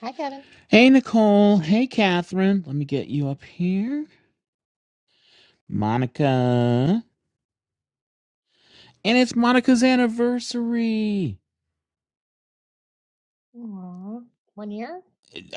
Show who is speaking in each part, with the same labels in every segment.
Speaker 1: Hi, Kevin.
Speaker 2: Hey, Nicole. Hey, Catherine. Let me get you up here. Monica. And it's Monica's anniversary.
Speaker 1: Aw, one year?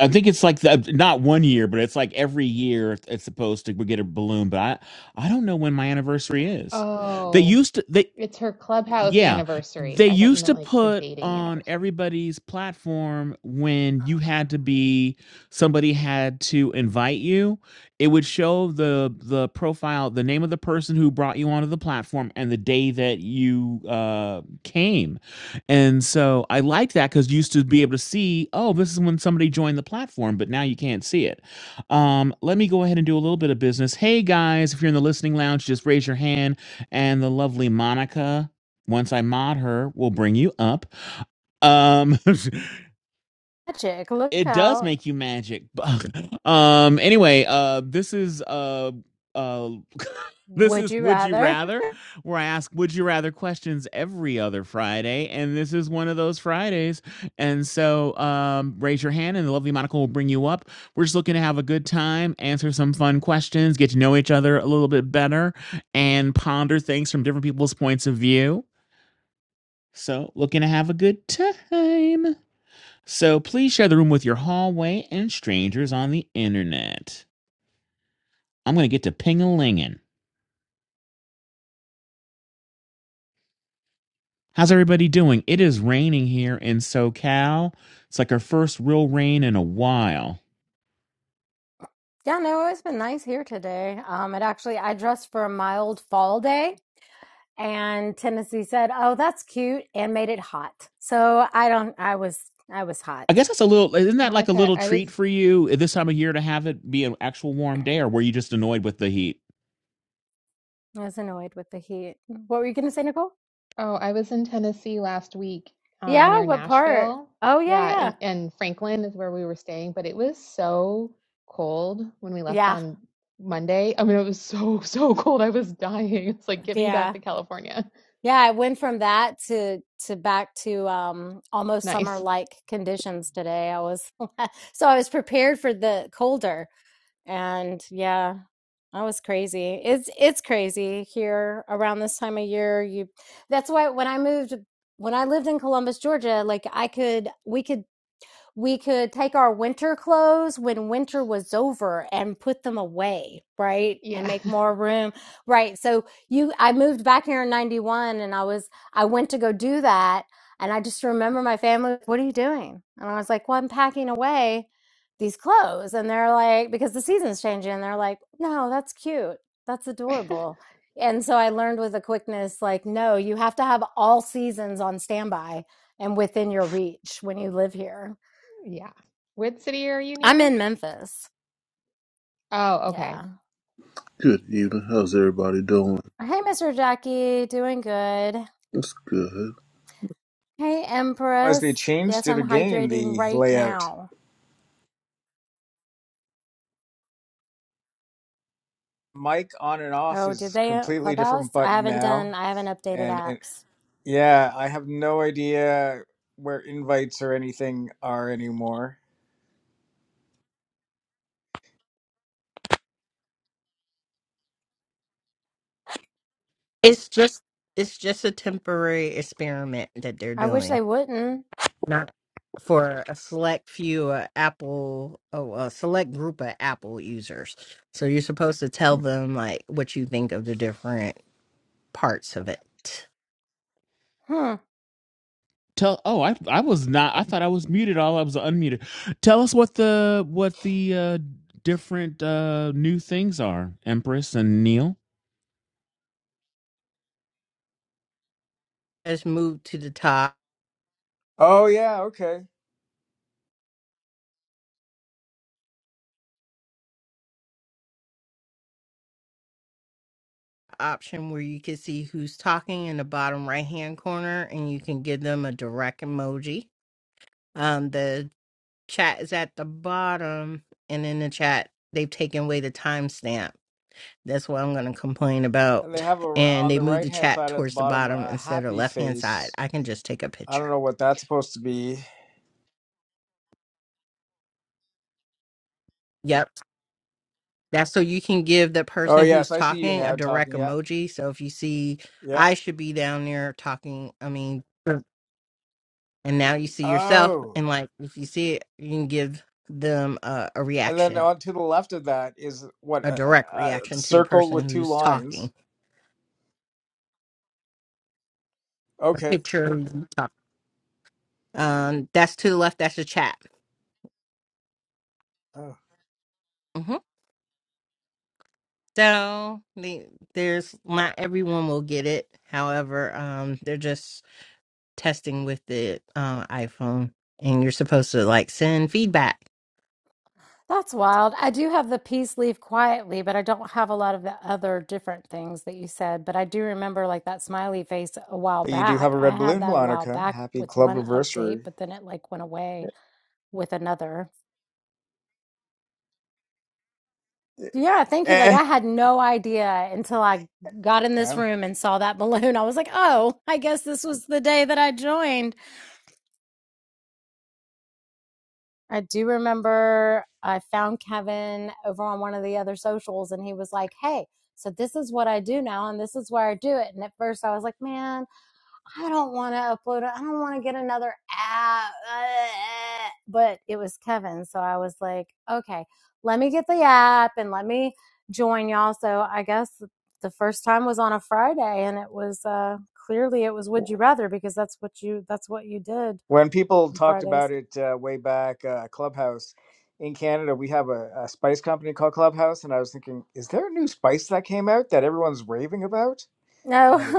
Speaker 2: I think it's like the, not one year, but it's like every year it's supposed to we get a balloon. But I, I don't know when my anniversary is. They
Speaker 1: Oh,
Speaker 2: used to. They
Speaker 1: it's her clubhouse
Speaker 2: Yeah.
Speaker 1: anniversary.
Speaker 2: They
Speaker 1: I thought you
Speaker 2: used
Speaker 1: meant
Speaker 2: to
Speaker 1: like her
Speaker 2: put
Speaker 1: dating
Speaker 2: on
Speaker 1: anniversary.
Speaker 2: everybody's platform when you had to be somebody had to invite you, it would show the the profile, the name of the person who brought you onto the platform and the day that you uh came. And so I liked that cuz you used to be able to see, oh, this is when somebody joined the platform, but now you can't see it. Um let me go ahead and do a little bit of business. Hey guys, if you're in the listening lounge, just raise your hand and the lovely Monica once I mod her, we'll bring you up. Um
Speaker 3: Magic, look
Speaker 2: it does
Speaker 3: out.
Speaker 2: make you magic. um anyway, uh this is uh uh this
Speaker 3: Would
Speaker 2: is
Speaker 3: you
Speaker 2: Would You
Speaker 3: rather?
Speaker 2: Rather, where I ask Would You Rather questions every other Friday, and this is one of those Fridays. And so um raise your hand and the lovely Monica will bring you up. We're just looking to have a good time, answer some fun questions, get to know each other a little bit better, and ponder things from different people's points of view. So, looking to have a good time. So, please share the room with your hallway and strangers on the internet. I'm going to get to ping a lingin. How's everybody doing? It is raining here in SoCal. It's like our first real rain in a while.
Speaker 3: Yeah, no, it's been nice here today. Um, it actually, I dressed for a mild fall day and Tennessee said, oh, that's cute and made it hot. So I don't, I was, I was hot.
Speaker 2: I guess that's a little, isn't that like a
Speaker 1: Monica,
Speaker 2: little
Speaker 1: I
Speaker 2: treat
Speaker 1: was
Speaker 2: for you this time of year to have it be an actual warm day, or were you just annoyed with the heat?
Speaker 3: I was annoyed with the heat. What were you going to say, Nicole?
Speaker 1: oh, I was in Tennessee last week, um,
Speaker 3: Yeah,
Speaker 1: near
Speaker 3: what part?
Speaker 1: Nashville.
Speaker 3: Oh, yeah,
Speaker 1: Yeah,
Speaker 3: yeah.
Speaker 1: and, and Franklin is where we were staying, but it was so cold when we left
Speaker 3: Yeah,
Speaker 1: on Monday. I mean, it was so, so cold. I was dying. It's like, get me back
Speaker 3: yeah.
Speaker 1: to California.
Speaker 3: Yeah, I went from that to to back to um almost summer
Speaker 1: Nice.
Speaker 3: like conditions today. I was so I was prepared for the colder. And yeah, that was crazy. It's it's crazy here around this time of year. You that's why when I moved when I lived in Columbus, Georgia, like I could we could we could take our winter clothes when winter was over and put them away, right? And
Speaker 1: Yeah.
Speaker 3: make more room, right? So you, I moved back here in 91 and I was, I went to go do that. And I just remember my family, what are you doing? And I was like, well, I'm packing away these clothes. And they're like, because the season's changing. And they're like, no, that's cute. That's adorable. And so I learned with a quickness, like, no, you have to have all seasons on standby and within your reach when you live here
Speaker 1: Yeah. What city are you
Speaker 3: I'm
Speaker 1: near?
Speaker 3: in Memphis.
Speaker 1: Oh, okay.
Speaker 3: Yeah.
Speaker 4: Good evening. How's everybody doing?
Speaker 3: Hey, Mr. Jackie. Doing good.
Speaker 4: That's good.
Speaker 3: Hey,
Speaker 5: As they
Speaker 3: Empress.
Speaker 5: changed
Speaker 3: Yes,
Speaker 5: it
Speaker 3: I'm
Speaker 5: again,
Speaker 3: hydrating
Speaker 5: the
Speaker 3: right
Speaker 5: layout.
Speaker 3: now.
Speaker 5: Mic on and off
Speaker 3: Oh, did
Speaker 5: is
Speaker 3: they uh,
Speaker 5: completely
Speaker 3: Clubhouse?
Speaker 5: different
Speaker 3: I
Speaker 5: button
Speaker 3: haven't
Speaker 5: now,
Speaker 3: done, I haven't updated
Speaker 5: and, and
Speaker 3: apps.
Speaker 5: yeah, I have no idea where invites or anything are anymore.
Speaker 6: It's just it's just a temporary experiment that they're
Speaker 3: I wish
Speaker 6: doing,
Speaker 3: they wouldn't.
Speaker 6: not for a select few uh, Apple, oh, a select group of Apple users. So you're supposed to tell them like what you think of the different parts of it.
Speaker 3: Hmm.
Speaker 2: Tell oh I I was not I thought I was muted all I was unmuted. Tell us what the what the uh different uh new things are, Empress and Neil.
Speaker 6: Let's move to the top
Speaker 5: Oh yeah, okay.
Speaker 6: option where you can see who's talking in the bottom right hand corner, and you can give them a direct emoji. Um, the chat is at the bottom, and in the chat they've taken away the timestamp That's what I'm going to complain
Speaker 5: And they
Speaker 6: about.
Speaker 5: have a
Speaker 6: And
Speaker 5: on
Speaker 6: they
Speaker 5: the
Speaker 6: moved
Speaker 5: right
Speaker 6: the
Speaker 5: hand
Speaker 6: chat
Speaker 5: side at the
Speaker 6: towards the
Speaker 5: bottom
Speaker 6: bottom
Speaker 5: a
Speaker 6: instead of
Speaker 5: happy
Speaker 6: left hand side.
Speaker 5: face.
Speaker 6: I can just take a
Speaker 5: I don't
Speaker 6: picture.
Speaker 5: know what that's supposed to be.
Speaker 6: Yep. That's so you can give the
Speaker 5: Oh
Speaker 6: person
Speaker 5: yes,
Speaker 6: who's
Speaker 5: I see you
Speaker 6: talking a
Speaker 5: now
Speaker 6: direct
Speaker 5: talking. Yeah,
Speaker 6: emoji. So if you see,
Speaker 5: yeah.
Speaker 6: I should be down there talking, I mean, Mm. and now you see yourself.
Speaker 5: Oh,
Speaker 6: And like, if you see it, you can give them a, a
Speaker 5: and then
Speaker 6: reaction,
Speaker 5: on to the left of that is what
Speaker 6: a
Speaker 5: a,
Speaker 6: direct
Speaker 5: a, a
Speaker 6: reaction to the
Speaker 5: circle
Speaker 6: person
Speaker 5: with two
Speaker 6: who's talking.
Speaker 5: lines.
Speaker 6: A
Speaker 5: Okay.
Speaker 6: picture. of you talk- Um, that's to the left. That's the chat.
Speaker 5: Oh.
Speaker 6: Mm-hmm. So the, there's not everyone will get it. However, um, they're just testing with the uh, iPhone, and you're supposed to like send feedback.
Speaker 3: That's wild. I do have the peace leave quietly, but I don't have a lot of the other different things that you said. But I do remember like that smiley face a while
Speaker 5: you do have
Speaker 3: back.
Speaker 5: a
Speaker 3: I
Speaker 5: red
Speaker 3: had
Speaker 5: balloon,
Speaker 3: that a while
Speaker 5: Blonica.
Speaker 3: back
Speaker 5: Happy
Speaker 3: with
Speaker 5: club
Speaker 3: one update,
Speaker 5: anniversary.
Speaker 3: but then it like went away with another. Yeah, thank you. Like
Speaker 5: Eh.
Speaker 3: I had no idea until I got in this
Speaker 5: Yeah.
Speaker 3: room and saw that balloon. I was like, "Oh, I guess this was the day that I joined." I do remember I found Kevin over on one of the other socials and he was like, "Hey, so this is what I do now and this is where I do it." And at first I was like, "Man, I don't want to upload it. I don't want to get another app. uh, But it was Kevin. So I was like, okay, let me get the app and let me join y'all. So I guess the first time was on a Friday and it was uh clearly it was would you rather because that's what you that's what you did
Speaker 5: When people
Speaker 3: on
Speaker 5: talked about
Speaker 3: Fridays.
Speaker 5: it uh, way back, uh, Clubhouse in Canada, we have a, a spice company called Clubhouse, and I was thinking, is there a new spice that came out that everyone's raving about?
Speaker 3: No.
Speaker 5: And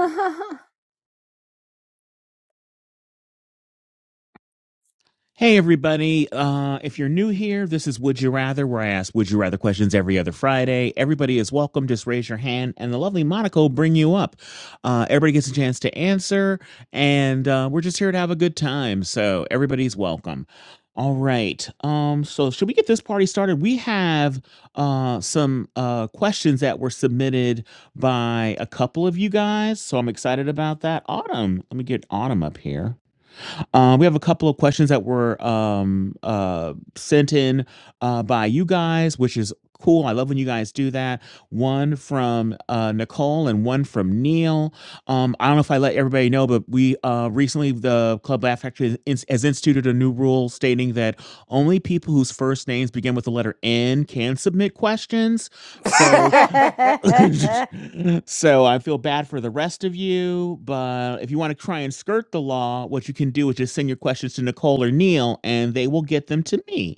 Speaker 2: Hey, everybody. Uh, if you're new here, this is Would You Rather, where I ask Would You Rather questions every other Friday. Everybody is welcome. Just raise your hand, and the lovely Monica will bring you up. Uh, everybody gets a chance to answer, and uh, we're just here to have a good time. So, everybody's welcome. All right. Um, so, should we get this party started? We have uh, some uh, questions that were submitted by a couple of you guys. So, I'm excited about that. Autumn, let me get Autumn up here. Uh, we have a couple of questions that were um, uh, sent in uh, by you guys, which is cool. I love when you guys do that. One from uh, Nicole and one from Neil. Um, I don't know if I let everybody know, but we uh, recently, the Club Laugh Factory has has instituted a new rule stating that only people whose first names begin with the letter N can submit questions.
Speaker 5: it...
Speaker 2: So So, I feel bad for the rest of you, but if you wanna try and skirt the law, what you can do is just send your questions to Nicole or Neil, and they will get them to me,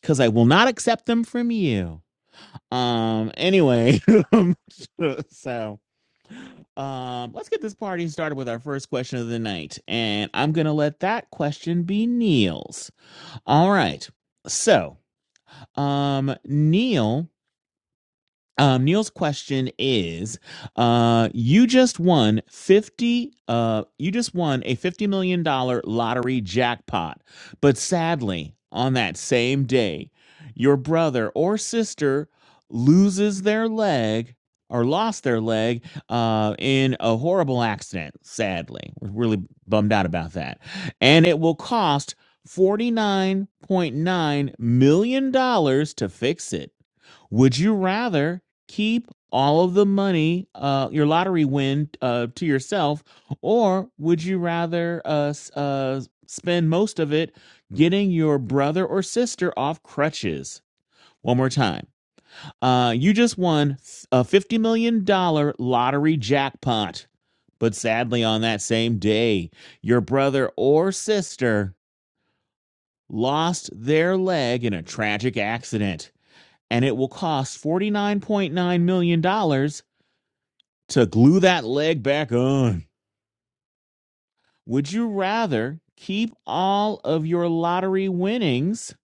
Speaker 2: because I will not accept them from you. Um, anyway, um, so, um, let's get this party started with our first question of the night, and I'm gonna let that question be Neil's. All right. So, um, Neil Um, Neil's question is: uh, You just won fifty. Uh, you just won a fifty million dollar lottery jackpot, but sadly, on that same day, your brother or sister loses their leg or lost their leg uh, in a horrible accident. Sadly, we're really bummed out about that, and it will cost forty nine point nine million dollars to fix it. Would you rather? keep all of the money, uh, your lottery win, uh, to yourself, or would you rather uh, uh, spend most of it getting your brother or sister off crutches? One more time. Uh, you just won a $50 million dollars lottery jackpot. But sadly, on that same day, your brother or sister lost their leg in a tragic accident, and it will cost $49.9 million dollars to glue that leg back on. Would you rather keep all of your lottery winnings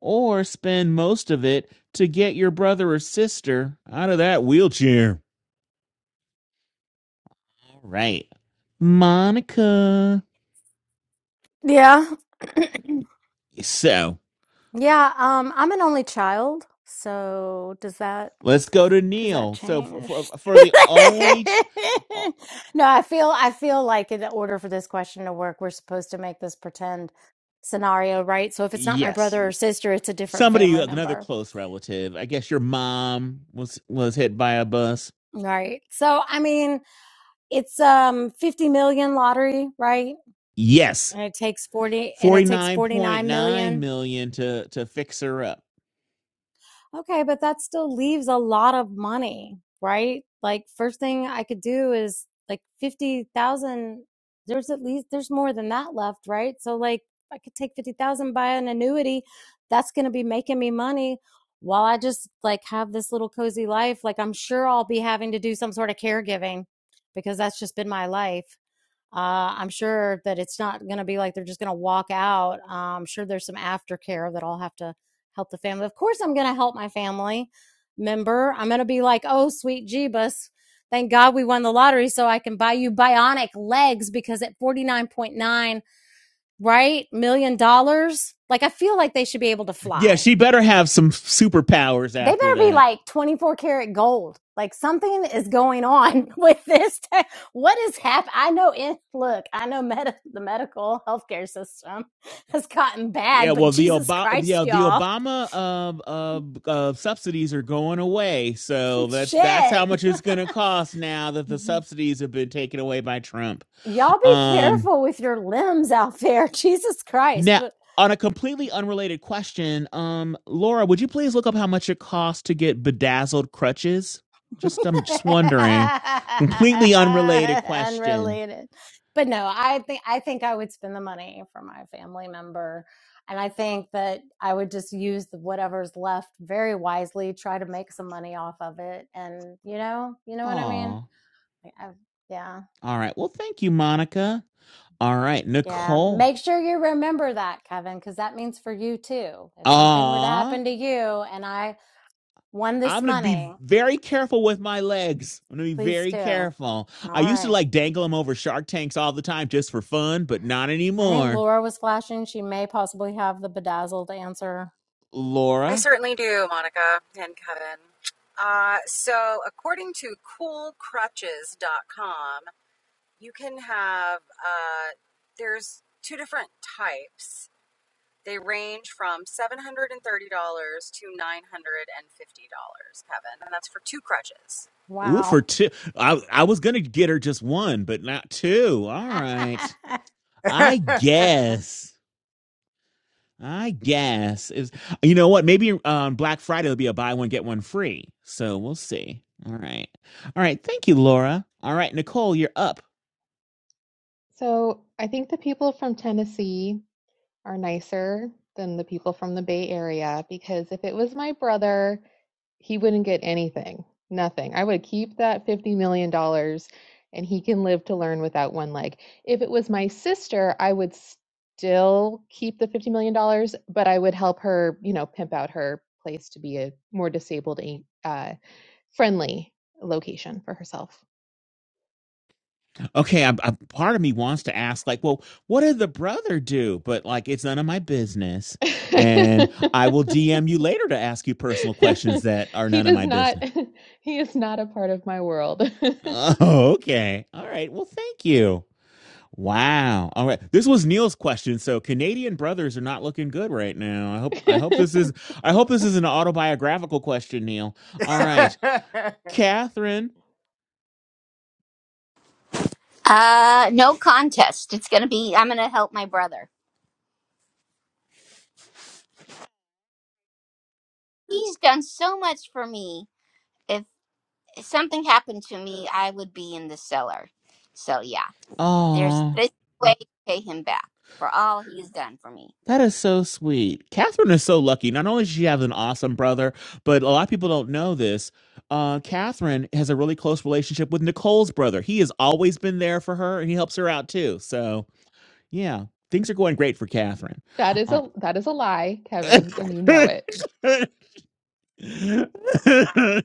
Speaker 2: or spend most of it to get your brother or sister out of that wheelchair? All right, Monica.
Speaker 3: yeah.
Speaker 2: So
Speaker 3: Yeah, um, I'm an only child, so does that
Speaker 2: let's go to
Speaker 3: does that
Speaker 2: Neil. So for for,
Speaker 3: change?
Speaker 2: for the only, ch- uh,
Speaker 3: No, I feel I feel like in order for this question to work, we're supposed to make this pretend scenario, right? So if it's not my
Speaker 2: yes,
Speaker 3: brother or sister, it's a different
Speaker 2: somebody
Speaker 3: family
Speaker 2: another
Speaker 3: member,
Speaker 2: close relative. I guess your mom was was hit by a bus.
Speaker 3: right? So I mean, it's um 50 million lottery, right?
Speaker 2: Yes.
Speaker 3: And it takes 40 and it takes 49
Speaker 2: 49.9
Speaker 3: million.
Speaker 2: million dollars to to fix her up.
Speaker 3: Okay, but that still leaves a lot of money, right? Like first thing I could do is like 50,000 there's at least there's more than that left, right? So like I could take 50,000 buy an annuity, that's going to be making me money while I just like have this little cozy life. Like I'm sure I'll be having to do some sort of caregiving because that's just been my life. Uh, I'm sure that it's not going to be like they're just going to walk out. Uh, I'm sure there's some aftercare that I'll have to help the family. Of course, I'm going to help my family member. I'm going to be like, oh, sweet Jeebus. Thank God we won the lottery so I can buy you bionic legs because at 49.9, right? Million dollars. Like, I feel like they should be able to
Speaker 2: Yeah,
Speaker 3: fly
Speaker 2: she better have some superpowers
Speaker 3: they
Speaker 2: after
Speaker 3: better be
Speaker 2: that.
Speaker 3: like 24 karat gold. Like something is going on with this. Te- what is happening? I know in look, I know med- the medical healthcare system has gotten
Speaker 2: Yeah,
Speaker 3: bad, but
Speaker 2: well the
Speaker 3: Jesus
Speaker 2: Obama
Speaker 3: Christ,
Speaker 2: yeah, the
Speaker 3: y'all.
Speaker 2: Obama uh, uh, uh subsidies are going away. So that's that's how
Speaker 3: Shit.
Speaker 2: much it's going to cost now that the subsidies have been taken away by Trump.
Speaker 3: Y'all be
Speaker 2: Um
Speaker 3: careful with your limbs out there. Jesus Christ.
Speaker 2: now
Speaker 3: but.
Speaker 2: on a completely unrelated question, um Laura, would you please look up how much it costs to get bedazzled crutches? Just I'm just wondering. Completely unrelated question.
Speaker 3: Unrelated. But no, I think I think I would spend the money for my family member. And I think that I would just use the, whatever's left very wisely, try to make some money off of it. And you know, you know what I mean?
Speaker 2: Aw.
Speaker 3: Like, I- yeah.
Speaker 2: All right. Well, thank you, Monica. All right,
Speaker 3: Yeah.
Speaker 2: Nicole.
Speaker 3: Make sure you remember that, Kevin, because that means for you too. If something were to
Speaker 2: Aw.
Speaker 3: happen to you and I won this
Speaker 2: I'm gonna be
Speaker 3: money,
Speaker 2: very careful with my legs. I'm gonna be
Speaker 3: please
Speaker 2: very
Speaker 3: do. All
Speaker 2: careful. I used to
Speaker 3: right.
Speaker 2: like dangle them over shark tanks all the time just for fun, but not
Speaker 3: I think
Speaker 2: anymore.
Speaker 3: Laura was flashing. She may possibly have the bedazzled answer.
Speaker 7: I
Speaker 2: Laura.
Speaker 7: certainly do, Monica and Kevin. Uh, so, according to cool crutches dot com, you can have, uh, there's two different types. They range from $730 to $950, Kevin, and that's for two crutches.
Speaker 2: Ooh, for
Speaker 3: Wow.
Speaker 2: two. I I was gonna get her just one, but not two. All right. I guess. I guess is you know what? Maybe on um, Black Friday will be a buy one get one free. So we'll see. All right, all right. Thank you, Laura. All right, Nicole, you're up.
Speaker 1: So I think the people from Tennessee are nicer than the people from the Bay Area because if it was my brother, he wouldn't get anything, nothing. I would keep that $50 million dollars and he can live to learn without one leg. If it was my sister, I would still keep the $50 million, dollars, but I would help her, you know, pimp out her place to be a more disabled, uh, friendly location for herself.
Speaker 2: Okay, I, I, part of me wants to ask, like, well, what did the brother do? But like, it's none of my business, and I will DM you later to ask you personal questions that are
Speaker 1: he
Speaker 2: none of
Speaker 1: does
Speaker 2: my
Speaker 1: not
Speaker 2: business.
Speaker 1: he is not a part of my world.
Speaker 2: Oh, okay. All right. Well, thank you. Wow. All right. This was Neil's question. So Canadian brothers are not looking good right now. I hope I hope this is I hope this is an autobiographical question, Neil. All right. Catherine.
Speaker 8: Uh, no contest. It's gonna be. I'm gonna help my brother. He's done so much for me. If something happened to me, I would be in the cellar. So yeah, there's
Speaker 2: Oh,
Speaker 8: this way to pay him back for all he's done for me.
Speaker 2: that is so sweet. Catherine is so lucky. Not only does she have an awesome brother, but a lot of people don't know this. Uh, Catherine has a really close relationship with Nicole's brother. He has always been there for her and he helps her out too. So yeah, things are going great for Catherine.
Speaker 1: that is
Speaker 2: Uh,
Speaker 1: a that is a lie, Kevin, and you know it.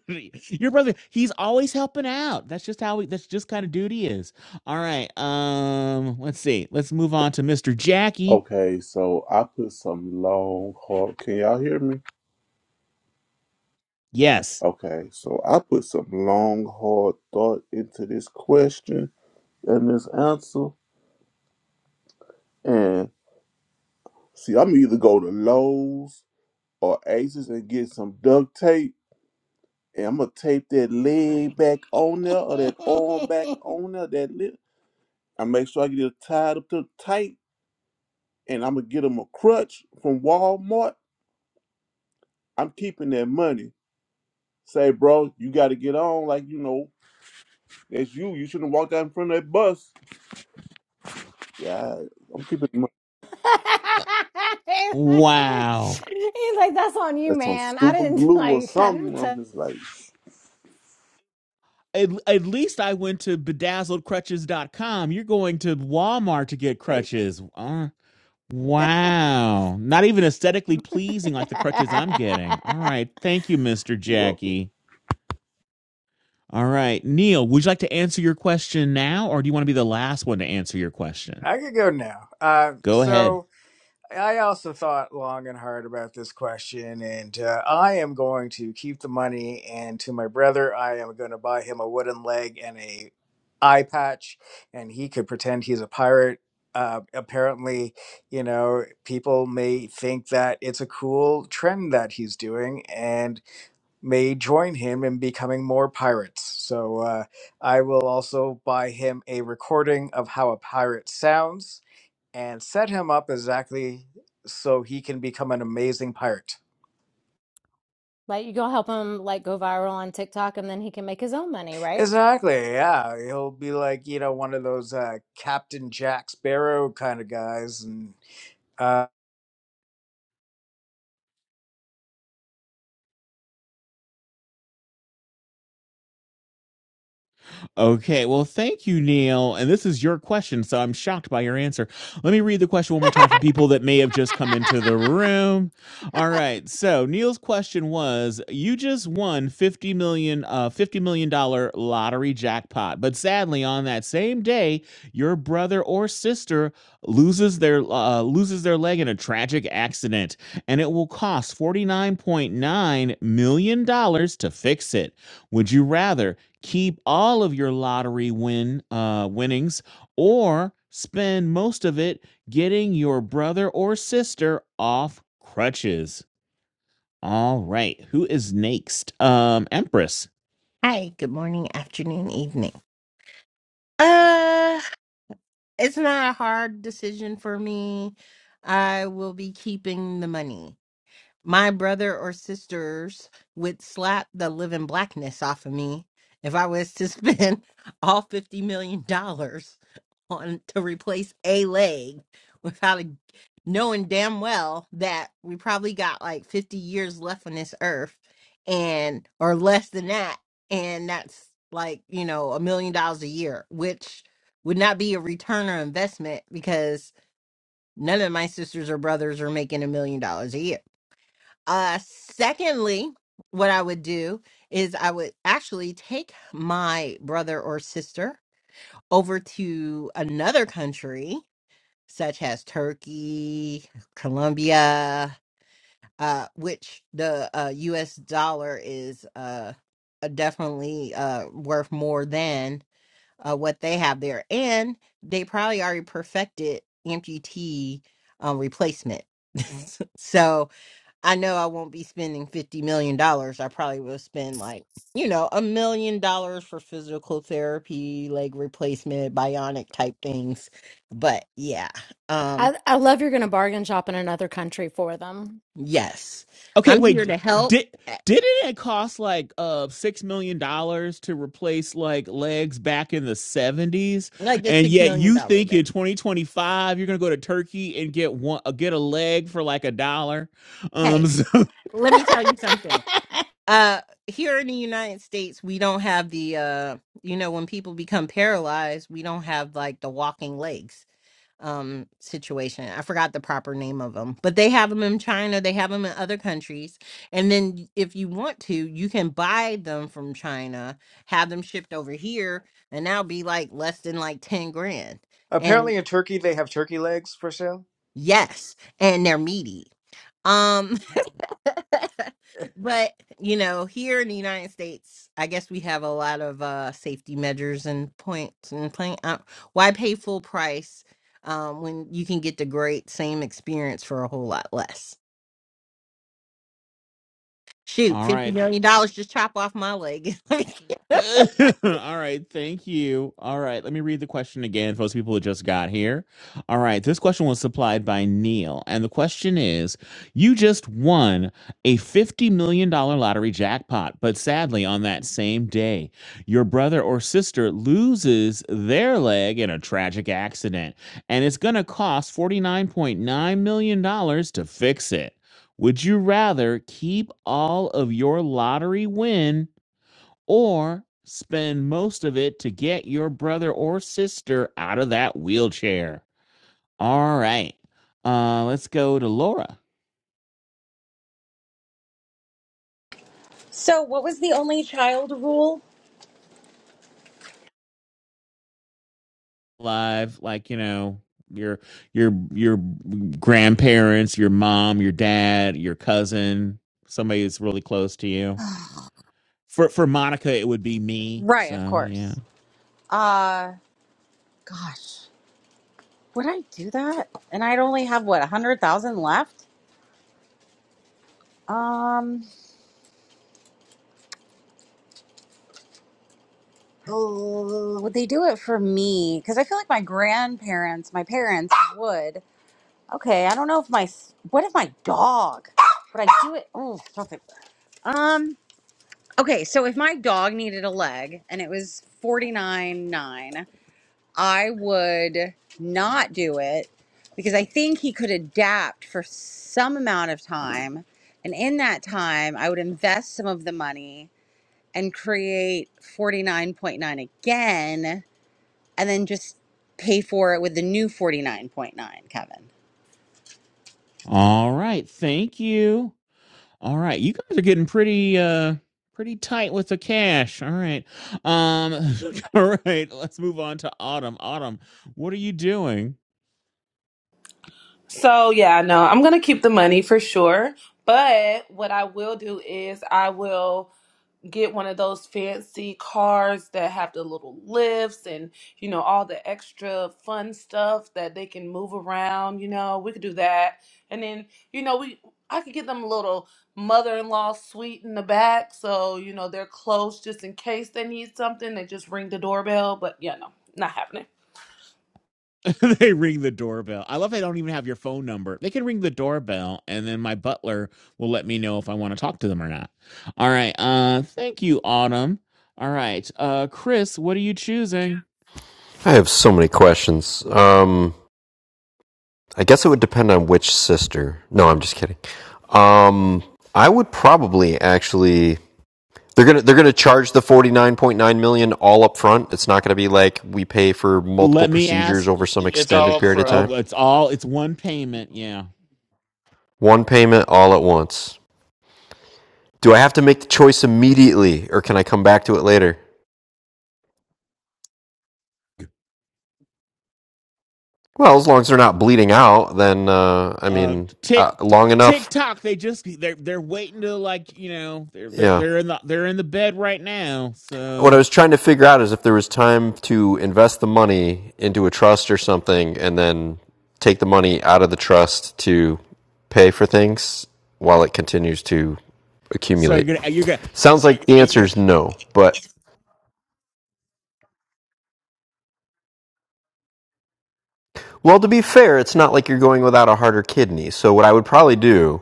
Speaker 2: Your brother, he's always helping out. That's just how we that's just kind of duty is. All right. Um, let's see. Let's move on to Mr. Jackie.
Speaker 4: Okay, so I put some long, hard. Can y'all hear me?
Speaker 2: Yes.
Speaker 4: Okay, so I put some long, hard thought into this question and this answer. And see, I'm either go to Lowe's or Aces and get some duct tape. And I'm going to tape that leg back on there or that arm back
Speaker 3: He's
Speaker 4: on there, that lip. I make sure I get it tied up to tight. And I'm going to get them a crutch from Walmart. I'm keeping that money Say, bro, you got to get on. Like, you know, that's you. You shouldn't walk out in front of that bus. Yeah, I'm keeping my,
Speaker 2: Uh, wow.
Speaker 3: like, that's on you,
Speaker 4: that's on
Speaker 3: man. I
Speaker 4: super
Speaker 3: didn't
Speaker 4: glue or
Speaker 3: like I
Speaker 4: something.
Speaker 3: didn't t-
Speaker 4: I'm just like,
Speaker 2: At, at least I went to bedazzled crutches dot com. You're going to Walmart to get
Speaker 4: hey,
Speaker 2: crutches. Uh, wow. Not even aesthetically pleasing like the crutches I'm getting. All right. Thank you, Mr.
Speaker 4: welcome.
Speaker 2: Jackie. All right, Neil, would you like to answer your question now, or do you want to be the last one to answer your question?
Speaker 5: I could go now. Uh,
Speaker 2: Go
Speaker 5: so.
Speaker 2: ahead.
Speaker 5: I also thought long and hard about this question, and uh, I am going to keep the money. And to my brother, I am going to buy him a wooden leg and a eye patch, and he could pretend he's a pirate. Uh, apparently, you know, people may think that it's a cool trend that he's doing, and may join him in becoming more pirates. So uh, I will also buy him a recording of how a pirate sounds and set him up exactly so he can become an amazing pirate.
Speaker 3: Like you go help him like go viral on TikTok and then he can make his own money, right?
Speaker 5: Exactly, yeah. He'll be like, you know, one of those uh, Captain Jack Sparrow kind of guys. And uh,
Speaker 2: Okay, well, thank you, Neil. And this is your question, so I'm shocked by your answer. Let me read the question one more time for people that may have just come into the room. All right, so Neil's question was: You just won fifty million, dollars, uh, fifty million dollar lottery jackpot, but sadly, on that same day, your brother or sister loses their uh, loses their leg in a tragic accident, and it will cost forty nine point nine million dollars to fix it. Would you rather? keep all of your lottery win uh, winnings or spend most of it getting your brother or sister off crutches. All right, who is next? Um, Empress.
Speaker 6: Hi, good morning, afternoon, evening. Uh, it's not a hard decision for me. I will be keeping the money. my brother or sisters would slap the living blackness off of me if I was to spend all fifty million dollars on to replace a leg without a, knowing damn well that we probably got like fifty years left on this earth and or less than that and that's like you know a million dollars a year which would not be a return or investment because none of my sisters or brothers are making a million dollars a year uh, secondly, what I would do is I would actually take my brother or sister over to another country, such as Turkey, Colombia, uh, which the uh, U.S. dollar is uh, uh, definitely uh, worth more than uh, what they have there, and they probably already perfected amputee um, replacement. so I know I won't be spending fifty million dollars. I probably will spend like, you know, a million dollars for physical therapy, leg replacement, bionic type things. But yeah, um,
Speaker 3: I, I love you're gonna bargain shop in another country for them.
Speaker 6: yes,
Speaker 2: Okay,
Speaker 6: I'm here
Speaker 2: wait.
Speaker 6: to help.
Speaker 2: Did
Speaker 6: eh,
Speaker 2: didn't it cost like uh six million dollars to replace like legs back in the seventies?
Speaker 6: Like a
Speaker 2: And
Speaker 6: six
Speaker 2: yet
Speaker 6: million
Speaker 2: you
Speaker 6: dollar
Speaker 2: think
Speaker 6: man.
Speaker 2: in twenty twenty five you're gonna go to Turkey and get one uh, get a leg for like a dollar?
Speaker 6: Hey,
Speaker 2: Um, so
Speaker 6: let me tell you something. Uh, here in the United States, we don't have the uh, you know, when people become paralyzed, we don't have like the walking legs um situation. I forgot the proper name of them, but they have them in China, they have them in other countries. And then y- if you want to, you can buy them from China, have them shipped over here, and that'll be like less than like 10 grand. And
Speaker 5: apparently in Turkey, they have turkey legs for sale.
Speaker 6: yes, and they're meaty. Um but you know here in the united states i guess we have a lot of uh safety measures and points and playing uh, why pay full price um when you can get the great same experience for a whole lot less shoot
Speaker 2: All
Speaker 6: 50
Speaker 2: right.
Speaker 6: million dollars just chop off my leg
Speaker 2: All right, thank you. All right, let me read the question again for those people who just got here. All right, this question was supplied by Neil, and the question is You just won a $50 million dollars lottery jackpot, but sadly, on that same day, your brother or sister loses their leg in a tragic accident, and it's going to cost $49.9 million dollars to fix it. Would you rather keep all of your lottery win? or spend most of it to get your brother or sister out of that wheelchair. All right. Uh let's go to Laura.
Speaker 7: Only
Speaker 2: Live like, you know, your your your grandparents, your mom, your dad, your cousin, somebody that's really close to you. For for Monica it would be me.
Speaker 7: right, of
Speaker 2: So, yeah.
Speaker 7: course. Uh gosh, would I do that? And I'd only have what a hundred thousand left. Um. Oh, they do it for me because I feel like my grandparents, my parents would. Okay, I don't know if my s- what if my dog, Would I do it. Oh, stop it. Um. Okay, so if my dog needed a leg and it was forty nine nine, I would not do it because I think he could adapt for some amount of time, and in that time, I would invest some of the money and create forty nine point nine again and then just pay for it with the new 49.9, Kevin.
Speaker 2: All right. Thank you. All right, you guys are getting pretty uh pretty tight with the cash. All right. Um all right, let's move on to Autumn. Autumn, what are you doing?
Speaker 9: So yeah, no, I'm gonna keep the money for sure. But what I will do is I will get one of those fancy cars that have the little lifts and you know all the extra fun stuff that they can move around. You know, we could do that, and then you know we I could get them a little mother-in-law suite in the back, so you know they're close just in case they need something. They just ring the doorbell. But yeah, no, not happening.
Speaker 2: they ring the doorbell. I love they don't even have your phone number. They can ring the doorbell and then my butler will let me know if I want to talk to them or not. All right. Uh thank you, Autumn. All right. Uh Chris, what are you choosing?
Speaker 10: I have so many questions. Um, I guess it would depend on which sister. No, I'm just kidding. Um, I would probably actually. They're gonna they're gonna charge the forty nine point nine million dollars all up front. It's not gonna be like we pay for multiple
Speaker 2: Let me
Speaker 10: procedures
Speaker 2: ask.
Speaker 10: over some
Speaker 5: It's
Speaker 10: extended
Speaker 5: all up
Speaker 10: period of
Speaker 5: front.
Speaker 10: time.
Speaker 2: Oh, it's all it's one payment. Yeah.
Speaker 10: One payment all at once. Do I have to make the choice immediately, or can I come back to it later? Well, as long as they're not bleeding out, then uh, I
Speaker 2: uh
Speaker 10: mean, uh,
Speaker 2: tick
Speaker 10: long enough.
Speaker 2: tiktok they just they're they're waiting to like you know they're they're
Speaker 10: Yeah,
Speaker 2: they're in the they're in the bed right now
Speaker 10: what I
Speaker 2: so
Speaker 10: was trying to figure out is if there was time to invest the money into a trust or something and then take the money out of the trust to pay for things while it continues to
Speaker 2: so
Speaker 10: accumulate.
Speaker 2: you're gonna you're gonna
Speaker 10: Sounds like the answer is no, but well, to be fair, it's not like you're going without a heart or kidney. So what I would probably do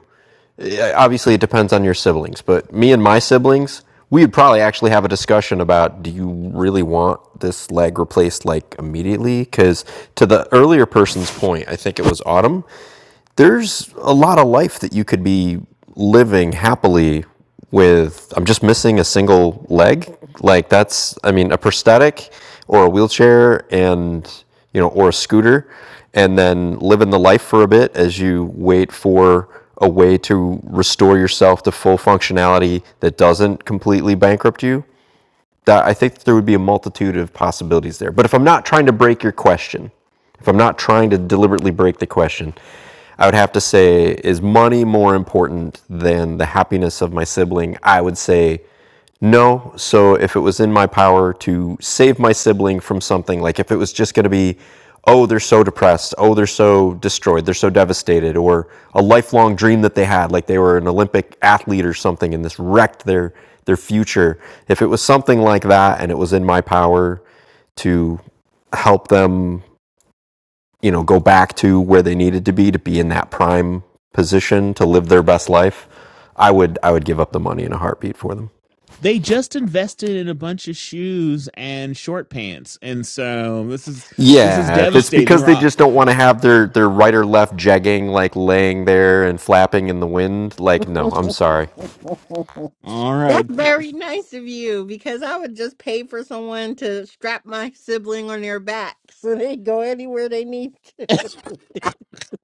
Speaker 10: yeah, obviously it depends on your siblings, but me and my siblings, we would probably actually have a discussion about do you really want this leg replaced like immediately? Because to the earlier person's point, I think it was Autumn there's a lot of life that you could be living happily with I'm just missing a single leg. Like that's I mean a prosthetic or a wheelchair and you know or a scooter and then living the life for a bit as you wait for a way to restore yourself to full functionality that doesn't completely bankrupt you that I think there would be a multitude of possibilities there. But if I'm not trying to break your question, if I'm not trying to deliberately break the question, I would have to say, is money more important than the happiness of my sibling? I would say no. So if it was in my power to save my sibling from something, like if it was just going to be oh, they're so depressed, oh, they're so destroyed, they're so devastated, or a lifelong dream that they had, like they were an Olympic athlete or something, and this wrecked their their future. If it was something like that, and it was in my power to help them, you know, go back to where they needed to be to be in that prime position to live their best life, I would I would give up the money in a heartbeat for them.
Speaker 2: they just invested in a bunch of shoes and short pants and so this is this is
Speaker 10: Yeah, it's
Speaker 2: devastating they
Speaker 10: because
Speaker 2: were
Speaker 10: they
Speaker 2: all,
Speaker 10: just don't want to have their, their right or left jegging, like laying there and flapping in the wind. Like, no, I'm sorry.
Speaker 2: all
Speaker 6: that's
Speaker 2: right
Speaker 6: very nice of you because i would just pay for someone to strap my sibling on their back so they go anywhere they need to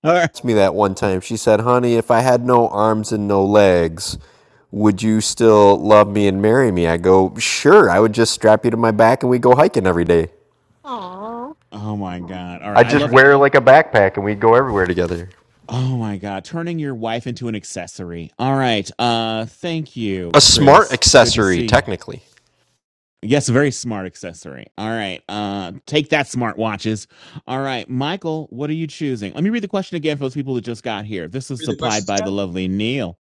Speaker 2: all right
Speaker 10: Asked me that one time. She said, "Honey, if I had no arms and no legs, would you still love me and marry me?" I go, "Sure. I would just strap you to my back and we go hiking every day.
Speaker 6: Aw.
Speaker 2: oh my god all right
Speaker 10: I'd
Speaker 2: i
Speaker 10: just
Speaker 2: love it.
Speaker 10: wear like a backpack and we'd go everywhere together."
Speaker 2: oh my god turning your wife into an accessory all right uh thank you
Speaker 10: A smart
Speaker 2: chris good to
Speaker 10: accessory,
Speaker 2: see you
Speaker 10: technically.
Speaker 2: Yes, very smart accessory. All right. Uh take that smart watches. All right, Michael, what are you choosing? Let me read the question again for those people that just got here. This is
Speaker 11: Read the
Speaker 2: supplied
Speaker 11: questions
Speaker 2: by the
Speaker 11: again.
Speaker 2: lovely Neil.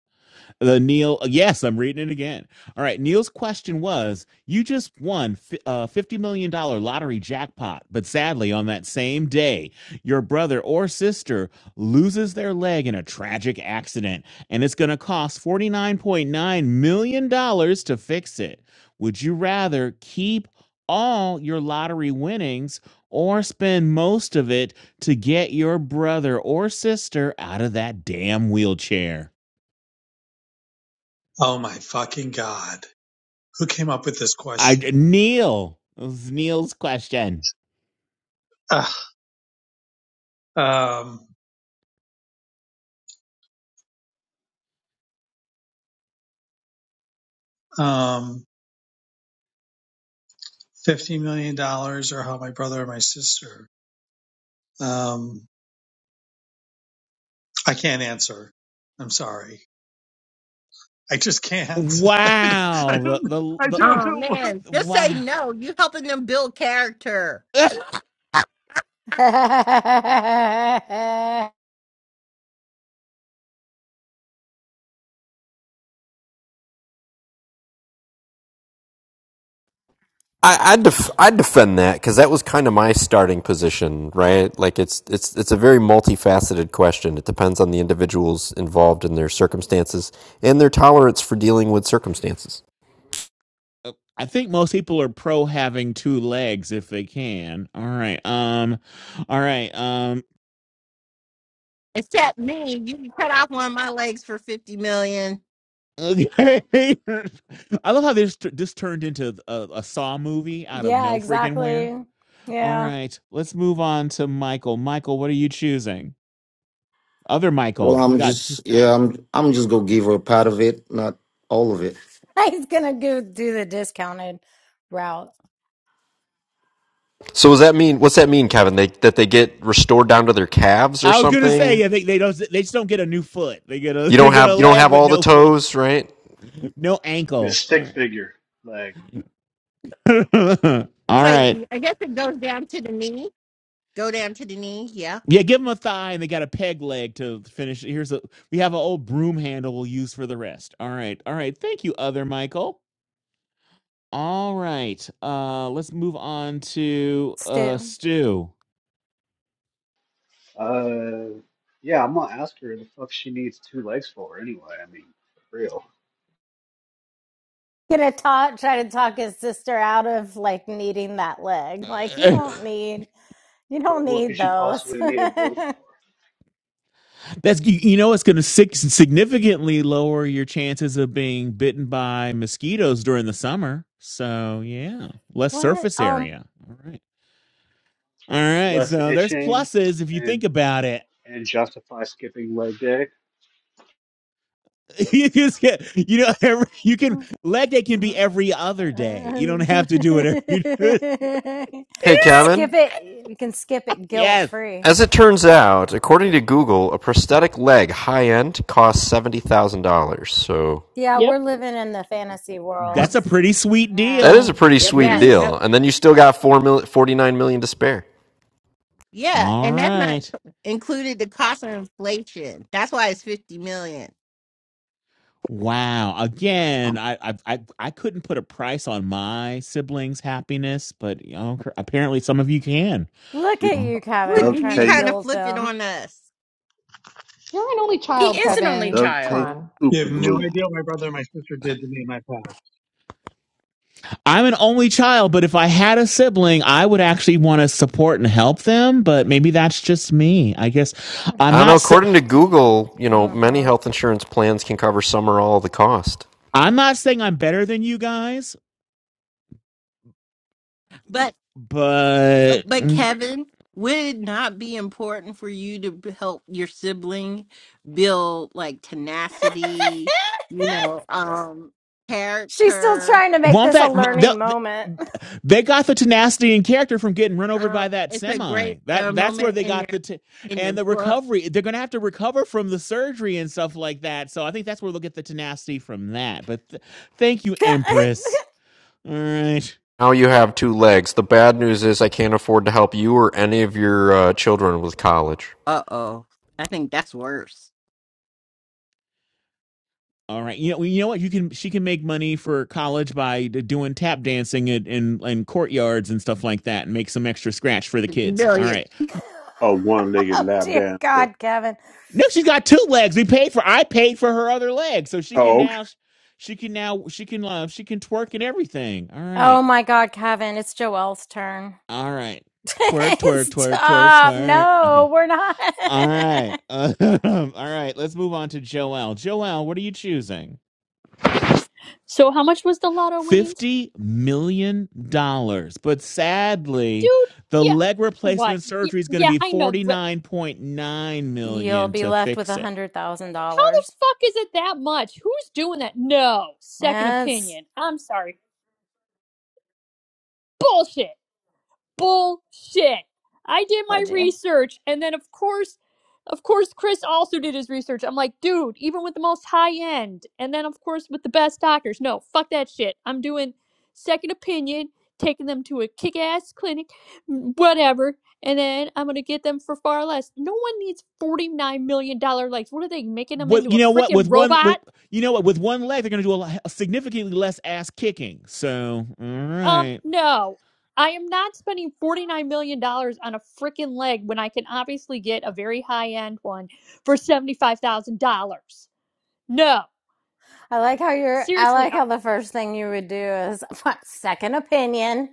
Speaker 2: The Neil, yes, I'm reading it again. All right, Neil's question was: You just won a fifty million dollar lottery jackpot, but sadly, on that same day, your brother or sister loses their leg in a tragic accident, and it's going to cost forty nine point nine million dollars to fix it. Would you rather keep all your lottery winnings or spend most of it to get your brother or sister out of that damn wheelchair?
Speaker 11: Oh my fucking god! Who came up with this
Speaker 2: I
Speaker 11: question?
Speaker 2: Neil. It was Neil's question.
Speaker 11: Ugh. Um, um, fifty million dollars, or how my brother or my sister? Um, I can't answer. I'm sorry. I just can't. I
Speaker 2: Wow. The
Speaker 11: don't. I
Speaker 2: the
Speaker 11: don't
Speaker 6: Oh
Speaker 11: know. What
Speaker 6: man,
Speaker 2: the
Speaker 6: just say
Speaker 2: wow.
Speaker 6: no. You helping them build character.
Speaker 2: Ugh.
Speaker 10: I I, def- I defend that because that was kind of my starting position, right? Like it's it's it's a very multifaceted question. It depends on the individuals involved and their circumstances and their tolerance for dealing with circumstances.
Speaker 2: I think most people are pro having two legs if they can. All right. Um. All right. Um.
Speaker 6: Except me, you can cut off one of my legs for fifty million.
Speaker 2: Okay. I love how this this turned into a, a Saw movie out of
Speaker 3: Yeah,
Speaker 2: no freaking where.
Speaker 3: exactly.
Speaker 2: All
Speaker 3: Yeah.
Speaker 2: right. Let's move on to Michael. Michael, what are you choosing? Other Michael.
Speaker 12: Well,
Speaker 2: We
Speaker 12: I'm
Speaker 2: got. Two.
Speaker 12: just yeah, I'm I'm just gonna give her a part of it, not all of it.
Speaker 3: He's gonna go do the discounted route.
Speaker 10: So does that mean what's that mean, Kevin? They that they get restored down to their calves or
Speaker 2: I was gonna
Speaker 10: something?
Speaker 2: say. I think they don't. They just don't get a new foot. They get a.
Speaker 10: You
Speaker 2: They
Speaker 10: don't
Speaker 2: get
Speaker 10: have
Speaker 2: a
Speaker 10: you don't
Speaker 2: leg
Speaker 10: have
Speaker 2: with
Speaker 10: all the
Speaker 2: no foot.
Speaker 10: toes, right?
Speaker 2: No
Speaker 13: Yeah,
Speaker 2: ankle. All
Speaker 13: stick
Speaker 2: right.
Speaker 13: figure leg.
Speaker 6: That's
Speaker 2: All
Speaker 6: like
Speaker 2: right.
Speaker 6: I guess it goes down to the knee. Go down to the knee. Yeah.
Speaker 2: Yeah, give them a thigh, and they got a peg leg to finish. Here's a we have an old broom handle we'll use for the rest. All right. All right. Thank you, other Michael. All right. Uh, let's move on to uh
Speaker 3: Stu.
Speaker 2: Stu.
Speaker 13: Uh, yeah, I'm gonna ask her the fuck she needs two legs for anyway. I mean, for real.
Speaker 3: Gonna talk try to talk his sister out of like needing that leg. Like you
Speaker 2: Uh,
Speaker 3: don't need you don't
Speaker 13: What, what could
Speaker 3: need
Speaker 13: she
Speaker 3: those.
Speaker 13: possibly need them both for?
Speaker 2: That's you, you know it's going to significantly lower your chances of being bitten by mosquitoes during the summer. So yeah, less
Speaker 3: what?
Speaker 2: surface
Speaker 3: Um
Speaker 2: area. All right. All right,
Speaker 13: Less
Speaker 2: so there's
Speaker 13: itching
Speaker 2: pluses if you
Speaker 13: and
Speaker 2: think about it.
Speaker 13: and justify skipping leg day.
Speaker 2: You just get, you know, every, you can leg day can be every other day. You don't have to do it every.
Speaker 10: Hey,
Speaker 3: skip
Speaker 10: Kevin.
Speaker 3: it. You can skip it guilt
Speaker 2: yes,
Speaker 3: free.
Speaker 10: As it turns out, according to Google, a prosthetic leg high end costs seventy thousand dollars. So
Speaker 3: Yeah, we're
Speaker 14: Yep.
Speaker 3: living in the fantasy world.
Speaker 2: that's a pretty sweet
Speaker 10: That
Speaker 3: Yeah.
Speaker 10: is a
Speaker 2: deal.
Speaker 10: pretty
Speaker 2: That's a
Speaker 14: Yep, it
Speaker 2: pretty
Speaker 10: sweet
Speaker 6: Yeah.
Speaker 2: sweet.
Speaker 14: is.
Speaker 6: that-
Speaker 10: deal. And then you still got four mil- 49 million dollars to spare.
Speaker 6: yeah,
Speaker 2: All
Speaker 6: and that's not
Speaker 2: right.
Speaker 6: included the cost of inflation. That's why it's fifty million.
Speaker 2: Wow.
Speaker 4: Um,
Speaker 2: Again, I I I, I couldn't put a price on my siblings' happiness, but you know, apparently some of you can.
Speaker 3: Look
Speaker 4: it's
Speaker 3: at
Speaker 2: Oh.
Speaker 3: you,
Speaker 6: Look,
Speaker 3: Kevin,
Speaker 6: you
Speaker 4: duct
Speaker 3: trying
Speaker 6: you
Speaker 3: to
Speaker 6: trying
Speaker 4: tape,
Speaker 6: to
Speaker 3: guilt
Speaker 6: flip it
Speaker 3: them.
Speaker 6: on us?
Speaker 1: You're an only
Speaker 7: He
Speaker 1: child,
Speaker 7: is.
Speaker 4: uh,
Speaker 1: Kevin.
Speaker 4: duct
Speaker 1: Come
Speaker 4: tape,
Speaker 1: on.
Speaker 11: you
Speaker 4: super
Speaker 11: have no
Speaker 4: glue.
Speaker 11: idea what my brother and my sister did to me in my past.
Speaker 2: I'm an only child, but if I had a sibling, I would actually want to support and help them. But maybe that's just me. I guess I'm
Speaker 10: I don't know.
Speaker 2: not. Sa-
Speaker 10: According to Google, you know, many
Speaker 3: Mhm.
Speaker 10: health insurance plans can cover some or all of the cost.
Speaker 2: I'm not saying I'm better than you guys,
Speaker 6: But.
Speaker 2: but
Speaker 6: But
Speaker 2: mm,
Speaker 6: Kevin, would it not be important for you to b- help your sibling build like tenacity, you know, um,
Speaker 3: She's still
Speaker 6: character?
Speaker 3: trying to make
Speaker 2: won't
Speaker 3: this a
Speaker 2: that
Speaker 6: Uh,
Speaker 3: learning
Speaker 2: they'll-
Speaker 3: moment.
Speaker 2: they got the tenacity and character from getting run over
Speaker 6: um,
Speaker 2: by that
Speaker 6: it's a
Speaker 2: semi.
Speaker 6: great uh,
Speaker 2: That that's where
Speaker 6: moment
Speaker 2: they
Speaker 6: in
Speaker 2: got the
Speaker 6: their
Speaker 2: t-
Speaker 6: in their
Speaker 2: and the
Speaker 6: book.
Speaker 2: recovery. They're going to have to recover from the surgery and stuff like that. So I think that's where they'll get the tenacity from that. But th- thank you, Empress. All right.
Speaker 10: Now you have two legs. The bad news is I can't afford to help you or any of your uh, children with college.
Speaker 6: Uh oh, I think that's worse.
Speaker 2: All right. You know, you know what? You can she can make money for college by doing tap dancing and in, in, in courtyards and stuff like that, and make some extra scratch for the
Speaker 6: Fifty
Speaker 2: kids. All
Speaker 6: billion.
Speaker 2: right.
Speaker 4: Oh, one legged
Speaker 3: oh
Speaker 4: lap
Speaker 3: dear
Speaker 4: dancer.
Speaker 3: God, Kevin.
Speaker 2: No, she's got two legs. We paid for. I paid for her other leg, so she can
Speaker 4: Oh, okay.
Speaker 2: now. She can now. She can. Uh, she can twerk and everything. All right.
Speaker 3: Oh my God, Kevin. It's Joelle's turn.
Speaker 2: All right. Twerk, twerk, twerk, twerk,
Speaker 3: Stop.
Speaker 2: twerk. Okay.
Speaker 3: No, we're not.
Speaker 2: All right. all right. Let's move on to Joelle. Joelle, what are you choosing?
Speaker 14: So how much was the lotto winnings?
Speaker 2: $50 million. dollars. But
Speaker 14: Dude,
Speaker 2: sadly, the
Speaker 14: yeah.
Speaker 2: leg
Speaker 14: What?
Speaker 2: replacement
Speaker 14: Yeah,
Speaker 2: surgery is going to
Speaker 14: yeah,
Speaker 2: be
Speaker 14: I know. but
Speaker 2: $49.9 million
Speaker 3: You'll
Speaker 2: dollars
Speaker 3: be
Speaker 2: to
Speaker 3: left with
Speaker 2: fix
Speaker 3: a
Speaker 2: it.
Speaker 3: hundred thousand
Speaker 14: How the
Speaker 3: dollars.
Speaker 14: fuck is it that much? Who's doing that? No. Second
Speaker 3: Yes,
Speaker 14: opinion. I'm sorry. Bullshit. bullshit. I did my
Speaker 3: pledgy.
Speaker 14: research, and then of course, of course, Chris also did his research. I'm like, dude, even with the most high end, and then of course with the best doctors, no, fuck that shit. I'm doing second opinion, taking them to a kick ass clinic, whatever, and then I'm gonna get them for far less. No one needs forty nine million dollar likes. What are they making them
Speaker 2: What
Speaker 14: into
Speaker 2: you
Speaker 14: a
Speaker 2: know what
Speaker 14: freaking
Speaker 2: with one
Speaker 14: robot?
Speaker 2: with you know what with one leg they're going to do a, a significantly less ass kicking. So, all
Speaker 14: Um,
Speaker 2: right.
Speaker 14: no. I am not spending $49 million dollars on a freaking leg when I can obviously get a very high end one for $75,000. No.
Speaker 3: I like how you're I
Speaker 14: Seriously.
Speaker 3: like
Speaker 14: I-
Speaker 3: how the first thing you would do is second opinion.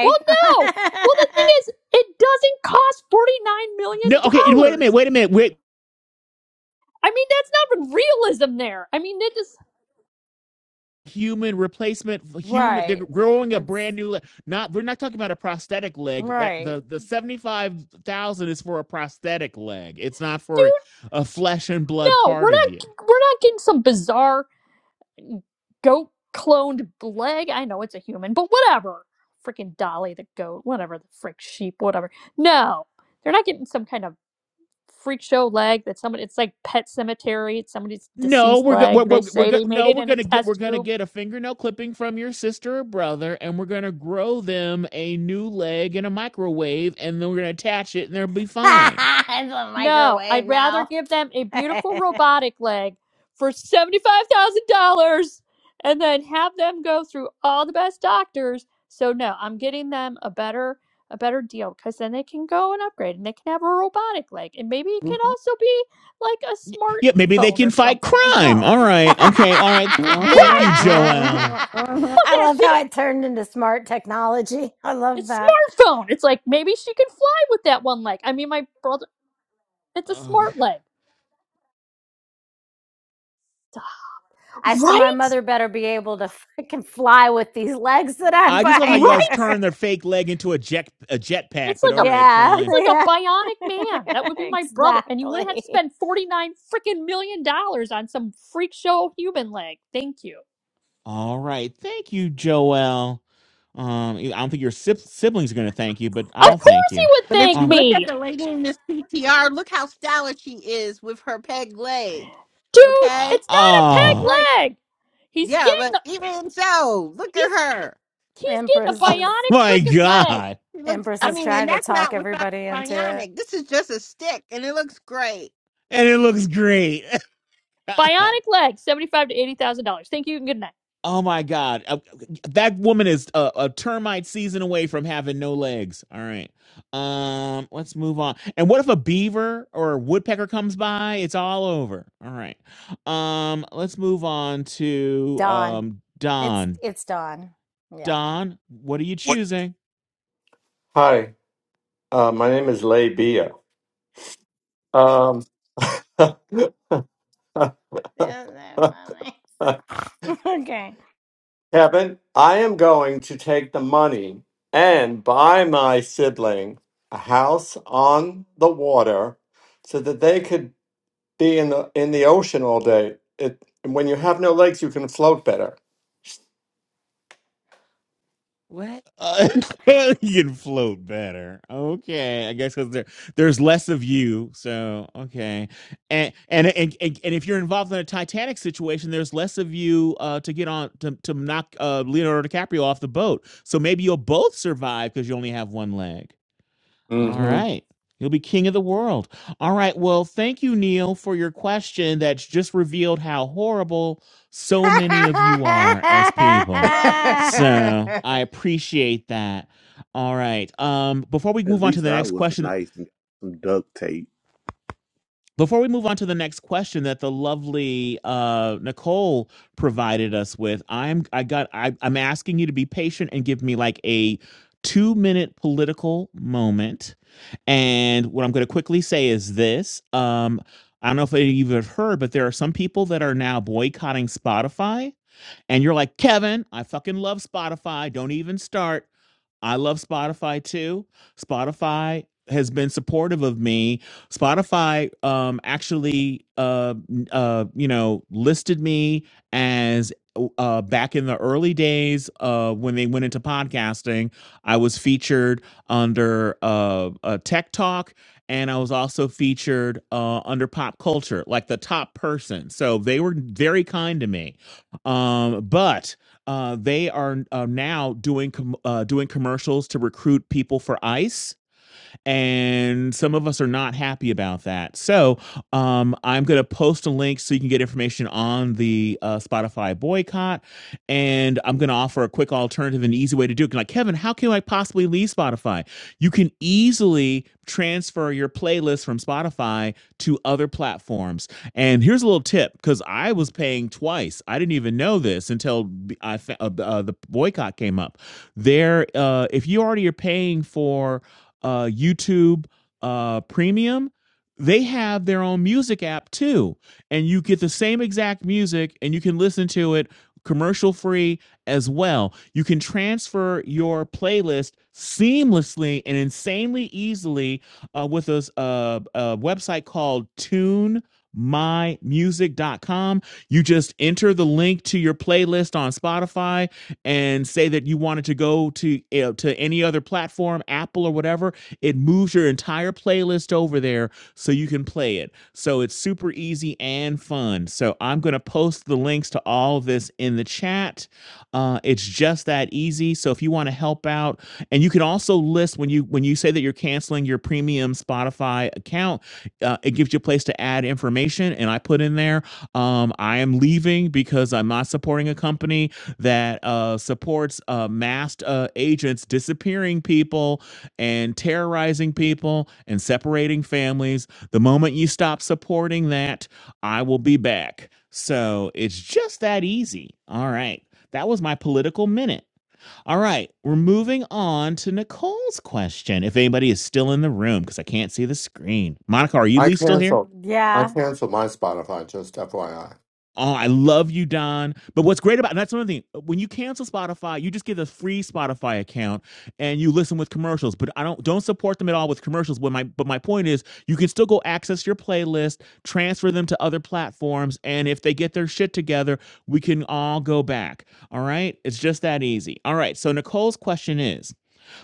Speaker 14: Well, no. Well, the thing is, it doesn't cost $49 million.
Speaker 2: No, okay, wait a minute,
Speaker 14: dollars.
Speaker 2: wait a minute. Wait.
Speaker 14: I mean, that's not even realism there. I mean, it just,
Speaker 2: human replacement human they're
Speaker 3: right.
Speaker 2: growing a
Speaker 3: It's
Speaker 2: brand new leg not we're not talking about a prosthetic leg that
Speaker 3: Right.
Speaker 2: the the 75,000 is for a prosthetic leg it's not
Speaker 14: dude,
Speaker 2: for a flesh and blood
Speaker 14: no. We're
Speaker 2: part of you
Speaker 14: not, we're not getting some bizarre goat cloned leg. I know it's a human, but whatever. Freaking Dolly the goat, whatever the frick sheep, whatever. No, they're not getting some kind of freak show leg that somebody. It's like Pet Cemetery. It's somebody's
Speaker 2: no
Speaker 14: deceased
Speaker 2: we're go- we're,
Speaker 14: leg. They
Speaker 2: we're, we're
Speaker 14: say
Speaker 2: go-
Speaker 14: they made
Speaker 2: no
Speaker 14: it
Speaker 2: we're
Speaker 14: in a
Speaker 2: going to get we're
Speaker 14: test
Speaker 2: going to
Speaker 14: tube.
Speaker 2: get a fingernail clipping from your sister or brother and we're going to grow them a new leg in a microwave and then we're going to attach it and they'll be fine
Speaker 3: it's a
Speaker 14: No,
Speaker 3: microwave
Speaker 14: I'd rather
Speaker 3: now.
Speaker 14: give them a
Speaker 3: I
Speaker 14: beautiful robotic leg for $75,000 and then have them go through all the best doctors. So no, I'm getting them a better a better deal because then they can go and upgrade and they can have a robotic leg and maybe it can
Speaker 6: Uh-huh,
Speaker 14: also be like a
Speaker 2: Yeah, maybe they
Speaker 14: smartphone or
Speaker 2: can fight
Speaker 14: something as
Speaker 2: crime.
Speaker 14: well.
Speaker 2: All right. Okay. All right. Th- thank you,
Speaker 14: Right!
Speaker 2: Joelle.
Speaker 6: uh-huh, uh-huh.
Speaker 14: Fuck that
Speaker 3: love how
Speaker 14: shit.
Speaker 3: it turned into smart technology. I love
Speaker 14: It's
Speaker 3: that.
Speaker 14: smartphone. It's like maybe she can fly with that one leg. I mean, my brother, it's a
Speaker 2: Oh,
Speaker 14: smart leg.
Speaker 3: I said my
Speaker 14: Right?
Speaker 3: mother better be able to freaking fly with these legs that I'm
Speaker 2: I just love how you
Speaker 3: buying
Speaker 14: Right?
Speaker 2: guys
Speaker 3: her.
Speaker 2: turn their fake leg into a jet a jetpack,
Speaker 14: It's
Speaker 2: but all
Speaker 14: like a
Speaker 2: right,
Speaker 3: Yeah,
Speaker 14: it's
Speaker 2: fine.
Speaker 14: like
Speaker 3: yeah.
Speaker 14: a bionic man. That would be my brother. And you would have to
Speaker 3: exactly.
Speaker 14: spend 49 freaking million dollars on some freak show human leg. Thank you.
Speaker 2: All right. Thank you, Joelle. Um, I don't think your sib- siblings are going to thank you, but
Speaker 14: Of
Speaker 6: But
Speaker 2: I'll thank
Speaker 14: course he
Speaker 2: you.
Speaker 14: would
Speaker 6: but if
Speaker 14: thank
Speaker 6: you
Speaker 2: Uh,
Speaker 6: look
Speaker 14: me.
Speaker 6: at the lady in this PTR, look how stylish she is with her peg leg.
Speaker 14: Dude,
Speaker 2: uh,
Speaker 6: Okay.
Speaker 14: it's not a
Speaker 2: oh,
Speaker 14: peg leg. He's
Speaker 6: Yeah,
Speaker 14: getting
Speaker 6: but
Speaker 14: a,
Speaker 6: even so, look at
Speaker 14: he's
Speaker 6: her.
Speaker 14: he's getting a
Speaker 3: Empress is
Speaker 14: bionic
Speaker 2: my
Speaker 14: freaking leg.
Speaker 2: God.
Speaker 6: She looks.
Speaker 3: Empress
Speaker 14: A
Speaker 6: I
Speaker 3: is
Speaker 6: mean, and
Speaker 3: trying to
Speaker 6: that's not
Speaker 3: talk
Speaker 6: without
Speaker 3: everybody
Speaker 6: the
Speaker 3: into it.
Speaker 6: bionic. This is just a stick, and it looks great.
Speaker 2: And it looks great.
Speaker 14: bionic leg, 75 to 80,000 dollars. Thank you and good night.
Speaker 2: Oh my God. Uh, That woman is a, a termite season away from having no legs. All right. Um, let's move on. And what if a beaver or a woodpecker comes by? It's all over. All right. Um, let's move on to
Speaker 3: Dawn.
Speaker 2: um
Speaker 3: It's
Speaker 2: Don.
Speaker 3: it's Dawn. Yeah.
Speaker 2: Don, what are you
Speaker 15: What?
Speaker 2: choosing?
Speaker 15: Hi, uh, my name is Lay Bia. Um,
Speaker 3: Isn't that funny? Okay.
Speaker 15: Kevin, I am going to take the money and buy my sibling a house on the water so that they could be in the in the ocean all day. It, when you have no legs, you can float better.
Speaker 6: What?
Speaker 2: Uh, you can float better. Okay, I guess because there there's less of you. So okay, and, and and and and if you're involved in a Titanic situation, there's less of you uh, to get on to to knock uh, Leonardo DiCaprio off the boat. So maybe you'll both survive because you only have one leg. All
Speaker 15: hmm
Speaker 2: right. You'll be king of the world. All right. Well, thank you, Neil, for your question that's just revealed how horrible so many of you are as people. So I appreciate that. All right. Um, before we
Speaker 4: At
Speaker 2: move on to
Speaker 4: least
Speaker 2: the
Speaker 4: I
Speaker 2: next
Speaker 4: was
Speaker 2: question,
Speaker 4: nice and got some duct tape.
Speaker 2: before we move on to the next question that the lovely uh, Nicole provided us with, I'm I got I, I'm asking you to be patient and give me like a two minute political moment. And what I'm going to quickly say is this: um, I don't know if any of you have heard, but there are some people that are now boycotting Spotify. And you're like, Kevin, I fucking love Spotify. Don't even start. I love Spotify too. Spotify has been supportive of me. Spotify um actually uh uh you know listed me as uh uh, back in the early days uh when they went into podcasting, I was featured under uh a Tech Talk and I was also featured uh under Pop Culture like the top person. So they were very kind to me. Um but uh, they are uh, now doing com- uh, doing commercials to recruit people for ICE and some of us are not happy about that. So um, I'm going to post a link so you can get information on the uh, Spotify boycott, and I'm going to offer a quick alternative and easy way to do it. Like Kevin, how can I possibly leave Spotify? You can easily transfer your playlist from Spotify to other platforms. And here's a little tip because I was paying twice. I didn't even know this until I uh, uh, the boycott came up. There, uh, if you already are paying for uh, YouTube uh, Premium, they have their own music app too. And you get the same exact music and you can listen to it commercial free as well. You can transfer your playlist seamlessly and insanely easily uh, with a, uh a website called Tune my music dot com. you just enter the link to your playlist on spotify and say that you wanted to go to you to any other platform, Apple or whatever, it moves your entire playlist over there so you can play it. So it's super easy and fun. So I'm going to post the links to all of this in the chat uh, it's just that easy. So if you want to help out, and you can also list when you when you say that you're canceling your premium Spotify account, uh, it gives you a place to add information. And I put in there, um, I am leaving because I'm not supporting a company that uh, supports uh, masked uh, agents disappearing people and terrorizing people and separating families. The moment you stop supporting that, I will be back. So it's just that easy. All right. That was my political minute. All right, we're moving on to Nicole's question. If anybody is still in the room, because I can't see the screen. Monica, are you
Speaker 15: I
Speaker 2: Lee still here?
Speaker 15: canceled. I
Speaker 3: yeah.
Speaker 15: canceled my Spotify, just FYI.
Speaker 2: Oh, I love you, Don. But what's great about and that's another thing. When you cancel Spotify, you just get a free Spotify account and you listen with commercials. But I don't don't support them at all with commercials. But my but my point is, you can still go access your playlist, transfer them to other platforms, and if they get their shit together, we can all go back. All right, it's just that easy. All right. So Nicole's question is.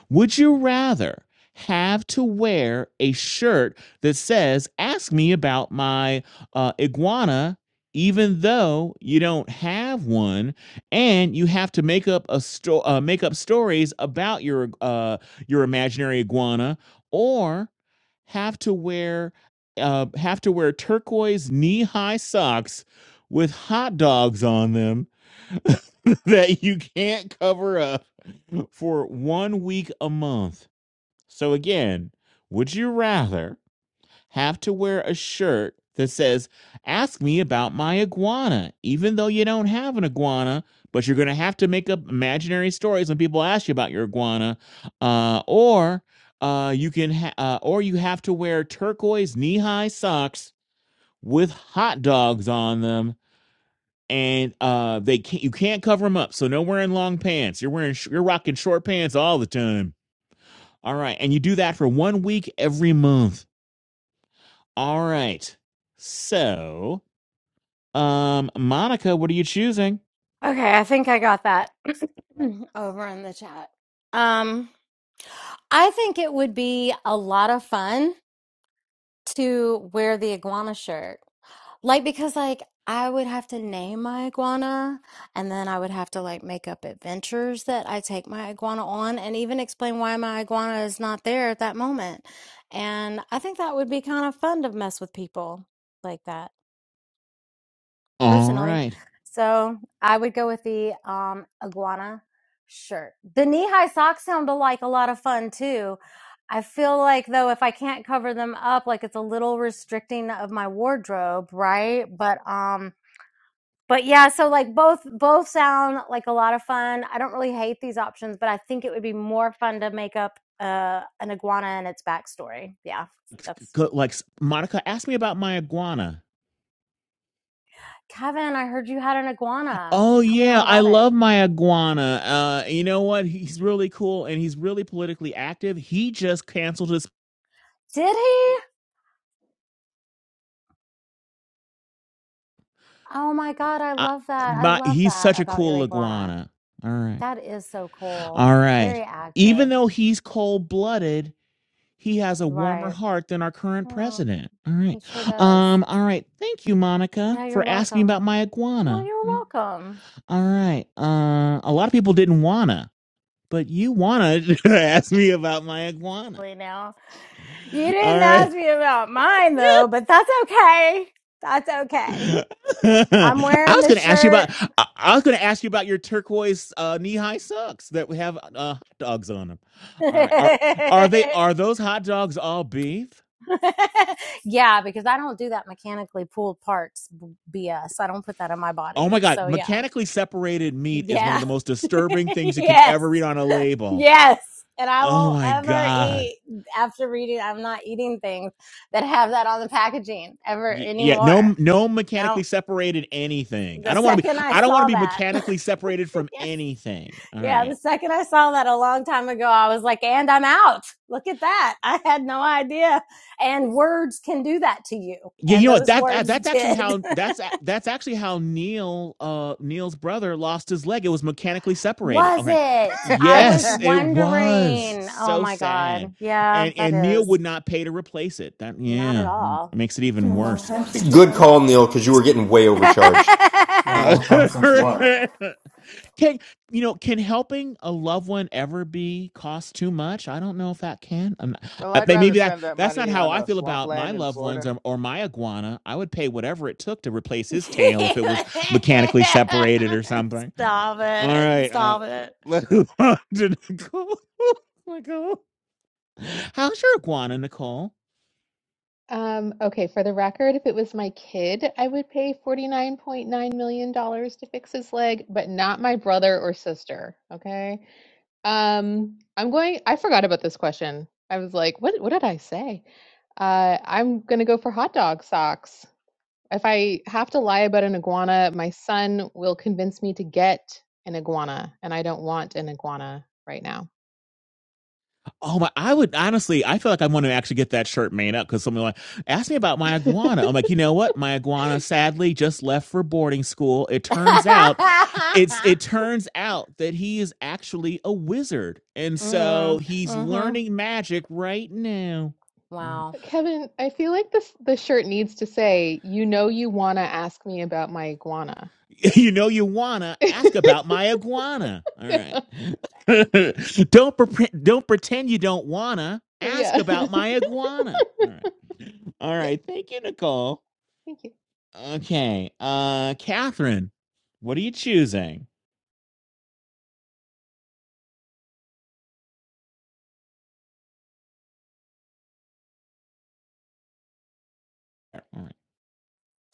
Speaker 2: Would you rather have to wear a shirt that says, Ask me about my uh, iguana, even though you don't have one, and you have to make up a sto- uh, make up stories about your uh, your imaginary iguana, or have to wear uh, have to wear turquoise knee high socks with hot dogs on them that you can't cover up for one week a month? So again, would you rather have to wear a shirt that says, Ask me about my iguana, even though you don't have an iguana, but you're going to have to make up imaginary stories when people ask you about your iguana, uh, or uh, you can, ha- uh, or you have to wear turquoise knee-high socks with hot dogs on them, and uh, they can't, you can't cover them up. So no wearing long pants. You're wearing, sh- you're rocking short pants all the time. All right. And you do that for one week every month. All right. So, um, Monica, what are you choosing?
Speaker 3: Okay, I think I got that over in the chat. Um, I think it would be a lot of fun to wear the iguana shirt. Like because like I would have to name my iguana and then I would have to like make up adventures that I take my iguana on and even explain why my iguana is not there at that moment. And I think that would be kind of fun to mess with people like that.
Speaker 2: All
Speaker 3: personally.
Speaker 2: right.
Speaker 3: So I would go with the um, iguana shirt. The knee high socks sound like a lot of fun too. I feel like though if I can't cover them up, like it's a little restricting of my wardrobe, right? But um, but yeah, so like both both sound like a lot of fun. I don't really hate these options, but I think it would be more fun to make up uh, an iguana and its backstory. Yeah, that's
Speaker 2: Like, Monica, ask me about my iguana.
Speaker 3: Kevin. I heard you had an iguana.
Speaker 2: Oh,
Speaker 3: Tell me all
Speaker 2: yeah. I
Speaker 3: about it.
Speaker 2: love my iguana. Uh, you know what? He's really cool and he's really politically active. He just canceled his.
Speaker 3: Did he? Oh my God, I
Speaker 2: I,
Speaker 3: love that. I
Speaker 2: my,
Speaker 3: love
Speaker 2: he's
Speaker 3: that
Speaker 2: such a
Speaker 3: about your
Speaker 2: cool
Speaker 3: iguana.
Speaker 2: iguana. All right.
Speaker 3: That is so cool.
Speaker 2: All right.
Speaker 3: Very
Speaker 2: Even
Speaker 3: active.
Speaker 2: though he's cold blooded, He has a warmer
Speaker 3: Right.
Speaker 2: heart than our current
Speaker 3: Mm,
Speaker 2: president. All right.
Speaker 3: he sure does.
Speaker 2: Um, all right. Thank you, Monica,
Speaker 3: Yeah, you're
Speaker 2: for asking
Speaker 3: welcome.
Speaker 2: about my
Speaker 3: Well,
Speaker 2: iguana.
Speaker 3: you're
Speaker 2: All
Speaker 3: welcome.
Speaker 2: right. Uh, a lot of people didn't wanna, but you wanna ask me about my iguana.
Speaker 3: Really Now, you
Speaker 2: All
Speaker 3: didn't
Speaker 2: right.
Speaker 3: ask me about mine though, but that's okay. That's okay.
Speaker 2: I
Speaker 3: I'm wearing
Speaker 2: was
Speaker 3: the
Speaker 2: gonna ask you about.
Speaker 3: shirt.
Speaker 2: I, I was gonna ask you about your turquoise uh, knee-high socks that we have uh, hot dogs on them. All right. Are are they are those hot dogs all beef?
Speaker 3: yeah, because I don't do that mechanically pulled parts b- BS. I don't put that in my
Speaker 2: Oh
Speaker 3: body.
Speaker 2: my God.
Speaker 3: So, yeah.
Speaker 2: Mechanically separated meat is one of
Speaker 3: Yeah.
Speaker 2: the most disturbing things you can ever read
Speaker 3: yes.
Speaker 2: on a label.
Speaker 3: Yes. And I
Speaker 2: Oh
Speaker 3: won't
Speaker 2: my
Speaker 3: ever
Speaker 2: God.
Speaker 3: eat after reading. I'm not eating things that have that on the packaging ever
Speaker 2: Y- Yeah, no,
Speaker 3: anymore.
Speaker 2: no mechanically
Speaker 3: No.
Speaker 2: separated anything. I
Speaker 3: The
Speaker 2: don't want to be.
Speaker 3: second I
Speaker 2: I don't want to
Speaker 3: saw
Speaker 2: be
Speaker 3: that,
Speaker 2: mechanically separated from
Speaker 3: yes.
Speaker 2: anything. All
Speaker 3: Yeah.
Speaker 2: right.
Speaker 3: The second I saw that a long time ago, I was like, and I'm out. Look at that. I had no idea. And words can do that to you.
Speaker 2: Yeah, you
Speaker 3: And
Speaker 2: know what?
Speaker 3: those
Speaker 2: That, that
Speaker 3: words
Speaker 2: that's actually
Speaker 3: did.
Speaker 2: how that's a- that's actually how Neil uh Neil's brother lost his leg. It was mechanically separated.
Speaker 3: was
Speaker 2: Okay.
Speaker 3: it? I was
Speaker 2: Yes, it was
Speaker 3: wondering. Oh
Speaker 2: so
Speaker 3: my
Speaker 2: sad,
Speaker 3: God. Yeah,
Speaker 2: and
Speaker 3: that
Speaker 2: and Neil
Speaker 3: is.
Speaker 2: would not pay to replace it. That
Speaker 3: Not at
Speaker 2: yeah mm,
Speaker 3: all.
Speaker 2: makes it even worse.
Speaker 10: Good call, Neil, because you were getting way overcharged. It's been a
Speaker 2: Uh,
Speaker 10: long time since what?
Speaker 2: can you know? Can helping a loved one ever be cost too much? I don't know if that can. I'm not,
Speaker 5: well,
Speaker 2: I
Speaker 5: I'd
Speaker 2: think
Speaker 5: rather
Speaker 2: maybe that
Speaker 5: spend that
Speaker 2: that's not
Speaker 5: money
Speaker 2: how
Speaker 5: on
Speaker 2: I
Speaker 5: a
Speaker 2: feel about my
Speaker 5: swampland in
Speaker 2: loved ones
Speaker 5: Florida.
Speaker 2: or, or my iguana. I would pay whatever it took to replace his tail if it was mechanically separated or something.
Speaker 3: Stop
Speaker 2: All
Speaker 3: it.
Speaker 2: right, uh,
Speaker 3: Stop it.
Speaker 2: let's move on to Nicole. Nicole, how's your iguana, Nicole?
Speaker 1: Um, okay, for the record, if it was my kid, I would pay $49.9 million dollars to fix his leg, but not my brother or sister. Okay. Um, I'm going, I forgot about this question. I was like, what, what did I say? Uh, I'm going to go for hot dog socks. If I have to lie about an iguana, my son will convince me to get an iguana, and I don't want an iguana right now.
Speaker 2: Oh my! I would honestly, I feel like I want to actually get that shirt made up because someone like asked me about my iguana. I'm
Speaker 1: but
Speaker 2: like, you know what? My iguana sadly just left for boarding school. It turns out it's it turns out that he is actually a wizard, and so
Speaker 3: mm,
Speaker 2: he's
Speaker 3: mm-hmm.
Speaker 2: learning magic right now. All right.
Speaker 3: Wow.
Speaker 1: Kevin, I feel like this the shirt needs to say, "You know you want to ask me about my iguana."
Speaker 2: You know you wanna ask about my iguana. All right.
Speaker 1: yeah.
Speaker 2: don't pretend don't pretend you don't wanna ask
Speaker 1: Yeah.
Speaker 2: about my iguana. All right. All
Speaker 1: yeah.
Speaker 2: right. Thank you, Nicole.
Speaker 1: Thank you.
Speaker 2: Okay. Uh Catherine, what are you choosing?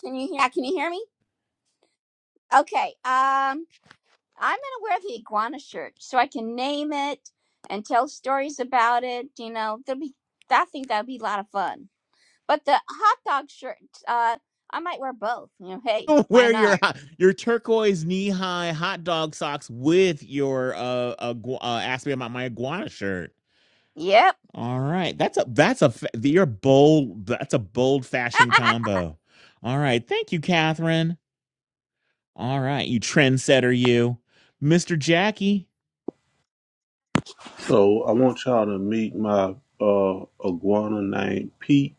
Speaker 8: Can you hear? Can you hear me? Okay. Um, I'm gonna wear the iguana shirt so I can name it and tell stories about it. You know, there'll be. I think that'd be a lot of fun. But the hot dog shirt. Uh, I might wear both. You know, hey, why
Speaker 2: Wear
Speaker 8: not?
Speaker 2: your your turquoise knee high hot dog socks with your uh, igua- uh ask me about my iguana shirt.
Speaker 8: Yep.
Speaker 2: All right, that's a that's a fa- you're bold. That's a bold fashion combo. All right, thank you, Catherine. All right, you trendsetter, you, Mister Jackie.
Speaker 4: So I want y'all to meet my uh iguana named Pete.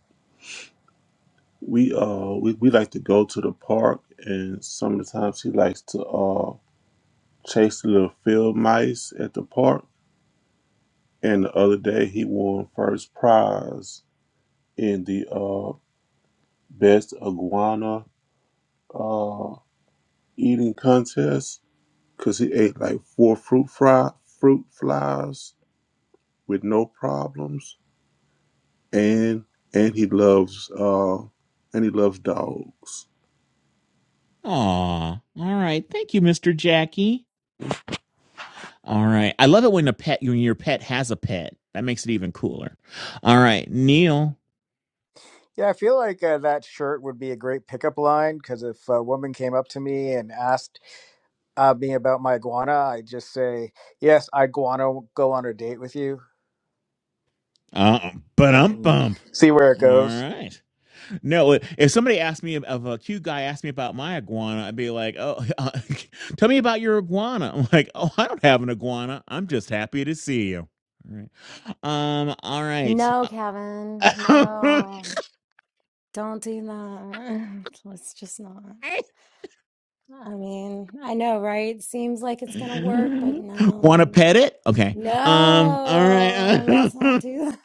Speaker 4: We uh we, we like to go to the park and some of the times he likes to uh. chased the little field mice at the park, and the other day he won first prize in the uh, best iguana uh, eating contest because he ate like four fruit fry fruit flies with no problems, and and he loves uh, and he loves dogs.
Speaker 2: Aw, all right, thank you, Mister Jackie. All right. I love it when a pet when your pet has a pet. That makes it even cooler. All right, Neil.
Speaker 5: Yeah, I feel like uh, that shirt would be a great pickup line because if a woman came up to me and asked, uh, me about my iguana, I just say, "Yes, I iguana will go on a date with you
Speaker 2: Uh, but
Speaker 5: and
Speaker 2: um
Speaker 5: and
Speaker 2: bump.
Speaker 5: see where it
Speaker 2: All
Speaker 5: goes."
Speaker 2: right. No, if somebody asked me if a cute guy asked me about my iguana, I'd be like, "Oh, uh, tell me about your iguana." I'm like, "Oh, I don't have an iguana. I'm just happy to see you." All right. Um. All right.
Speaker 3: No, Kevin. No. Don't do that. Let's just not. I mean, I know, right? Seems like it's going to work, but
Speaker 2: Want to
Speaker 3: no.
Speaker 2: pet it? Okay. Um. All
Speaker 3: No, let's not
Speaker 2: right.
Speaker 3: do that.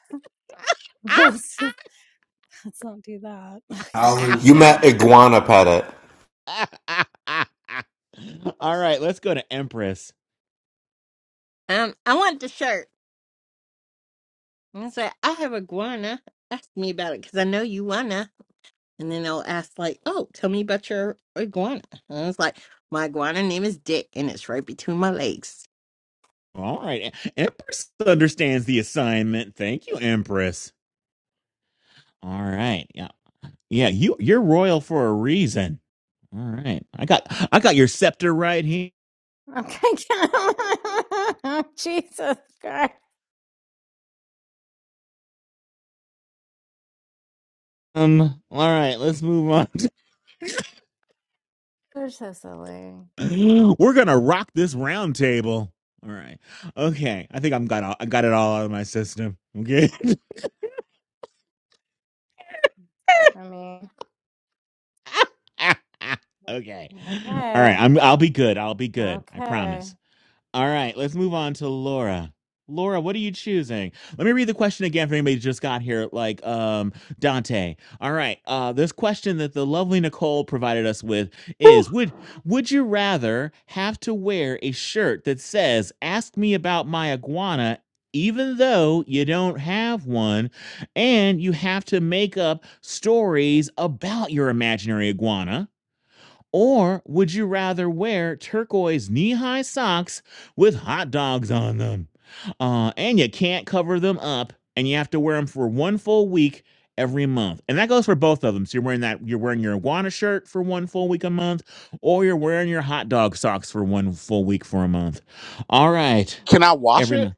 Speaker 3: Let's, let's not do that. Okay.
Speaker 10: How is You met Iguana Pettit.
Speaker 2: All right, let's go to Empress.
Speaker 6: Um, I want the shirt. And I said, I have iguana. Ask me about it because I know you wanna. And then they'll ask like, Oh, tell me about your iguana. And I was like, My iguana name is Dick, and it's right between my legs.
Speaker 2: All right, E- Empress understands the assignment. Thank you, Empress. All right, yeah, yeah, you you're royal for a reason. All right, I got I got your scepter right here.
Speaker 3: Okay. Jesus Christ.
Speaker 2: Um, all right, let's move on.
Speaker 3: You're so silly.
Speaker 2: We're gonna rock this round table. All right, okay. I think I'm got all, I got it all out of my system. Okay.
Speaker 3: I mean,
Speaker 2: okay. All right,
Speaker 3: okay.
Speaker 2: I'm I'll be good. I'll be good. I
Speaker 3: Okay.
Speaker 2: promise. All right, let's move on to Laura. Laura, what are you choosing? Let me read the question again for anybody who just got here, like um, Dante. All right, uh, this question that the lovely Nicole provided us with is:
Speaker 16: Whew.
Speaker 2: Would would you rather have to wear a shirt that says "Ask me about my iguana"? Even though you don't have one, and you have to make up stories about your imaginary iguana, or would you rather wear turquoise knee high socks with hot dogs on them? Uh, and you can't cover them up, and you have to wear them for one full week every month. And that goes for both of them. So you're wearing that, you're wearing your Iguana shirt for one full week a month, or you're wearing your hot dog socks for one full week for a month. All right,
Speaker 16: Can I wash
Speaker 2: every month.
Speaker 16: it?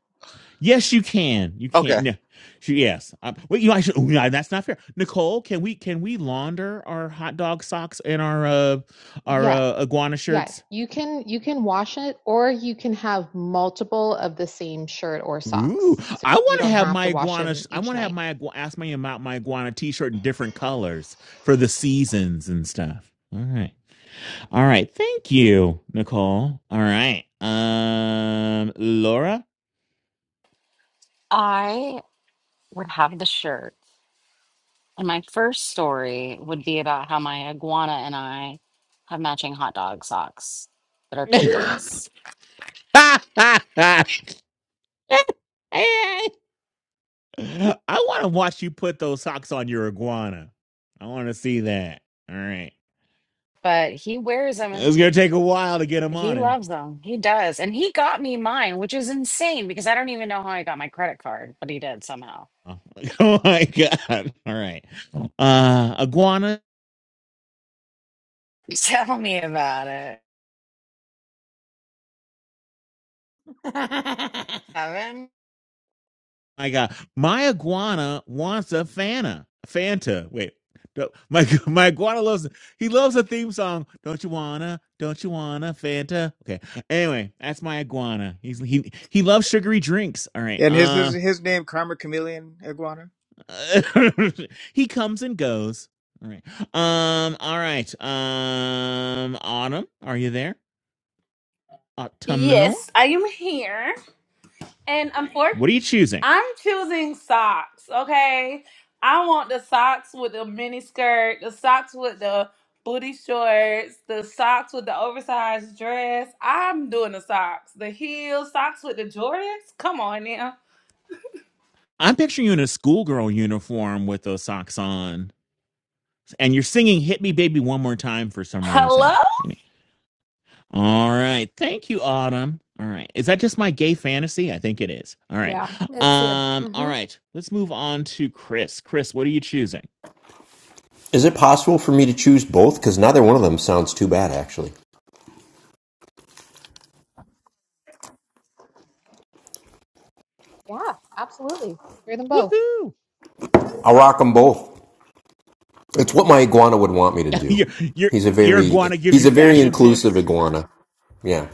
Speaker 2: Yes, you can. You
Speaker 16: Okay.
Speaker 2: can. No, she, yes. Um, wait, you actually. Oh, yeah, that's not fair. Nicole, can we can we launder our hot dog socks and our uh our
Speaker 1: Yeah.
Speaker 2: uh, iguana
Speaker 1: Yeah.
Speaker 2: shirts?
Speaker 1: You can you can wash it or you can have multiple of the same shirt or
Speaker 2: Ooh,
Speaker 1: socks. So
Speaker 2: I
Speaker 1: you you
Speaker 2: want to
Speaker 1: don't
Speaker 2: have
Speaker 1: have
Speaker 2: my
Speaker 1: to wash
Speaker 2: iguana. sh-
Speaker 1: them
Speaker 2: I
Speaker 1: each
Speaker 2: want to have
Speaker 1: night.
Speaker 2: my igua- ask me about my iguana T-shirt in different colors for the seasons and stuff. All right, all right. Thank you, Nicole. All right, um, Laura.
Speaker 7: I would have the shirt, and my first story would be about how my iguana and I have matching hot dog socks that are turquoise.
Speaker 2: I want to watch you put those socks on your iguana. I want to see that. All right.
Speaker 7: But he wears them.
Speaker 2: It's going to take a while to get them
Speaker 7: He
Speaker 2: on him.
Speaker 7: loves them. He does, and he got me mine, which is insane because I don't even know how I got my outfit.
Speaker 2: Oh, oh my God. All right. Uh, iguana.
Speaker 7: Kevin.
Speaker 2: My God. My iguana wants a Fanta. Fanta. Wait. No, My my iguana loves he loves a theme song. Don't you wanna? Don't you wanna? Fanta. Okay. Anyway, that's my iguana. He's he he loves sugary drinks. All right.
Speaker 5: And his
Speaker 2: uh.
Speaker 5: his his name Karma Chameleon Iguana.
Speaker 2: he comes and goes. All right. Um. All right. Um. Autumn, are you there? Autumnal.
Speaker 9: Yes, I am here, and unfortunately.
Speaker 2: What are you choosing?
Speaker 9: I'm choosing socks, okay? I want the socks with the mini skirt, the socks with the booty shorts, the socks with the oversized dress. I'm doing the socks. The heels, socks with the Jordans. Come on now.
Speaker 2: I'm picturing you in a schoolgirl uniform with those socks on, and you're singing "Hit Me, Baby, One More Time" for some
Speaker 9: Hello?
Speaker 2: reason. All right. Thank you, Autumn. All right. Is that just my gay fantasy? I think it is. All right.
Speaker 3: yeah, it's you.
Speaker 2: Um. All
Speaker 3: Mm-hmm.
Speaker 2: right. Let's move on to Chris. Chris, what are you choosing?
Speaker 10: Is it possible for me to choose both? Because neither one of them sounds too bad, actually.
Speaker 1: Yeah, absolutely. Wear them both.
Speaker 2: Woohoo!
Speaker 10: I'll rock them both. It's what my iguana would want me to do.
Speaker 2: your your
Speaker 10: He's a
Speaker 2: your
Speaker 10: very
Speaker 2: iguana gives
Speaker 10: he's
Speaker 2: you
Speaker 10: a very
Speaker 2: fashion
Speaker 10: inclusive
Speaker 2: tips.
Speaker 10: iguana. Yeah.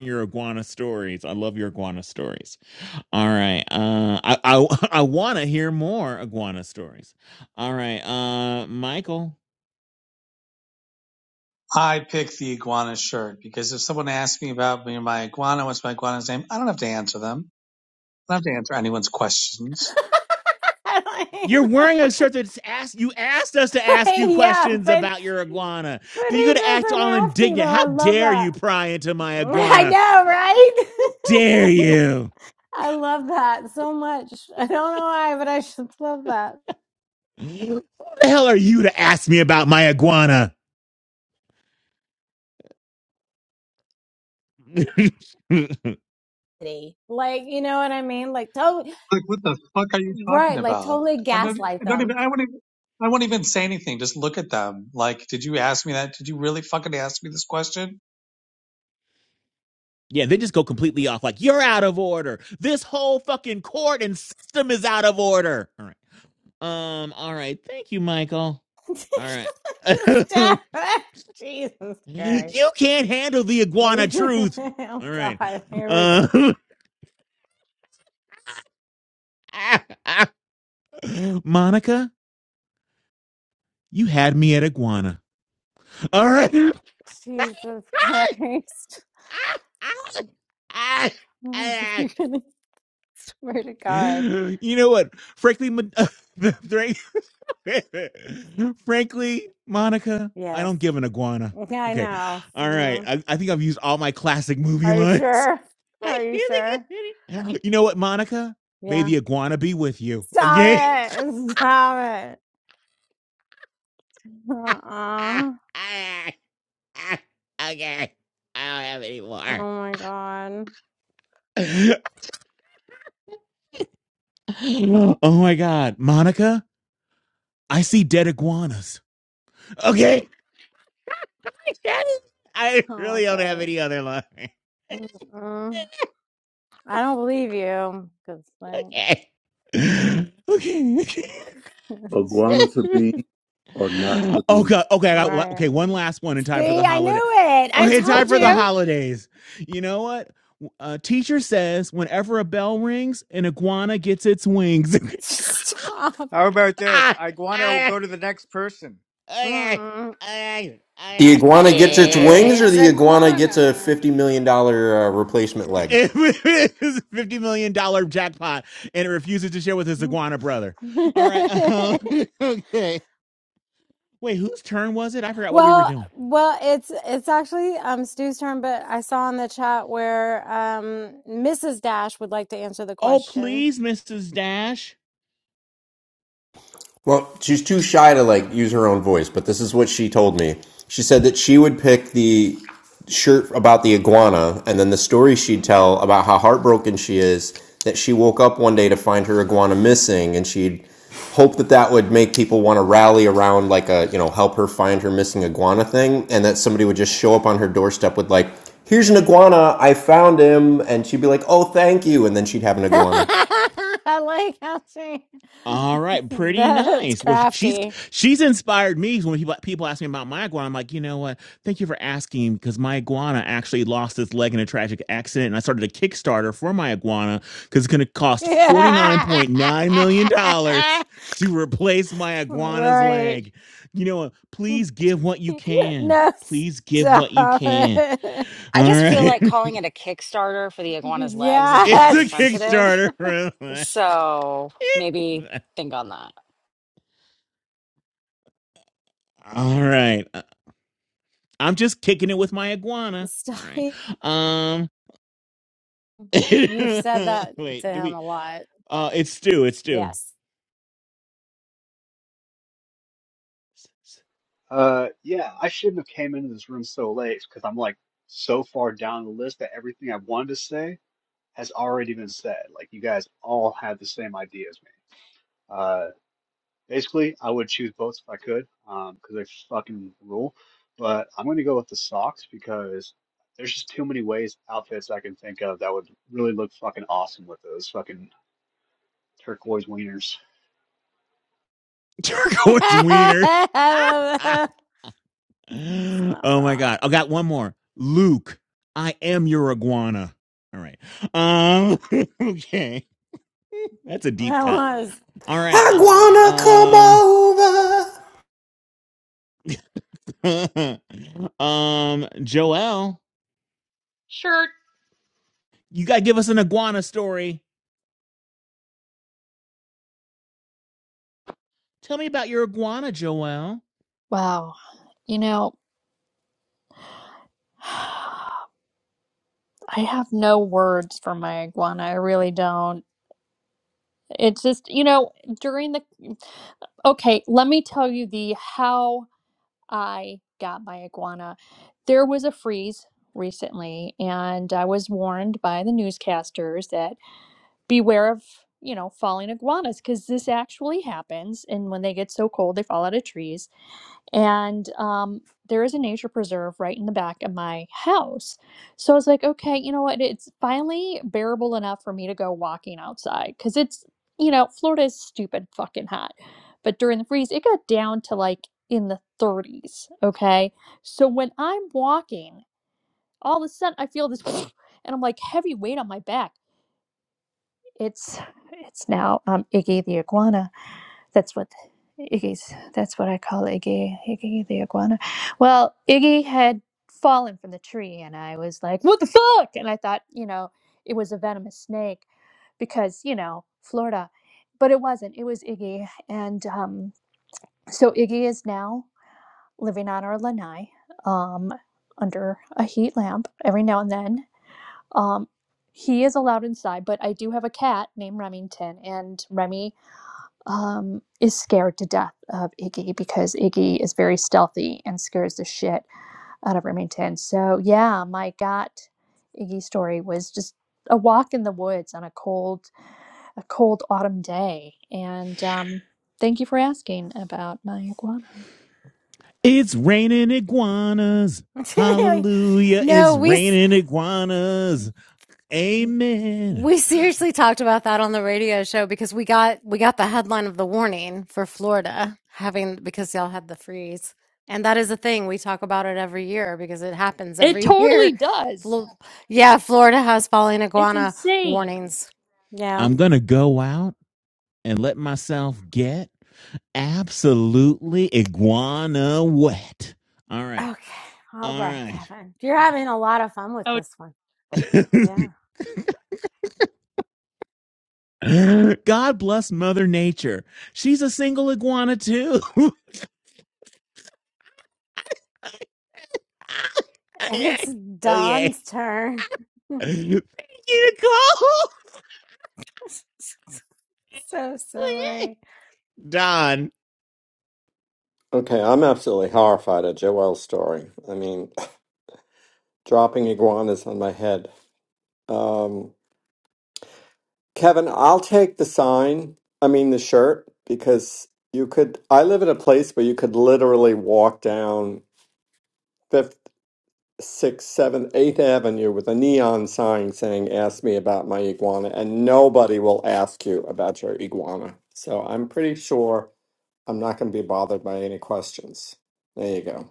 Speaker 2: your iguana stories. I love your iguana stories. All right. Uh I I, I want to hear more iguana stories. All right. Uh Michael,
Speaker 11: I picked the iguana shirt because if someone asks me about me and my iguana, what's my iguana's name? I don't have to answer them. I don't have to answer anyone's questions.
Speaker 3: I don't hate
Speaker 2: you're
Speaker 3: that
Speaker 2: wearing a shirt that's asked you asked us to ask you
Speaker 3: one. yeah,
Speaker 2: questions
Speaker 3: but
Speaker 2: about your iguana.
Speaker 3: but
Speaker 2: Then you're
Speaker 3: he
Speaker 2: going to act
Speaker 3: doesn't
Speaker 2: all
Speaker 3: have to
Speaker 2: indignant.
Speaker 3: though.
Speaker 2: How
Speaker 3: I love
Speaker 2: dare
Speaker 3: that.
Speaker 2: you pry into my
Speaker 3: I
Speaker 2: iguana?
Speaker 3: know, right?
Speaker 2: Dare you?
Speaker 3: I love that so much. I don't know why, but I just love that.
Speaker 2: Who the hell are you to ask me about my iguana?
Speaker 3: Like, you know what I mean? Like,
Speaker 11: Like, what the fuck are you talking
Speaker 3: Right, like
Speaker 11: about?
Speaker 3: totally
Speaker 11: I don't,
Speaker 3: gaslight
Speaker 11: I don't even,
Speaker 3: them.
Speaker 11: I won't even, I won't even say anything. Just look at them. Like, did you ask me that? Did you really fucking ask me this question?
Speaker 2: Yeah, they just go completely off. Like you're out of order. This whole fucking court and system is out of order. All right. Um. All right. Thank you, Michael. All right.
Speaker 3: Jesus Christ.
Speaker 2: you can't handle the iguana
Speaker 3: Like,
Speaker 2: truth.
Speaker 3: oh
Speaker 2: All right.
Speaker 3: God, here we go.
Speaker 2: Uh, Monica, you had me at iguana. All right.
Speaker 3: Jesus Christ. You're gonna swear to God.
Speaker 2: You know what? Frankly, Ma- Frankly, Monica, I
Speaker 3: Yes.
Speaker 2: don't give an iguana.
Speaker 3: Yeah, I
Speaker 2: Okay.
Speaker 3: know.
Speaker 2: All right.
Speaker 3: Yeah.
Speaker 2: I, I think I've used all my classic movie
Speaker 3: Are you
Speaker 2: lines.
Speaker 3: sure?
Speaker 2: I
Speaker 3: Are you
Speaker 2: really
Speaker 3: sure?
Speaker 2: get it. you know what, Monica? May
Speaker 3: Yeah.
Speaker 2: the iguana be with you. Okay.
Speaker 3: Stop it. Stop it. Uh-uh.
Speaker 2: okay. I don't have any
Speaker 3: Oh
Speaker 2: more.
Speaker 3: my God.
Speaker 2: oh my God. Monica, I see dead iguanas. Okay. That is- I
Speaker 3: Stop
Speaker 2: really don't have
Speaker 3: it.
Speaker 2: any other line.
Speaker 3: Mm-mm. I don't believe you. Good thing.
Speaker 2: Okay. okay.
Speaker 3: It's just-
Speaker 4: Iguana to be or not to be
Speaker 2: okay, okay, I got,
Speaker 3: right.
Speaker 2: okay. One last one in time for the
Speaker 3: See, I
Speaker 2: holiday.
Speaker 3: knew it. I
Speaker 2: Okay, time
Speaker 3: told
Speaker 2: for the
Speaker 4: iguana.
Speaker 3: you.
Speaker 2: holidays. You know what? A teacher says whenever a bell rings, an iguana gets its wings.
Speaker 3: Stop.
Speaker 5: How about this?
Speaker 2: Ah,
Speaker 5: Iguana will
Speaker 2: ah,
Speaker 5: go to the next person.
Speaker 2: okay,
Speaker 3: Mm-mm.
Speaker 2: okay,
Speaker 10: The
Speaker 2: okay.
Speaker 10: iguana gets
Speaker 2: I'm
Speaker 10: its
Speaker 2: sorry.
Speaker 10: wings, or
Speaker 7: it's
Speaker 10: the iguana gets a
Speaker 7: iguana.
Speaker 10: fifty million dollar uh, replacement leg.
Speaker 2: It's a fifty million dollar jackpot, and it refuses to share with his iguana brother. All right. Um, okay. Wait, whose turn was it? I forgot what we were
Speaker 3: well,
Speaker 2: doing.
Speaker 3: well, it's it's actually um Stu's turn, but I saw in the chat where um Mrs. Dash would like to answer the
Speaker 2: Oh,
Speaker 3: question.
Speaker 2: please, Mrs. Dash.
Speaker 10: Well, she's too shy to like use her own voice, but this is what she told me. She said that she would pick the shirt about the iguana and then the story she'd tell about how heartbroken she is that she woke up one day to find her iguana missing and she'd hope that that would make people want to rally around like a, you know, help her find her missing iguana thing and that somebody would just show up on her doorstep with like, "Here's an iguana. I found him." And she'd be like, "Oh, thank you." And then she'd have an iguana.
Speaker 3: I like how she
Speaker 2: All right, pretty
Speaker 3: That's
Speaker 2: nice. Well, sh- she's
Speaker 3: crafty.
Speaker 2: she's inspired me when people people ask me about my iguana. I'm like, you know what? Thank you for asking because my iguana actually lost its leg in a tragic accident, and I started a Kickstarter for my iguana because it's going to cost forty nine point nine million dollars to replace my iguana's
Speaker 3: right.
Speaker 2: leg. You know what? Please give what you can.
Speaker 3: No,
Speaker 2: Please give what
Speaker 3: stop
Speaker 2: you can.
Speaker 3: it.
Speaker 7: I
Speaker 2: All
Speaker 7: just feel
Speaker 2: right,
Speaker 7: like calling it a Kickstarter for the iguana's legs is
Speaker 2: it's
Speaker 7: really
Speaker 2: a
Speaker 3: Yes.
Speaker 7: insensitive.
Speaker 2: Kickstarter.
Speaker 7: So maybe think on that.
Speaker 2: All right. I'm just kicking it with my iguana.
Speaker 3: Stop.
Speaker 2: All right.
Speaker 3: He-
Speaker 2: Um
Speaker 3: You've said that to
Speaker 2: wait, do
Speaker 3: him
Speaker 2: we
Speaker 3: a lot.
Speaker 2: uh it's stew, it's stew.
Speaker 3: Yes.
Speaker 13: Uh, yeah, I shouldn't have came into this room so late because I'm like so far down the list that everything I wanted to say has already been said. Like you guys all had the same idea as me. Uh, Basically, I would choose both if I could, um, because they fucking rule. But I'm going to go with the socks because there's just too many ways outfits I can think of that would really look fucking awesome with those fucking turquoise wieners.
Speaker 2: Turquoise wieners.
Speaker 3: It's not
Speaker 2: oh my
Speaker 3: wrong.
Speaker 2: god. I got one more. Luke, I am your iguana. All right. Um okay. That's a deep
Speaker 3: That
Speaker 2: cut.
Speaker 3: was.
Speaker 2: All right. uh,
Speaker 10: Iguana come
Speaker 2: Um
Speaker 10: over.
Speaker 2: um Joel,
Speaker 14: Sure.
Speaker 2: you got to give us an iguana story. Tell me about your iguana, Joel.
Speaker 14: Wow. You know, I have no words for my iguana. I really don't. It's just, you know, during the, okay, let me tell you the how I got my iguana. There was a freeze recently, and I was warned by the newscasters that beware of, you know, falling iguanas because this actually happens. And when they get so cold, they fall out of trees and um, there is a nature preserve right in the back of my house. So I was like, okay, you know what? It's finally bearable enough for me to go walking outside because it's, you know, Florida is stupid fucking hot. But during the freeze, it got down to like in the 30s. Okay. So when I'm walking, all of a sudden I feel this and I'm like heavy weight on my back. It's, it's now um, Iggy the iguana that's what Iggy's. That's what I call Iggy. Iggy the iguana. Well, Iggy had fallen from the tree, and I was like, "What the fuck?" And I thought, you know, it was a venomous snake, because you know Florida, but it wasn't. It was Iggy, and um, so Iggy is now living on our lanai, um, under a heat lamp every now and then. Um, he is allowed inside, but I do have a cat named Remington, and Remy um, is scared to death of Iggy because Iggy is very stealthy and scares the shit out of Remington. So, yeah, my gut Iggy story was just a walk in the woods on a cold, a cold autumn day. And um, thank you for asking about my iguana.
Speaker 2: It's raining iguanas. Hallelujah.
Speaker 3: No,
Speaker 2: It's
Speaker 3: we.
Speaker 2: raining iguanas. Amen.
Speaker 3: We seriously talked about that on the radio show because we got we got the headline of the warning for Florida having because y'all had the freeze. And that is a thing we talk about it every year because it happens
Speaker 14: It
Speaker 3: every
Speaker 14: totally
Speaker 3: year.
Speaker 14: does.
Speaker 3: Flo- yeah, Florida has falling
Speaker 14: It's
Speaker 3: iguana
Speaker 14: insane.
Speaker 3: warnings. Yeah.
Speaker 2: I'm going to go out and let myself get absolutely iguana wet. All right.
Speaker 3: Okay. All
Speaker 2: All
Speaker 3: right,
Speaker 2: right.
Speaker 3: Kevin. You're having a lot of fun with
Speaker 14: Oh,
Speaker 3: this one. Yeah.
Speaker 2: God bless Mother Nature. She's a single iguana too.
Speaker 3: It's
Speaker 2: Oh yeah!
Speaker 3: Don's turn.
Speaker 2: Thank you, Nicole.
Speaker 3: so
Speaker 2: Oh, yeah!
Speaker 3: silly.
Speaker 2: Don.
Speaker 15: Okay, I'm absolutely horrified at Joel's story. I mean, dropping iguanas on my head. Um, Kevin, I'll take the sign, I mean the shirt, because you could. I live in a place where you could literally walk down Fifth, Sixth, Seventh, Eighth Avenue with a neon sign saying, Ask me about my iguana, and nobody will ask you about your iguana. So I'm pretty sure I'm not going to be bothered by any questions. There you go.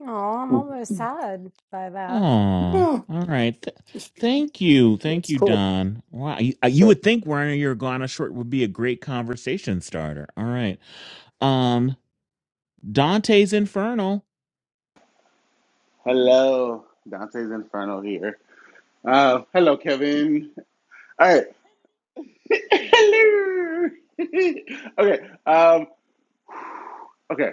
Speaker 3: Oh, I'm
Speaker 15: Mm.
Speaker 3: almost sad by that.
Speaker 2: Oh, all
Speaker 15: Yeah,
Speaker 2: right. Th-
Speaker 15: just,
Speaker 2: thank you. Thank
Speaker 15: that's
Speaker 2: you,
Speaker 15: cool.
Speaker 2: Don. Wow. You, uh, you
Speaker 15: Sure.
Speaker 2: would think wearing a Uruguayana short would be a great conversation starter. All right. Um, Dante's Infernal,
Speaker 16: Hello, Dante's Inferno here. Uh, hello, Kevin. All right. hello. okay. Um, okay.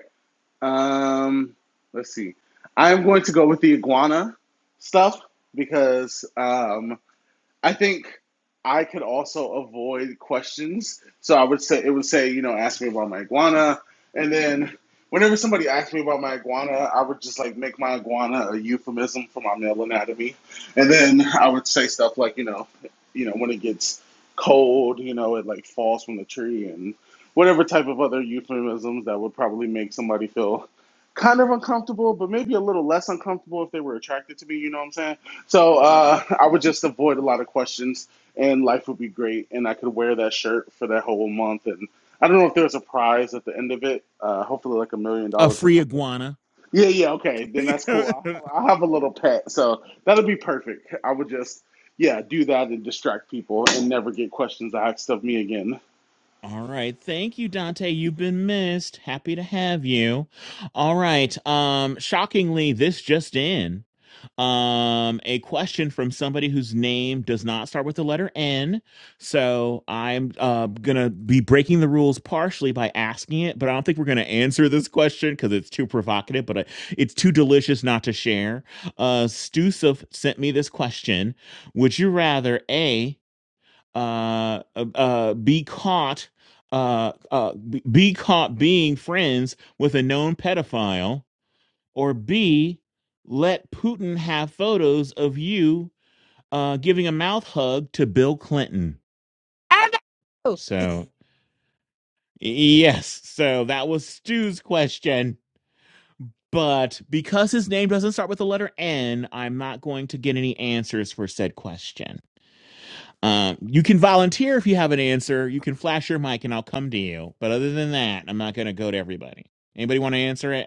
Speaker 16: Um, let's see. I'm going to go with the iguana stuff because um, I think I could also avoid questions. So I would say it would say, you know, ask me about my iguana, and then whenever somebody asked me about my iguana, I would just like make my iguana a euphemism for my male anatomy, and then I would say stuff like, you know, you know, when it gets cold, you know, it like falls from the tree and whatever type of other euphemisms that would probably make somebody feel kind of uncomfortable, but maybe a little less uncomfortable if they were attracted to me. You know what I'm saying? So uh, I would just avoid a lot of questions, and life would be great, and I could wear that shirt for that whole month. And I don't know if there's a prize at the end of it. Uh, hopefully, like a million
Speaker 2: a
Speaker 16: dollars or
Speaker 2: free
Speaker 16: something.
Speaker 2: iguana.
Speaker 16: Yeah, yeah, okay, then that's cool. I'll,
Speaker 2: All
Speaker 16: I'll have a little pet, so that'll be perfect. I would just, yeah, do that and distract people, and never get questions asked of me again.
Speaker 2: right. Thank you, Dante. You've been missed. Happy to have you. All right. Um, shockingly, this just in. Um, a question from somebody whose name does not start with the letter N. So I'm uh, gonna be breaking the rules partially by asking it, but I don't think we're gonna answer this question because it's too provocative. But uh, it's too delicious not to share. Uh, Stusif sent me this question: Would you rather a uh, uh uh, be caught uh uh be be caught being friends with a known pedophile or B, let Putin have photos of you uh, giving a mouth hug to Bill Clinton.
Speaker 6: I know.
Speaker 2: So, yes, so that was Stu's question. But because his name doesn't start with the letter N, I'm not going to get any answers for said question. Um, you can volunteer if you have an answer. You can flash your mic and I'll come to you. But other than that, I'm not going to go to everybody. Anybody want to answer it?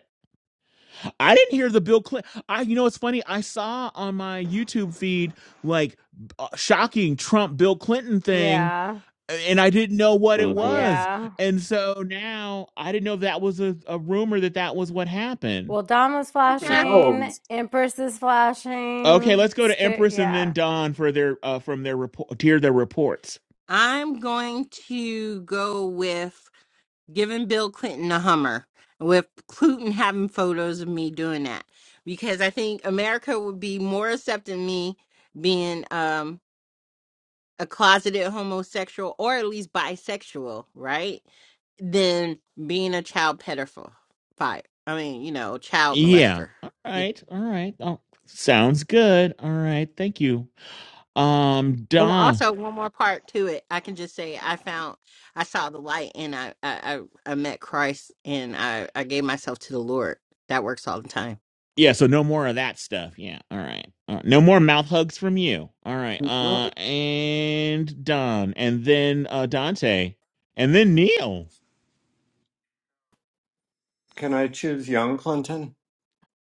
Speaker 2: I didn't hear the Bill Clinton. I, you know, it's funny. I saw on my YouTube feed like uh, shocking Trump Bill Clinton thing,
Speaker 3: Yeah.
Speaker 2: and I didn't know what it
Speaker 3: Oh,
Speaker 15: hmm
Speaker 2: was.
Speaker 3: yeah.
Speaker 2: And so now I didn't know that was a, a rumor that that was what happened.
Speaker 3: Well, Dom was flashing.
Speaker 13: Oh,
Speaker 3: Empress is
Speaker 2: Okay,
Speaker 3: flashing.
Speaker 2: let's go to
Speaker 3: Stu-
Speaker 2: Empress and then
Speaker 3: yeah.
Speaker 2: Don for their uh, from their report to hear their reports.
Speaker 6: I'm going to go with. giving Bill Clinton a Hummer, with Clinton having photos of me doing that, because I think America would be more accepting me being um, a closeted homosexual or at least bisexual, right? Than being a child pedophile. I mean, you know, child
Speaker 2: Yeah.
Speaker 6: molester.
Speaker 2: All
Speaker 6: Yeah.
Speaker 2: right. All right. Oh, sounds good. All right. Thank you. Um,
Speaker 6: And I,
Speaker 2: Don.
Speaker 6: also one more part to it, I can just say I found I saw the light and I I, I I met Christ and I, I gave myself to the Lord. That works all the time.
Speaker 2: Yeah, so no more of that stuff. Yeah. All right. All right. No more mouth hugs from you. All right. Uh and Don and then uh Dante and then Neil.
Speaker 15: Can I choose young Clinton?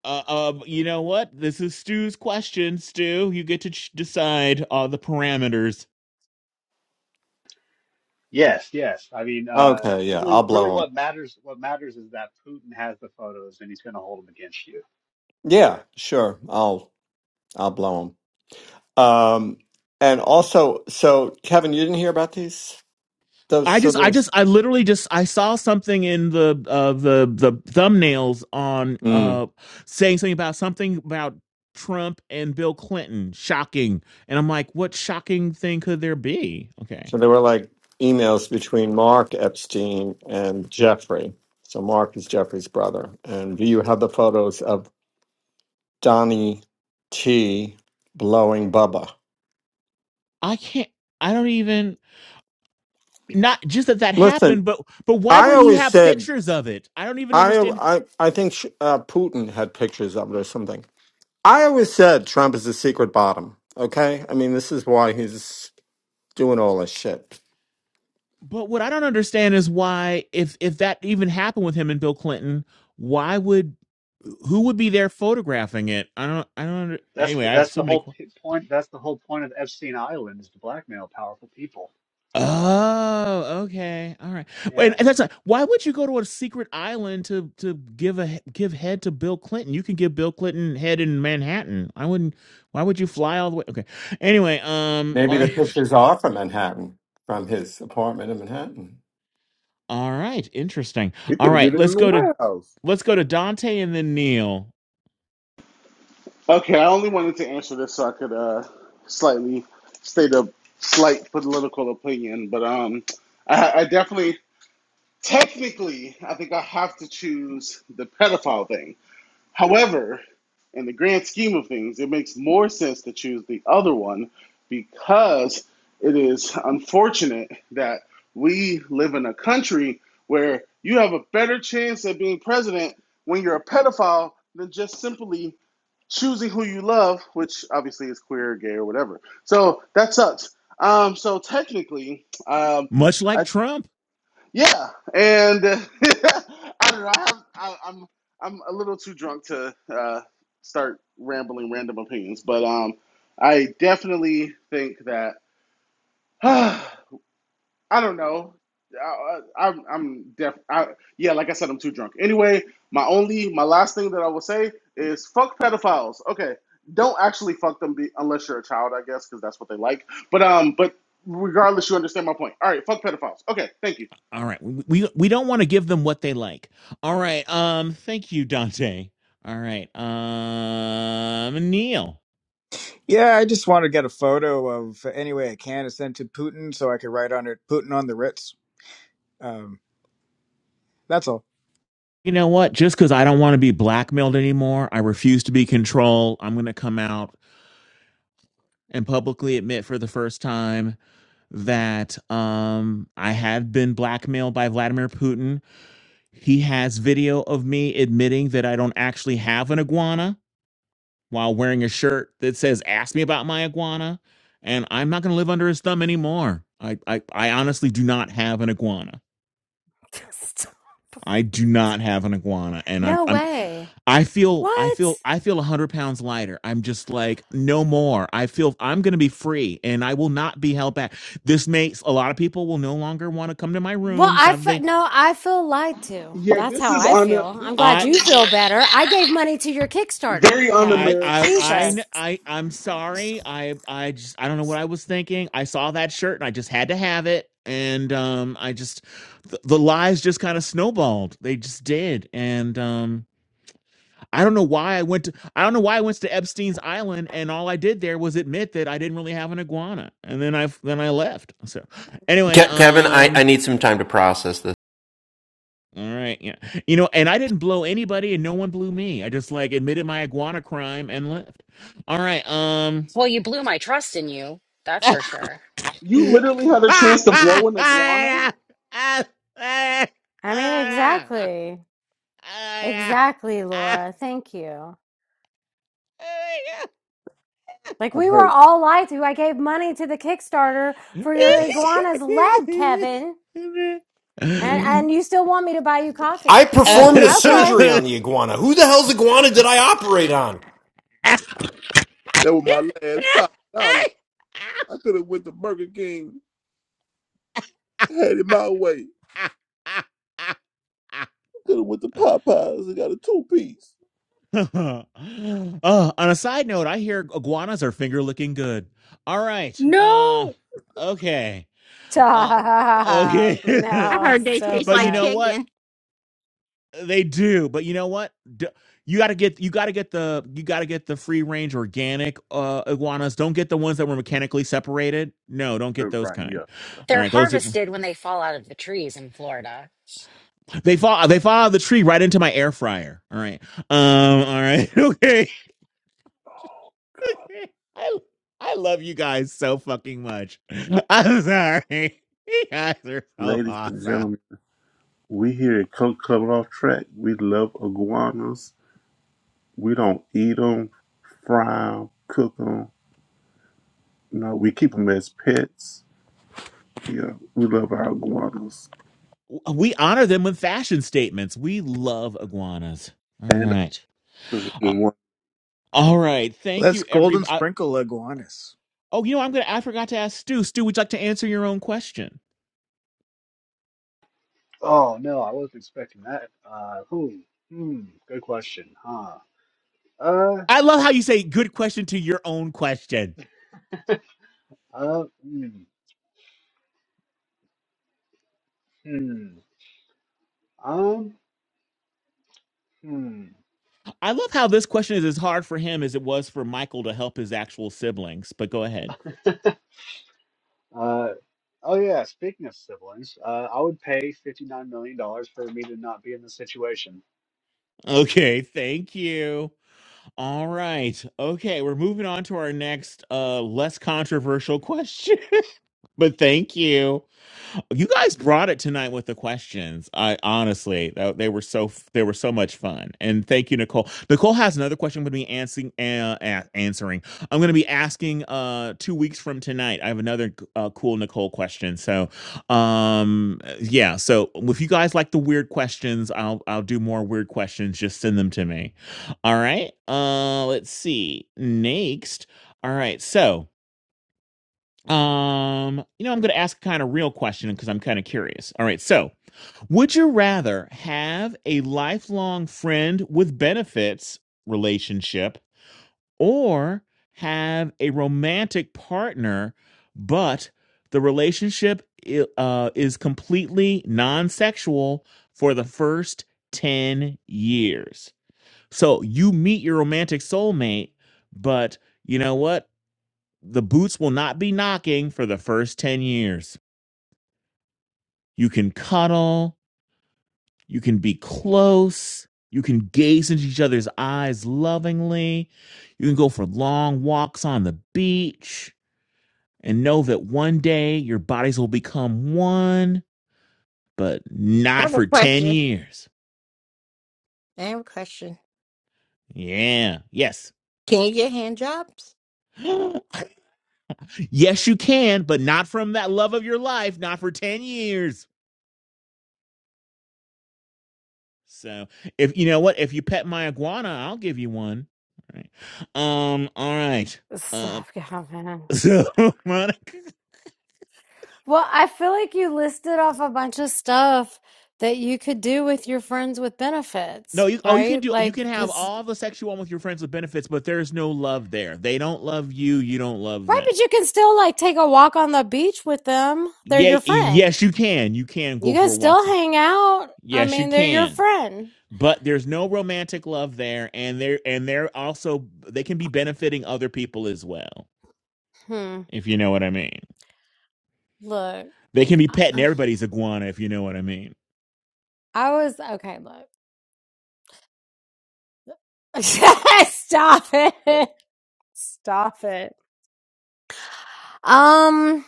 Speaker 2: Uh, uh you know what? This is Stu's question, Stu. You get to ch- decide uh the parameters.
Speaker 13: yes, yes. I mean, uh,
Speaker 15: Okay, yeah,
Speaker 13: really,
Speaker 15: I'll
Speaker 13: really,
Speaker 15: blow him.
Speaker 13: what matters, what matters is that Putin has the photos and he's going to hold them against you.
Speaker 15: Yeah, sure. I'll I'll blow them. Um, and also, so Kevin, you didn't hear about these? Those
Speaker 2: I
Speaker 15: so
Speaker 2: just I
Speaker 15: there's
Speaker 2: just I literally just I saw something in the uh the the thumbnails on
Speaker 15: mm,
Speaker 2: uh saying something about something about Trump and Bill Clinton. Shocking. And I'm like, what shocking thing could there be? Okay.
Speaker 15: so there were like emails between Mark Epstein and Jeffrey. So Mark is Jeffrey's brother, and do you have the photos of Donnie T blowing Bubba?
Speaker 2: I can't. I don't even. Not just that that
Speaker 15: Listen,
Speaker 2: happened, but but why
Speaker 15: I
Speaker 2: would he
Speaker 15: always
Speaker 2: have
Speaker 15: said
Speaker 2: pictures of it? I don't even
Speaker 15: I
Speaker 2: understand.
Speaker 15: I I think sh- uh, Putin had pictures of it or something. I always said Trump is a secret bottom. Okay, I mean this is why he's doing all this shit.
Speaker 2: But what I don't understand is why, if if that even happened with him and Bill Clinton, why would who would be there photographing it? I don't. I don't. Under,
Speaker 13: That's
Speaker 2: anyway,
Speaker 13: the,
Speaker 2: I have
Speaker 13: that's the
Speaker 2: so many.
Speaker 13: whole
Speaker 2: Qu-
Speaker 13: p- point. That's the whole point of Epstein Island is to blackmail powerful people.
Speaker 2: oh, okay, all right. Wait,
Speaker 13: Yeah,
Speaker 2: and that's not, why would you go to a secret island to to give a give head to Bill Clinton? You can give Bill Clinton head in Manhattan. I wouldn't. Why would you fly all the way? Okay. Anyway, um,
Speaker 15: Maybe
Speaker 2: all right.
Speaker 15: the
Speaker 13: party, and it just
Speaker 15: pictures are
Speaker 13: happened.
Speaker 15: from Manhattan, from his apartment in Manhattan.
Speaker 2: All right, interesting.
Speaker 4: He
Speaker 2: All
Speaker 4: could have
Speaker 2: right,
Speaker 4: did it in
Speaker 2: let's
Speaker 4: the
Speaker 2: go to
Speaker 4: warehouse.
Speaker 2: let's go to Dante and then Neil.
Speaker 16: Okay, I only wanted to answer this so I could uh, slightly state a slight political opinion, but um, I, I definitely Technically, I think I have to choose the pedophile thing. However, in the grand scheme of things, it makes more sense to choose the other one because it is unfortunate that we live in a country where you have a better chance at being president when you're a pedophile than just simply choosing who you love, which obviously is queer, gay, or whatever. So that sucks. Um, so technically, um,
Speaker 2: Much like
Speaker 16: I
Speaker 2: Trump.
Speaker 16: yeah, and I don't know. I have, I, I'm I'm a little too drunk to uh, start rambling random opinions, but um, I definitely think that I don't know. I, I, I'm I'm def. I, yeah, like I said, I'm too drunk. Anyway, my only my last thing that I will say is fuck pedophiles. Okay, don't actually fuck them be, unless you're a child, I guess, because that's what they like. But um, but regardless, you understand my point. All right, fuck pedophiles. Okay, thank you.
Speaker 2: All right, we we, don't want to give them what they like. All right, um, thank you, Dante. All right, um, Neil.
Speaker 5: Yeah, I just want to get a photo of any way I can to send to Putin so I could write on it Putin on the Ritz. Um, that's all.
Speaker 2: You know what? Just because I don't want to be blackmailed anymore, I refuse to be controlled. I'm going to come out and publicly admit for the first time that um, I have been blackmailed by Vladimir Putin He has video of me admitting that I don't actually have an iguana while wearing a shirt that says, Ask me about my iguana. And I'm not going to live under his thumb anymore. I, I, I honestly do not have an iguana. I do not have an iguana. And I'm,
Speaker 3: no
Speaker 2: I'm,
Speaker 3: way.
Speaker 2: I feel, I
Speaker 3: What?
Speaker 2: feel, I feel 100 pounds lighter. I'm just like, no more. I feel I'm going to be free and I will not be held back. This makes a lot of people will no longer want to come to my
Speaker 3: Well,
Speaker 2: rooms
Speaker 3: I
Speaker 2: now that
Speaker 3: fe-
Speaker 2: they,
Speaker 3: no, I feel lied to.
Speaker 16: Yeah,
Speaker 3: That's
Speaker 16: this
Speaker 3: how
Speaker 16: is
Speaker 3: I
Speaker 16: on a
Speaker 3: feel. I'm
Speaker 16: this is
Speaker 3: glad
Speaker 16: on
Speaker 3: you feel
Speaker 16: Amer
Speaker 3: better. I gave money to your Kickstarter,
Speaker 16: very
Speaker 2: I
Speaker 3: Kevin.
Speaker 2: I
Speaker 16: un-American of
Speaker 2: I
Speaker 16: you.
Speaker 3: Jesus.
Speaker 2: I I'm sorry. I I just I don't know what I was thinking. I saw that shirt and I just had to have it. And um I just the, the lies just kind of snowballed. They just did. And um I don't know why I went to I don't know why I went to Epstein's Island and all I did there was admit that I didn't really have an iguana. And then I then I left. So anyway,
Speaker 10: Ke- Kevin, I, I
Speaker 2: um
Speaker 10: need some time to process this.
Speaker 2: all right, yeah. You know, and I didn't blow anybody and no one blew me. I just like admitted my iguana crime and left. All right, um
Speaker 7: Well, you blew my trust in you. That's for sure.
Speaker 16: You
Speaker 2: uh,
Speaker 16: literally had a chance to blow an iguana.
Speaker 3: I mean, exactly. Exactly, Laura. Thank you. Like
Speaker 4: I'm
Speaker 3: we were
Speaker 4: hurt.
Speaker 3: all lied to. I gave money to the Kickstarter for
Speaker 4: I'm
Speaker 3: your
Speaker 4: hurt.
Speaker 3: iguana's leg, Kevin. And and you still want me to buy you
Speaker 10: I
Speaker 3: coffee too.
Speaker 10: performed the
Speaker 3: Okay.
Speaker 10: surgery on the iguana. Who the hell's iguana did I operate on?
Speaker 4: That was my last five dollars. I could have went to Burger King, had it my way. I could have went to Popeyes and got a two piece.
Speaker 2: on a side note, I hear iguanas are finger looking good. All right. Uh,
Speaker 14: No.
Speaker 4: Uh,
Speaker 2: okay. Uh,
Speaker 3: Stop.
Speaker 2: okay.
Speaker 6: I
Speaker 3: No,
Speaker 6: heard they
Speaker 3: so
Speaker 6: taste
Speaker 2: But you
Speaker 6: like
Speaker 3: bad.
Speaker 2: know what?
Speaker 6: chicken.
Speaker 2: They do. But you know what? D- you gotta get you gotta get the you gotta get the free range organic uh iguanas. Don't get the ones that were mechanically separated. No, don't get those
Speaker 4: Right,
Speaker 2: kind.
Speaker 4: yeah.
Speaker 2: All
Speaker 7: They're
Speaker 2: right, those are the,
Speaker 7: harvested when they fall out of the trees in Florida.
Speaker 2: they fall they fall out of the tree right into my air fryer. All right, um, all right, okay. I I love you guys so fucking much. I'm sorry. You guys are so
Speaker 4: Ladies and
Speaker 2: awesome.
Speaker 4: gentlemen, we here at Coke Club Off Track. We love iguanas. We don't eat them, fry them, cook them. No, we keep them as pets. Yeah, we love our iguanas.
Speaker 2: we honor them with fashion statements. We love iguanas. All
Speaker 4: And
Speaker 2: right.
Speaker 4: this is
Speaker 2: Uh,
Speaker 4: the one-
Speaker 2: all right. Thank
Speaker 5: Let's
Speaker 2: you,
Speaker 5: golden
Speaker 2: everybody.
Speaker 5: sprinkle iguanas.
Speaker 2: Oh, you know, I'm gonna. I forgot to ask Stu. Stu, would you like to answer your own question?
Speaker 13: Oh no, I wasn't expecting that. Uh, who? Hmm. Good question. Huh. Uh.
Speaker 2: I love how you say "good question" to your own question.
Speaker 13: Uh. Hmm. Hmm. Um. Hmm.
Speaker 2: I love how this question is as hard for him as it was for Michael to help his actual siblings. But go ahead.
Speaker 13: Uh. Oh yeah. Speaking of siblings, uh, I would pay fifty nine million dollars for me to not be in this situation.
Speaker 2: Okay. Thank you. All right. Okay. We're moving on to our next, uh, less controversial question. but thank you. You guys brought it tonight with the questions. I honestly, tho- they were so they were so much fun. And thank you, Nicole. Nicole has another question I'm going to be answering. Uh, a- answering. I'm going to be asking uh, two weeks from tonight. I have another uh, cool Nicole question. So, um, yeah. So if you guys like the weird questions, I'll I'll do more weird questions. Just send them to me. All right. Uh, let's see next. All right. So. Um, you know, I'm going to ask kind of real question because I'm kind of curious. All right, so would you rather have a lifelong friend with benefits relationship or have a romantic partner, but the relationship i- uh, is completely non-sexual for the first 10 years? So you meet your romantic soulmate, but you know what? the boots will not be knocking for the first 10 years. You can cuddle, you can be close, you can gaze into each other's eyes lovingly, you can go for long walks on the beach and know that one day your bodies will become one, but
Speaker 6: I
Speaker 2: not
Speaker 6: have a
Speaker 2: for 10
Speaker 6: question.
Speaker 2: years.
Speaker 6: I have a question.
Speaker 2: Yeah, yes.
Speaker 6: Can you get hand jobs?
Speaker 2: yes, you can, but not from that love of your life, not for 10 years. So if you know what, if you pet my iguana, I'll give you one. All right. Um. All right. Um.
Speaker 3: Stop, yeah, man.
Speaker 2: So Monica,
Speaker 3: Well, I feel like you listed off a bunch of stuff that you could do with your friends with
Speaker 2: no.
Speaker 3: benefits,
Speaker 2: You, oh, you can
Speaker 3: right?
Speaker 2: do. You
Speaker 3: Like,
Speaker 2: can have
Speaker 3: because,
Speaker 2: all the sex you want with your friends with benefits, but there's no love there. They don't love you. You don't love
Speaker 3: right,
Speaker 2: them.
Speaker 3: but you can still like take a walk on the beach with them. They're
Speaker 2: Yeah.
Speaker 3: your friend.
Speaker 2: Yes, you can. You can
Speaker 3: You
Speaker 2: go for
Speaker 3: guys still
Speaker 2: walks.
Speaker 3: hang out. I
Speaker 2: Yes, you
Speaker 3: mean, they're your
Speaker 2: can.
Speaker 3: friend.
Speaker 2: But there's no romantic love there, and they're and they're also they can be benefiting other people as well,
Speaker 3: Hmm.
Speaker 2: if you know what I mean.
Speaker 3: Look,
Speaker 2: They can be
Speaker 3: I
Speaker 2: petting
Speaker 3: uh,
Speaker 2: everybody's iguana, if you know what I mean.
Speaker 3: I was okay. Look, stop it. Stop it. Um,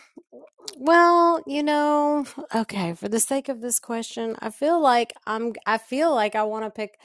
Speaker 3: well, you know, okay, for the sake of this question, I feel like I'm I feel like I want to pick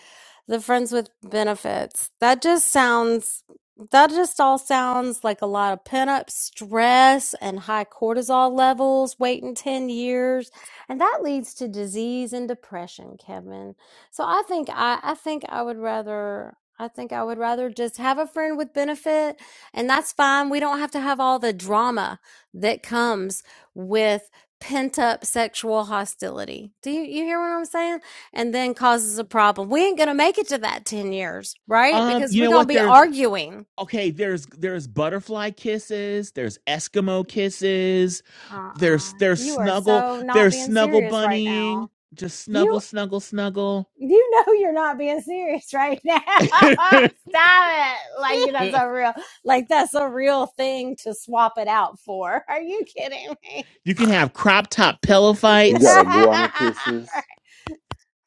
Speaker 3: the friends with benefits. That just sounds that just all sounds like a lot of pent-up stress and high cortisol levels waiting 10 years, and that leads to disease and depression, Kevin. So I think I I think I would rather I think I would rather just have a friend with benefit and that's fine. We don't have to have all the drama that comes with pent up sexual hostility. Do you, you hear what I'm saying? And then causes a problem. We ain't going to make it to that 10 years, right?
Speaker 2: Um,
Speaker 3: Because
Speaker 2: you
Speaker 3: we're
Speaker 2: know
Speaker 3: going
Speaker 2: what?
Speaker 3: to be
Speaker 2: There,
Speaker 3: arguing.
Speaker 2: okay. There's there's butterfly kisses. There's Eskimo kisses.
Speaker 3: Uh-uh.
Speaker 2: There's there's
Speaker 3: You are
Speaker 2: snuggle.
Speaker 3: so not
Speaker 2: There's
Speaker 3: being
Speaker 2: snuggle
Speaker 3: serious right
Speaker 2: bunnying.
Speaker 3: now.
Speaker 2: Just snuggle,
Speaker 3: You
Speaker 2: snuggle, snuggle.
Speaker 3: you know you're not being serious right now. Stop it. Like that's
Speaker 2: you
Speaker 3: a real like that's a real thing to swap it out for. Are you kidding me?
Speaker 2: can have crop top pillow
Speaker 4: you got
Speaker 2: fights.
Speaker 4: iguana
Speaker 3: uh-uh.
Speaker 4: kisses?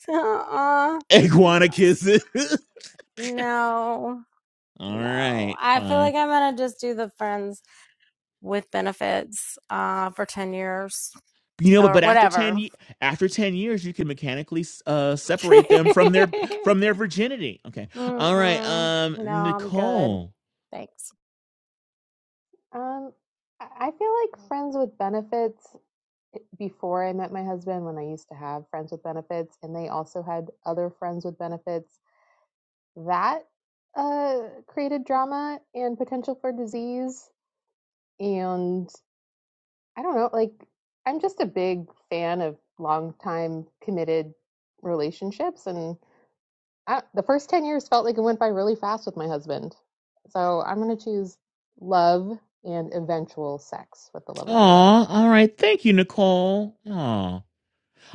Speaker 3: No.
Speaker 2: Iguana kisses.
Speaker 3: No,
Speaker 2: All
Speaker 3: no.
Speaker 2: right,
Speaker 3: I feel
Speaker 2: fine.
Speaker 3: like I'm gonna just do the friends with benefits uh for 10 years
Speaker 2: You know, but
Speaker 3: or
Speaker 2: but after ten
Speaker 3: whatever.
Speaker 2: ye- after ten years, you can mechanically uh separate them from their from their virginity. Okay. All right.
Speaker 3: Mm-mm.
Speaker 2: Um,
Speaker 3: No, I'm good.
Speaker 2: Nicole.
Speaker 3: Thanks.
Speaker 1: Um, I I feel like friends with benefits before I met my husband, when I used to have friends with benefits and they also had other friends with benefits, that uh, created drama and potential for disease. And I don't know, like, I'm just a big fan of long time committed relationships. And I, the first 10 years felt like it went by really fast with my husband. So I'm going to choose love and eventual sex with the love of your life.
Speaker 2: Aw, all right. Thank you, Nicole. Aw.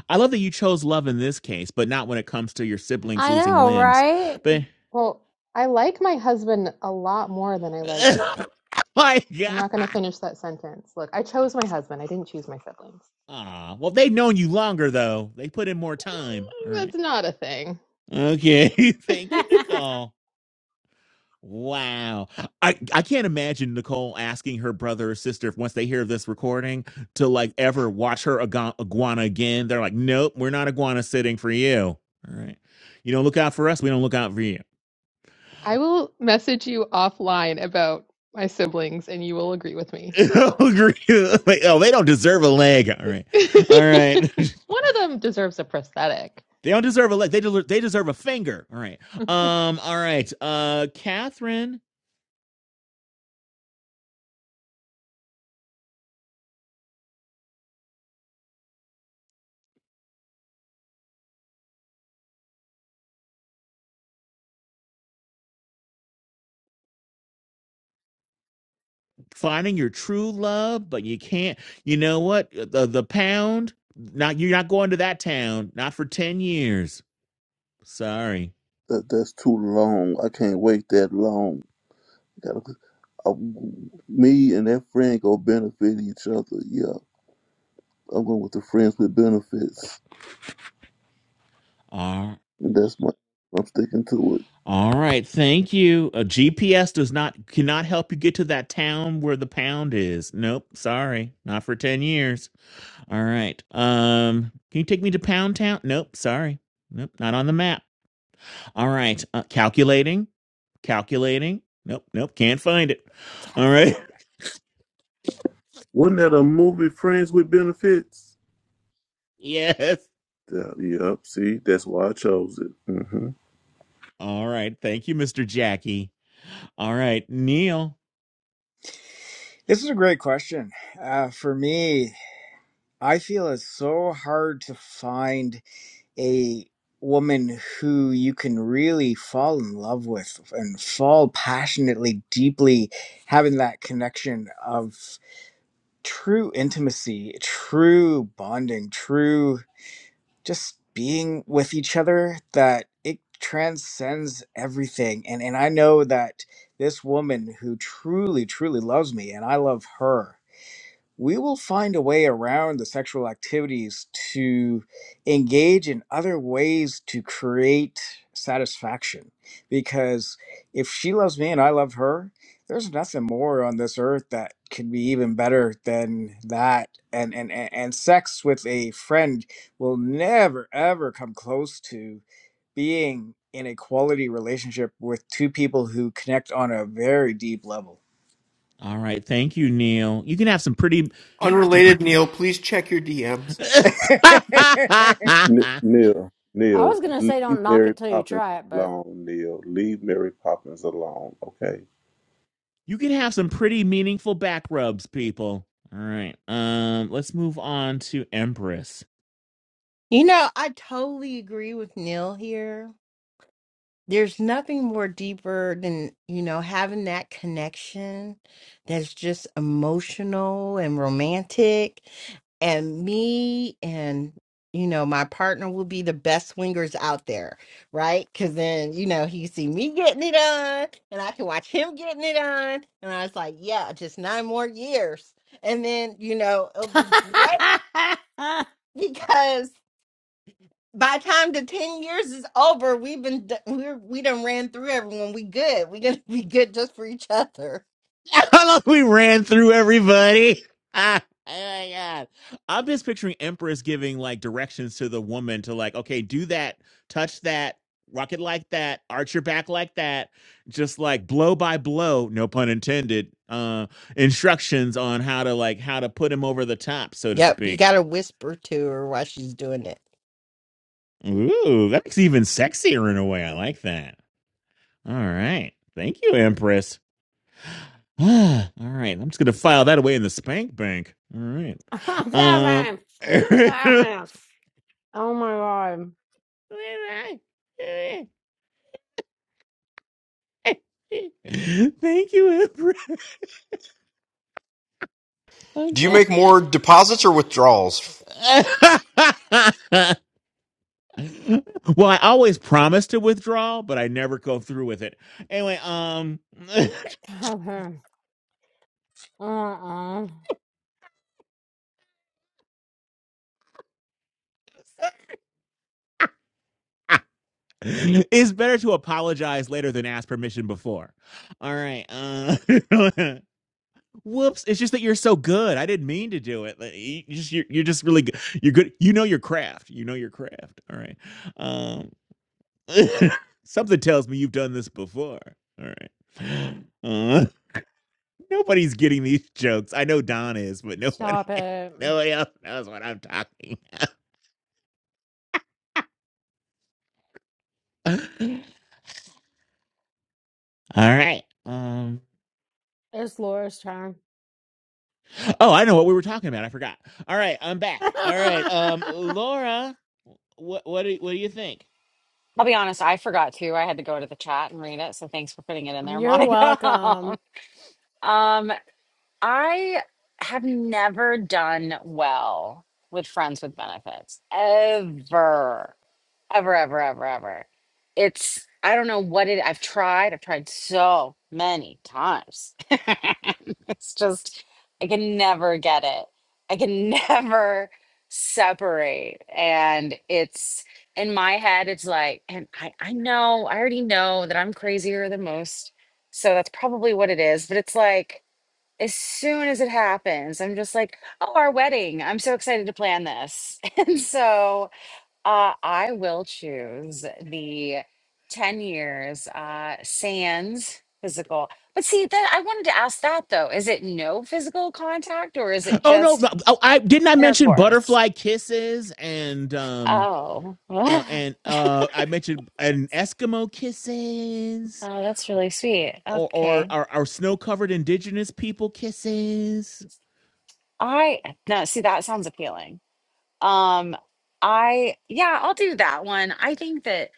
Speaker 2: I love that you chose love in this case, but not when it comes to your siblings
Speaker 3: I
Speaker 2: losing
Speaker 3: know,
Speaker 2: limbs.
Speaker 3: right?
Speaker 2: But
Speaker 1: Well, I like my husband a lot more than I like.
Speaker 2: my
Speaker 1: I'm not going to
Speaker 2: God.
Speaker 1: finish that sentence. Look, I chose my husband. I didn't choose my siblings.
Speaker 2: Aw. Well, they've known you longer though. They put in more time. All right.
Speaker 1: That's not a thing.
Speaker 2: Okay. Thank you, Nicole. Wow. I, I can't imagine Nicole asking her brother or sister, if once they hear this recording, to like ever watch her aga- iguana again. They're like, nope, we're not iguana sitting for you. All right. You don't look out for us, we don't look out for you.
Speaker 1: I will message you offline about my siblings and you will agree with me.
Speaker 2: Agree. Like, oh, they don't deserve a leg. All right. All right.
Speaker 1: One of them deserves a prosthetic.
Speaker 2: they don't deserve a leg. They, del- they deserve a finger. All right. Um, all right. Uh, Catherine. finding your true love, but you can't. You know what? The the pound. Not you're not going to that town. Not for ten years. Sorry.
Speaker 4: That, that's too long. I can't wait that long. Gotta, I, me and that friend go benefit each other. Yeah, I'm going with the friends with benefits,
Speaker 2: All
Speaker 4: and that's my. I'm sticking to it.
Speaker 2: all right. Thank you. A GPS does not cannot help you get to that town where the pound is. Nope. Sorry. Not for ten years. All right. Um. Can you take me to Pound Town? Nope. Sorry. Nope. Not on the map. All right. Uh, calculating. Calculating. Nope. Nope. Can't find it.
Speaker 3: Kevin.
Speaker 2: All right.
Speaker 4: Wasn't that a movie, Friends with Benefits?
Speaker 2: Yes.
Speaker 4: Yeah, yep. See, that's why I chose it. hmm
Speaker 2: All right. Thank you, Mr. Jackie. All right, Neil.
Speaker 5: This is a great question. Uh, for me, I feel it's so hard to find a woman who you can really fall in love with and fall passionately deeply having that connection of true intimacy true bonding true just being with each other that it transcends everything and and I know that this woman who truly truly loves me and I love her we will find a way around the sexual activities to engage in other ways to create satisfaction. Because if she loves me and I love her, there's nothing more on this earth that can be even better than that. And and and and sex with a friend will never ever come close to being in a quality relationship with two people who connect on a very deep level.
Speaker 2: All right. Thank you, Neil. You can have some pretty
Speaker 10: Unrelated, Neil, please check your DMs.
Speaker 4: N- Neil,
Speaker 3: I
Speaker 4: Neil,
Speaker 3: was gonna say
Speaker 4: leave
Speaker 3: don't knock
Speaker 4: Mary
Speaker 3: it till you
Speaker 4: Poppins
Speaker 3: try it, but
Speaker 4: alone. Neil, leave Mary Poppins alone. Okay.
Speaker 2: You can have some pretty meaningful back rubs, people. All right. Um, let's move on to Empress.
Speaker 6: You know, I totally agree with Neil here. there's nothing more deeper than you know having that connection that's just emotional and romantic and me and you know my partner will be the best swingers out there right because then you know he see me getting it on and i can watch him getting it on and i was like yeah just nine more years and then you know it'll be great because by the time the 10 years is over we've been d- we're we done ran through everyone we good we gonna be good just for each other
Speaker 2: How long we ran through everybody. Ah, oh my god. I'm just picturing Empress giving like directions to the woman to like, okay, do that, touch that, rock it like that, arch your back like that, just like blow by blow, no pun intended, uh, instructions on how to like how to put him over the top, so to
Speaker 6: yep you
Speaker 2: speak.
Speaker 6: gotta whisper to her while she's doing it
Speaker 2: Ooh, that's even sexier in a way. I like that. All right. Thank you, Empress. All right, I'm just gonna file that away in the spank bank. All right. Um.
Speaker 3: Kevin, Kevin, oh my god,
Speaker 2: Thank you, Emperor.
Speaker 10: Do you
Speaker 2: Okay.
Speaker 10: make more deposits or withdrawals?
Speaker 2: well, I always promise to withdraw, but I never go through with it. Anyway, um,
Speaker 3: Kevin! Uh-uh.
Speaker 2: it's better to apologize later than ask permission before. All right. Uh, Whoops! It's just that you're so good. I didn't mean to do it. Like, You just you're, you're just really good. You're good. You know your craft. You know your craft. All right. Um, something tells me you've done this before. All right. Uh, nobody's getting these jokes. I know Don is, but nobody,
Speaker 3: Stop it.
Speaker 2: nobody else knows what I'm talking. about. All right. Um.
Speaker 3: It's Laura's turn.
Speaker 2: Oh, I know what we were talking about. I forgot. All right, I'm back. All right. Um, Laura, what what do, what do you think?
Speaker 7: I'll be honest, I forgot to. I had to go to the chat and read it. So thanks for putting it in there,
Speaker 3: You're
Speaker 7: Monica.
Speaker 3: welcome.
Speaker 7: um, I have never done well with friends with benefits. Ever. Ever, ever, ever, ever. It's I don't know what it I've tried. I've tried so many times. It's just, I can never get it. I can never separate. And it's in my head, it's like, and I, I know, I already know that I'm crazier than most. So that's probably what it is. But it's like, as soon as it happens, I'm just like, oh, our wedding. I'm so excited to plan this. And so, uh, I will choose the 10 years uh, sans physical. But see, that I wanted to ask that though. Is it no physical contact or is it
Speaker 2: Oh no! no,
Speaker 7: just
Speaker 2: Oh, I didn't. I mention
Speaker 7: intercourse?
Speaker 2: butterfly kisses and um
Speaker 7: Oh,
Speaker 2: uh,
Speaker 7: oh,
Speaker 2: and uh I mentioned an Eskimo kisses
Speaker 7: that's really sweet.
Speaker 2: or or
Speaker 7: Okay.
Speaker 2: our, our snow covered indigenous people kisses.
Speaker 7: I no, see, that sounds appealing. Um, I yeah, I'll do that one. I think that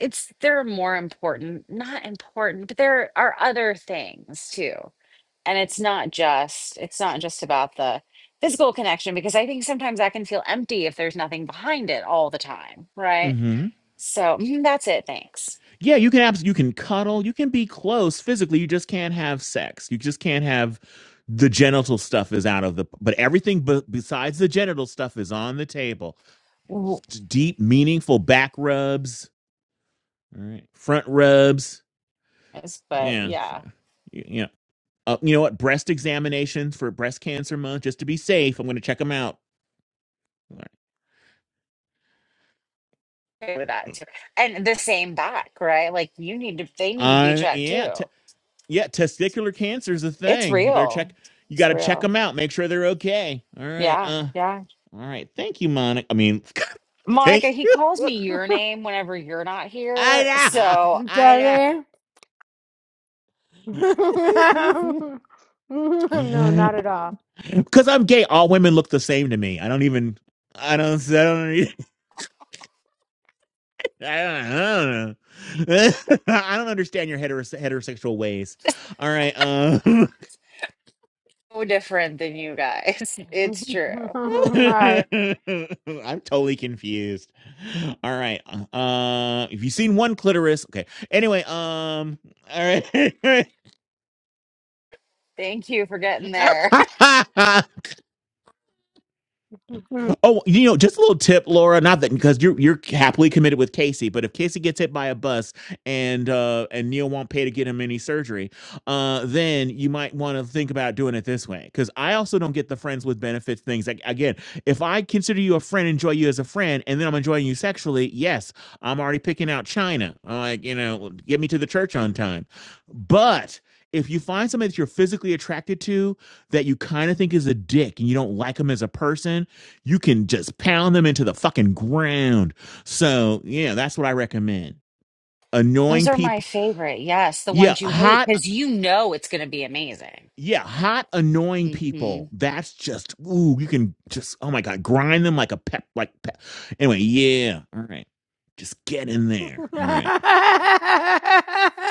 Speaker 7: it's there are more important, not important, but there are other things too. and it's not just it's not just about the physical connection because i think sometimes that can feel empty if there's nothing behind it all the time right
Speaker 2: Mm-hmm.
Speaker 7: so mm, that's it thanks
Speaker 2: Yeah, you can abs- you can cuddle, you can be close physically. You just can't have sex. You just can't have the genital stuff is out of the but everything b- besides the genital stuff is on the table.
Speaker 7: W-
Speaker 2: D- Deep, meaningful back rubs, all right, front rubs
Speaker 7: Yes, but
Speaker 2: Yeah. So,
Speaker 7: yeah
Speaker 2: you, you know, uh, you know what? Breast examinations for breast cancer month, just to be safe. I'm going to check them out. All
Speaker 7: agree with that too and the same back right like you need to they need to be
Speaker 2: right. Uh,
Speaker 7: checked
Speaker 2: yeah,
Speaker 7: too
Speaker 2: te- yeah. Testicular cancer is a
Speaker 7: it's
Speaker 2: thing. You better
Speaker 7: real
Speaker 2: check. You got
Speaker 7: it's
Speaker 2: to check
Speaker 7: real
Speaker 2: them out. Make sure they're okay. All right.
Speaker 7: yeah
Speaker 2: Uh.
Speaker 7: yeah
Speaker 2: All right. Thank you, Monica. I mean, thank
Speaker 7: monica he
Speaker 2: you.
Speaker 7: calls me your name whenever you're not here
Speaker 2: I
Speaker 7: so
Speaker 2: know.
Speaker 3: Does he?
Speaker 2: I know.
Speaker 3: no, not at all.
Speaker 2: Because I'm gay, all women look the same to me. I don't even. I don't. I don't. I don't, I don't know. I don't understand your heterose- heterosexual ways. All right. Um,
Speaker 7: no different than you guys it's true
Speaker 3: all right.
Speaker 2: I'm totally confused. All right. Uh, if you've seen one clitoris, okay. Anyway, um, all right.
Speaker 7: thank you for getting there
Speaker 2: Oh, you know, just a little tip, Laura. Not that because you're you're happily committed with Casey, but if Casey gets hit by a bus and uh and Neil won't pay to get him any surgery, uh, then you might want to think about doing it this way. Because I also don't get the friends with benefits things. Like again, if I consider you a friend, enjoy you as a friend, and then I'm enjoying you sexually, yes, I'm already picking out China. I'm like you know, get me to the church on time. But if you find somebody that you're physically attracted to that you kind of think is a dick and you don't like him as a person you can just pound them into the fucking ground. So yeah, that's what I recommend.
Speaker 7: Those
Speaker 2: Annoying
Speaker 7: are my
Speaker 2: people.
Speaker 7: favorite. Yes, the
Speaker 2: Yeah,
Speaker 7: ones you hate
Speaker 2: hot.
Speaker 7: because you know it's going to be amazing.
Speaker 2: Yeah, hot annoying
Speaker 7: hmm
Speaker 2: people. That's just ooh, you can just oh my god, grind them like a pep like pep. Anyway, yeah. All right. Just get in there. All right.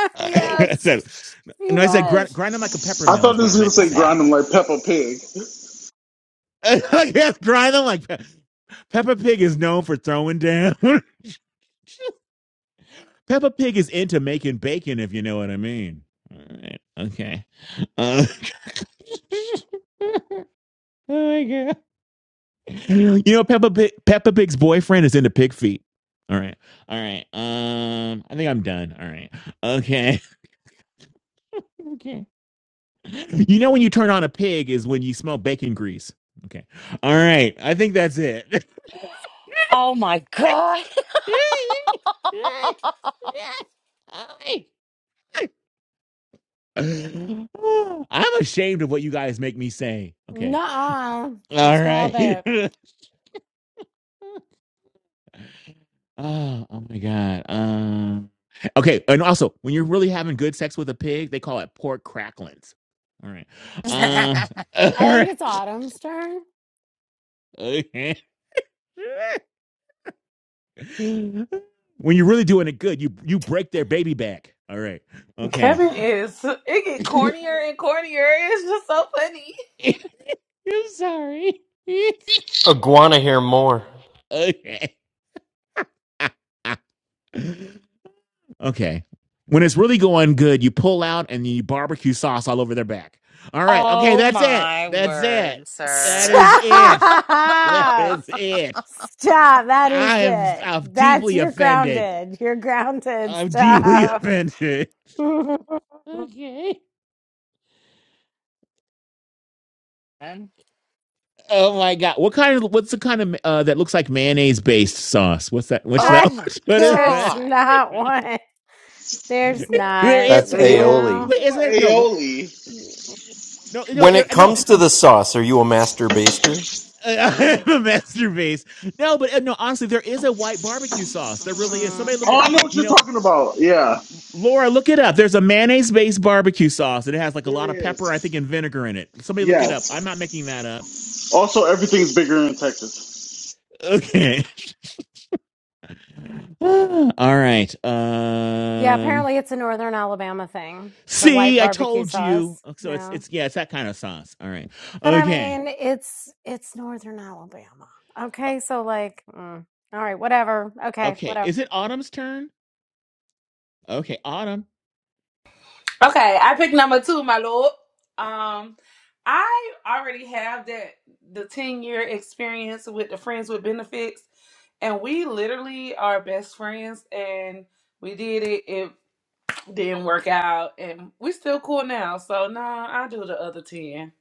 Speaker 2: I
Speaker 3: yes,
Speaker 2: said
Speaker 3: he
Speaker 2: no, I said grind,
Speaker 3: was.
Speaker 2: grind them like a pepper
Speaker 16: I
Speaker 2: mill
Speaker 16: thought
Speaker 2: is what I
Speaker 16: this was gonna
Speaker 2: meant to
Speaker 16: say
Speaker 2: say.
Speaker 16: grind
Speaker 7: Okay.
Speaker 16: him like Peppa Pig.
Speaker 2: yes, grind them like pe- Peppa Pig is known for throwing down. Peppa Pig is into making bacon, if you know what I mean. All right. Okay. Uh, oh my god. You know Peppa Pig, Peppa Pig's boyfriend is into pig feet. All right. All right. Um, I think I'm done. All right. Okay. Okay. You know when you turn on a pig is when you smell bacon grease. Okay. All right. I think that's it.
Speaker 7: Oh my God.
Speaker 2: I'm ashamed of what you guys make me say. Okay.
Speaker 3: Nuh-uh.
Speaker 2: All
Speaker 3: Stop
Speaker 2: right.
Speaker 3: it.
Speaker 2: oh, oh my god. Um. Okay, and also when you're really having good sex with a pig, they call it pork cracklings. All right. Uh, all
Speaker 3: I think
Speaker 2: right.
Speaker 3: it's Autumn's turn.
Speaker 2: Okay. when you're really doing it good, you you break their baby back. All right. Okay.
Speaker 9: Kevin is it get cornier and cornier. It's just so funny.
Speaker 2: I'm sorry.
Speaker 10: Iguana here more.
Speaker 2: okay. Okay. When it's really going good, you pull out and you barbecue sauce all over their back. All right. Okay,
Speaker 7: oh
Speaker 2: that's it.
Speaker 7: my
Speaker 2: That's it.
Speaker 7: word,
Speaker 2: That
Speaker 7: sir.
Speaker 2: is it. That
Speaker 3: Stop!
Speaker 2: is it.
Speaker 3: Stop. That is
Speaker 2: I am
Speaker 3: it.
Speaker 2: I'm
Speaker 3: That's
Speaker 2: deeply
Speaker 3: you're
Speaker 2: offended.
Speaker 3: grounded. You're grounded.
Speaker 2: I'm deeply
Speaker 3: Stop.
Speaker 2: offended. Okay. Oh my god. What kind of what's the kind of uh that looks like mayonnaise based sauce? What's that? What's that?
Speaker 3: I,
Speaker 7: Oh my
Speaker 2: What is
Speaker 3: There's
Speaker 2: that?
Speaker 7: God.
Speaker 3: not one. There's
Speaker 2: There
Speaker 3: not.
Speaker 15: That's
Speaker 2: is
Speaker 16: Ayo,
Speaker 15: aioli.
Speaker 16: he's
Speaker 3: No.
Speaker 2: wait,
Speaker 16: talking
Speaker 2: is
Speaker 16: about
Speaker 2: there no
Speaker 16: aioli.
Speaker 2: no no
Speaker 10: When it
Speaker 2: no
Speaker 10: comes to the sauce, are you a master baster?
Speaker 2: I
Speaker 3: Mm.
Speaker 2: am a master base. No, but uh, no, honestly, there is a white barbecue sauce. There really is. Somebody look
Speaker 16: Oh,
Speaker 2: at,
Speaker 16: I know what
Speaker 2: you
Speaker 16: you're
Speaker 2: know,
Speaker 16: talking about. Yeah,
Speaker 2: Laura, look it up. There's a mayonnaise based barbecue sauce and it has like a
Speaker 16: there
Speaker 2: lot of pepper, I
Speaker 16: is.
Speaker 2: think, and vinegar in it. Somebody look it up. I'm
Speaker 16: Yes.
Speaker 2: not making that up.
Speaker 16: Also, everything's bigger in Texas.
Speaker 2: Okay. All right.
Speaker 3: Yeah,
Speaker 2: Um,
Speaker 3: apparently it's a northern Alabama thing. The white
Speaker 2: see, I
Speaker 3: barbecue
Speaker 2: told you.
Speaker 3: sauce.
Speaker 2: Oh, So it's,
Speaker 3: Yeah.
Speaker 2: it's, yeah, it's that kind of sauce. All right.
Speaker 3: But I
Speaker 2: Okay.
Speaker 3: mean, it's it's northern Alabama.
Speaker 2: Uh,
Speaker 3: Okay, so like mm. All right, whatever. Okay,
Speaker 2: Okay.
Speaker 3: whatever.
Speaker 2: Is it Autumn's turn? Okay. Autumn.
Speaker 9: Okay, I picked number two, my lord. Um, I already have that the ten year experience with the friends with benefits, and we literally are best friends. And we did it; it didn't work out, and we still cool now. So no, I do the other ten.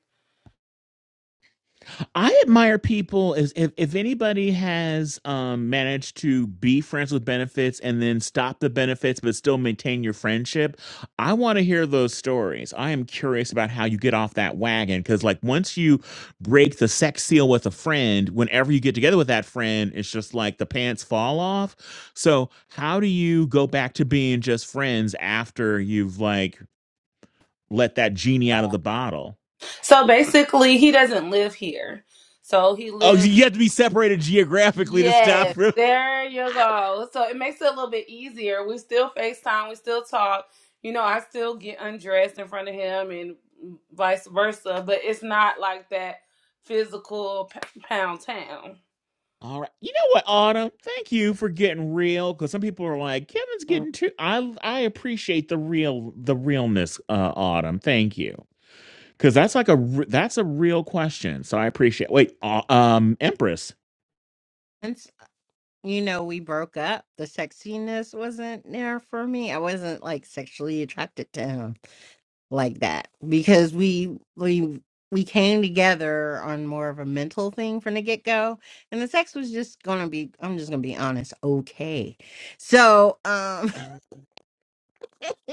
Speaker 2: I admire people as if, if anybody has um, managed to be friends with benefits and then stop the benefits but still maintain your friendship. I want to hear those stories. I am curious about how you get off that wagon because, like, once you break the sex seal with a friend, whenever you get together with that friend, it's just like the pants fall off. So, how do you go back to being just friends after you've like let that genie out of the bottle?
Speaker 9: So basically, he doesn't live here. So he
Speaker 2: Oh,
Speaker 9: lives.
Speaker 2: you have to be separated geographically to stop.
Speaker 9: Yes,
Speaker 2: from
Speaker 9: there you
Speaker 2: I-
Speaker 9: go. So it makes it a little bit easier. We still FaceTime, we still talk. You know, I still get undressed in front of him and vice versa, but it's not like that physical p- pound town.
Speaker 2: All right. You know what, Autumn? Thank you for getting real because some people are like, Kevin's getting too. I I appreciate the real the realness, uh, Autumn. Thank you because that's like a r- that's a real question. So I appreciate. Wait, uh, um, Empress.
Speaker 6: once you know we broke up the sexiness wasn't there for me i wasn't like sexually attracted to him like that because we we we came together on more of a mental thing from the get-go and the sex was just gonna be i'm just gonna be honest okay so um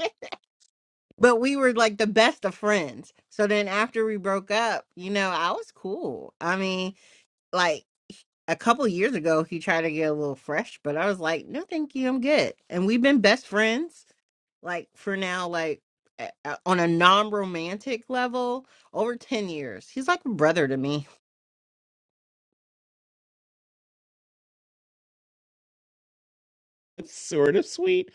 Speaker 6: but we were like the best of friends. So then after we broke up, you know, I was cool. I mean, like a couple years ago, he tried to get a little fresh, but I was like, no, thank you, I'm good. And we've been best friends like for now, like a- a- on a non romantic level over 10 years. He's like a brother to me.
Speaker 2: It's sort of sweet.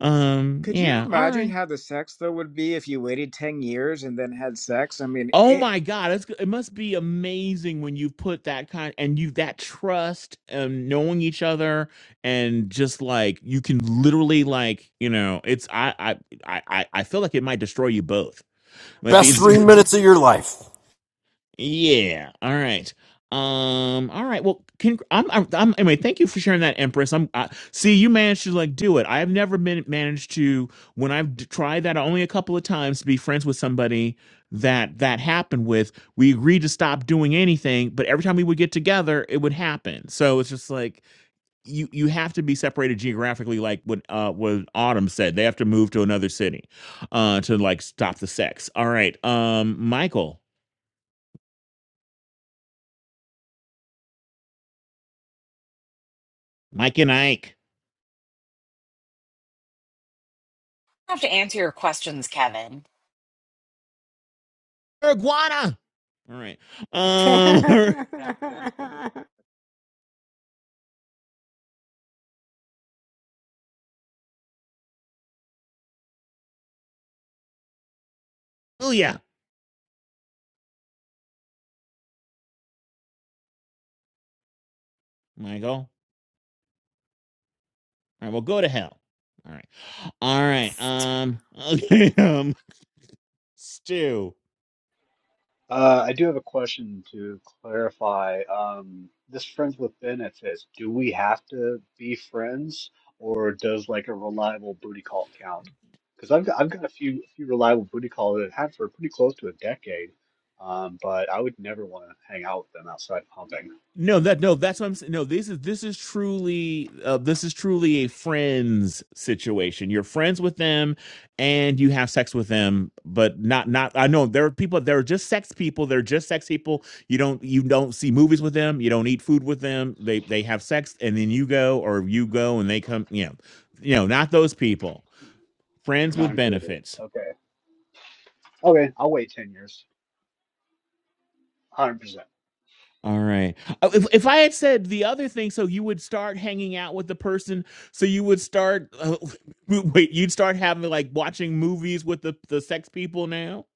Speaker 2: Um,
Speaker 5: Could you
Speaker 2: yeah. All
Speaker 5: imagine
Speaker 2: right.
Speaker 5: how the sex though would be if you waited ten years and then had sex? I mean,
Speaker 2: Oh
Speaker 5: it,
Speaker 2: my God, it's, it must be amazing when you put that kind and you that trust and knowing each other and just like you can literally like you know it's I I I I I feel like it might destroy you both like
Speaker 10: Best
Speaker 2: these
Speaker 10: three minutes of your life.
Speaker 2: Yeah. All right. Um. All right. Well, can I'm, I'm. I'm. Anyway, thank you for sharing that, Empress. I'm. I, see, you managed to like do it. I've never been managed to when I've d- tried that only a couple of times to be friends with somebody that that happened with. We agreed to stop doing anything, but every time we would get together, it would happen. So it's just like you. You have to be separated geographically, like what uh what Autumn said. They have to move to another city, uh, to like stop the sex. All right. Um, Michael, Mike and Ike.
Speaker 7: I have to answer your questions, Kevin.
Speaker 2: iguana. All right. Um,
Speaker 11: Exactly.
Speaker 2: Oh yeah. Michael. All right. Well, go to hell. All right. All right.
Speaker 3: Stop.
Speaker 2: Um, okay. Um, Stu.
Speaker 13: Uh, I do have a question to clarify. Um, this friends with benefits, do we have to be friends, or does like a reliable booty call count? Because I've got, I've got a few few reliable booty calls that I've had for pretty close to a decade, um, but I would never want to hang out with them outside of humping.
Speaker 2: No, that no, that's what I'm saying. No, this is this is truly uh, this is truly a friends situation. You're friends with them, and you have sex with them, but not not. I know there are people. There are just sex people. They're just sex people. You don't you don't see movies with them. You don't eat food with them. They they have sex, and then you go, or you go and they come. You know, you know, not those people. Friends
Speaker 13: You're not
Speaker 2: with
Speaker 13: included.
Speaker 2: benefits.
Speaker 13: Okay. Okay, I'll wait 10 years. 100%.
Speaker 2: All right. Oh, If,
Speaker 13: Easy.
Speaker 2: if I had said the other thing, so you would start hanging out with the person, so you would start, uh, wait, you'd start having like watching movies with the, the sex people now?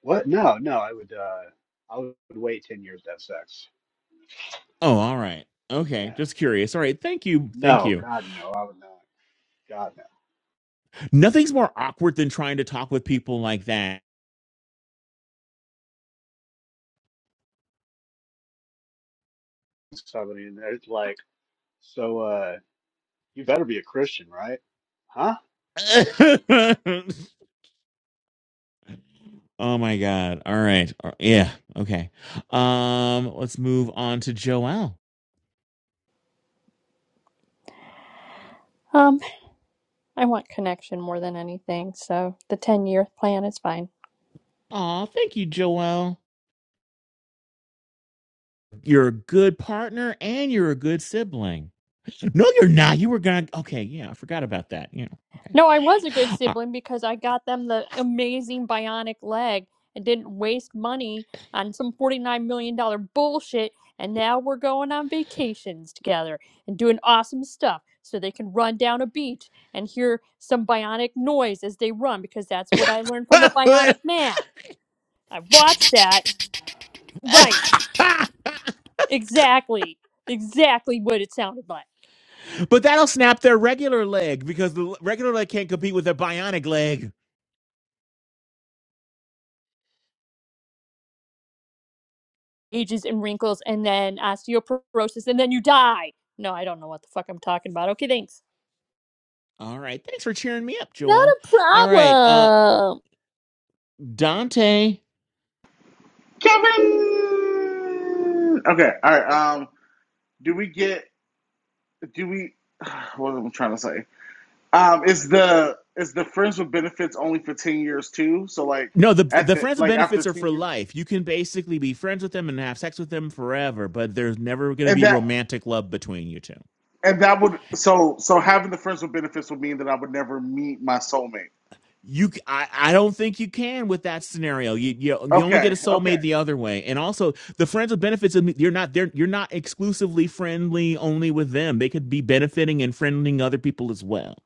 Speaker 13: What? No, no, I would uh, I would wait 10 years to have sex.
Speaker 2: Oh, all right. Okay.
Speaker 13: Yeah.
Speaker 2: Just curious. All right. Thank you. Thank
Speaker 13: No,
Speaker 2: you.
Speaker 13: God, no, I would not. God, no.
Speaker 2: Nothing's more awkward than trying to talk with people like that.
Speaker 13: somebody and they're like, so uh you better be a Christian, right? Huh?
Speaker 2: oh my God. All right. Uh, Yeah. Okay. Um, let's move on to Joelle.
Speaker 14: Um, I want connection more than anything, so the 10 year plan is fine.
Speaker 2: Aw, thank you, Joelle. You're a good partner and you're a good sibling. No, you're not. You were gonna. Okay, yeah, I forgot about that. You know,
Speaker 14: No, I was a good sibling because I got them the amazing bionic leg and didn't waste money on some $49 million dollar bullshit. And now we're going on vacations together and doing awesome stuff so they can run down a beach and hear some bionic noise as they run because that's what I learned from the
Speaker 2: okay. Uh,
Speaker 14: bionic man. I watched that Right. Exactly. Exactly what it sounded like.
Speaker 2: but that'll snap their regular leg because the regular leg can't compete with their bionic leg.
Speaker 14: Ages and wrinkles and then osteoporosis and then you die. No, I don't know what the fuck I'm talking about. Okay, thanks.
Speaker 2: All right, thanks for cheering me up,
Speaker 14: Not
Speaker 2: Joel.
Speaker 14: a
Speaker 2: All right, uh,
Speaker 14: problem.
Speaker 2: Dante.
Speaker 16: Kevin. Okay. All right. Um. Do we get? Do we? What am I trying to say? Um, is the is the friends with benefits only for ten years too? So like
Speaker 2: No, the
Speaker 16: at
Speaker 2: the
Speaker 16: the
Speaker 2: friends with
Speaker 16: like after
Speaker 2: benefits are
Speaker 16: ten
Speaker 2: for
Speaker 16: years,
Speaker 2: life. You can basically be friends with them and have sex with them forever, but there's never going to
Speaker 16: and
Speaker 2: be
Speaker 16: that
Speaker 2: romantic love between you two.
Speaker 16: and that would so so having the friends with benefits would mean that I would never meet my soulmate.
Speaker 2: you I, I I, I don't think you can with that scenario you, you you only get a
Speaker 16: Okay, okay.
Speaker 2: soulmate the other way and also the friends with benefits you're not they you're not exclusively friendly only with them they could be benefiting and friending other people as well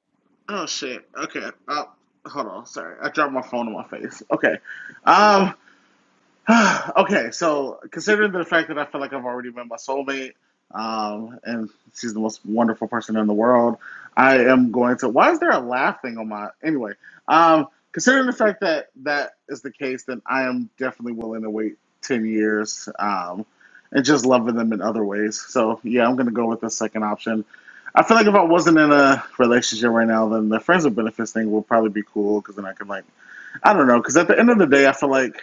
Speaker 16: Oh shit. Okay. Uh, hold on. Sorry, I dropped my phone in my face. Okay. Um. okay, so considering the fact that I feel like I've already met my soulmate, um, and she's the most wonderful person in the world, I am going to. Why is there a laugh thing on my? Anyway, um, considering the fact that that is the case, then I am definitely willing to wait ten years, um, and just loving them in other ways. So yeah, I'm going to go with the second option. I feel like if I wasn't in a relationship right now, then the friends with benefits thing will probably be cool because then I can like I don't know because at the end of the day, I feel like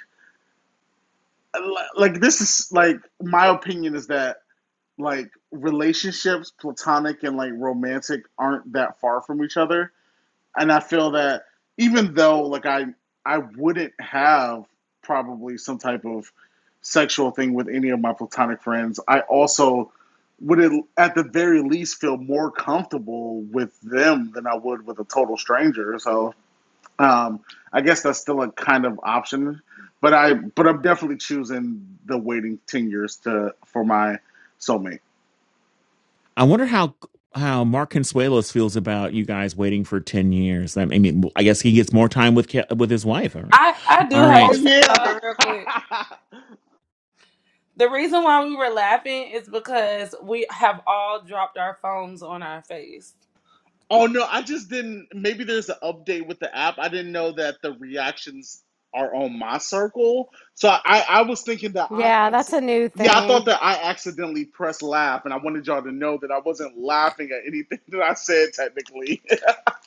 Speaker 16: like this is like my opinion is that like relationships, platonic and like romantic, aren't that far from each other. And I feel that even though like I I wouldn't have probably some type of sexual thing with any of my platonic friends, I also would at the very least feel more comfortable with them than I would with a total stranger. So um, I guess that's still a kind of option, but I but I'm definitely choosing the waiting ten years to for my soulmate.
Speaker 2: i wonder how how mark consuelos feels about you guys waiting for 10 years i mean i guess he gets more time with Ke- with his wife all right
Speaker 9: I, I
Speaker 2: all
Speaker 9: do have
Speaker 16: Oh
Speaker 9: to
Speaker 2: right
Speaker 9: say
Speaker 16: yeah.
Speaker 9: something real quick. The reason why we were laughing is because we have all dropped our phones on our face.
Speaker 16: oh no, I just didn't. Maybe there's an update with the app. I didn't know that the reactions are on my circle. So I I was thinking that I
Speaker 3: Yeah, that's
Speaker 16: acc-
Speaker 3: a new
Speaker 16: yeah I thought
Speaker 3: thing.
Speaker 16: that I accidentally pressed laugh, and I wanted y'all to know that I wasn't laughing at anything that I said technically.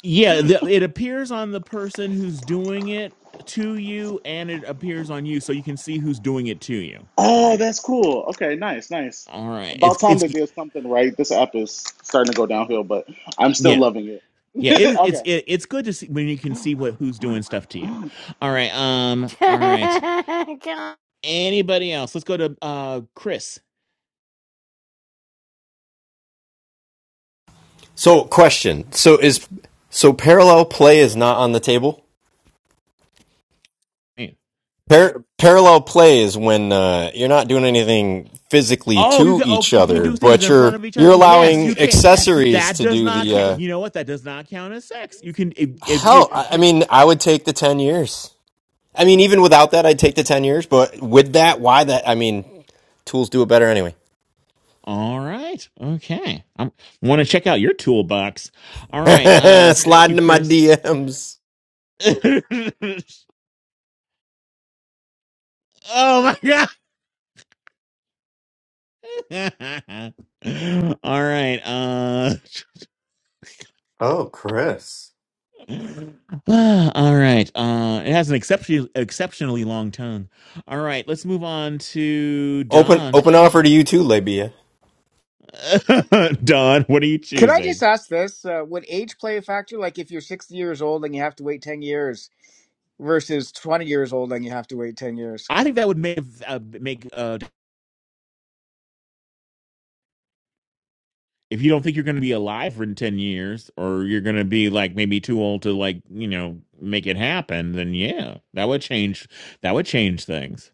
Speaker 2: yeah the, it appears on the person who's doing it to you and it appears on you so you can see who's doing it to you all
Speaker 16: Oh,
Speaker 2: right
Speaker 16: that's cool. Okay, nice, nice.
Speaker 2: All right. It's
Speaker 16: About time
Speaker 2: it's
Speaker 16: they did something right. This app is starting to go downhill, but I'm still
Speaker 2: yeah.
Speaker 16: loving it.
Speaker 2: Yeah, it, it's
Speaker 16: Okay.
Speaker 2: it, it's good to see when you can see what who's doing stuff to you. All right. Um all right.
Speaker 3: God.
Speaker 2: Anybody else? Let's go to uh Chris.
Speaker 10: So, question. So is so parallel play is not on the table?
Speaker 2: Hey.
Speaker 10: Par- parallel play is when uh, you're not doing anything physically
Speaker 2: Oh, you
Speaker 10: to
Speaker 2: can
Speaker 10: each
Speaker 2: okay, you can
Speaker 10: other,
Speaker 2: do things
Speaker 10: but
Speaker 2: in front
Speaker 10: you're
Speaker 2: of each
Speaker 10: you're
Speaker 2: other. Yes,
Speaker 10: allowing
Speaker 2: you can.
Speaker 10: accessories
Speaker 2: That
Speaker 10: to
Speaker 2: does
Speaker 10: do
Speaker 2: not
Speaker 10: the
Speaker 2: count.
Speaker 10: uh,
Speaker 2: You know what? That does not count as sex. You can if, if you
Speaker 10: hell. I I mean, I would take the ten years. I mean, even without that, I'd take the ten years. But with that, why that? I mean, tools do it better anyway.
Speaker 2: All right. Okay. I want to check out your toolbox. All right. Uh thank
Speaker 10: Slide
Speaker 2: you,
Speaker 10: into my
Speaker 2: Chris.
Speaker 10: DMs.
Speaker 2: oh my god. all right. Uh,
Speaker 15: Oh, Chris.
Speaker 2: all right. Uh, it has an exceptionally exceptionally long tongue. All right. Let's move on to
Speaker 10: Open
Speaker 2: Don.
Speaker 10: open offer to you too, Labia.
Speaker 2: Don, what are you
Speaker 5: could I just
Speaker 2: choosing?
Speaker 5: ask this? Uh, would age play a factor? Like if you're sixty years old and you have to wait ten years versus twenty years old and you have to wait ten years?
Speaker 2: I think that would make uh, make uh, if you don't think you're going to be alive for ten years, or you're going to be like maybe too old to like you know make it happen. Then yeah, that would change. That would change things.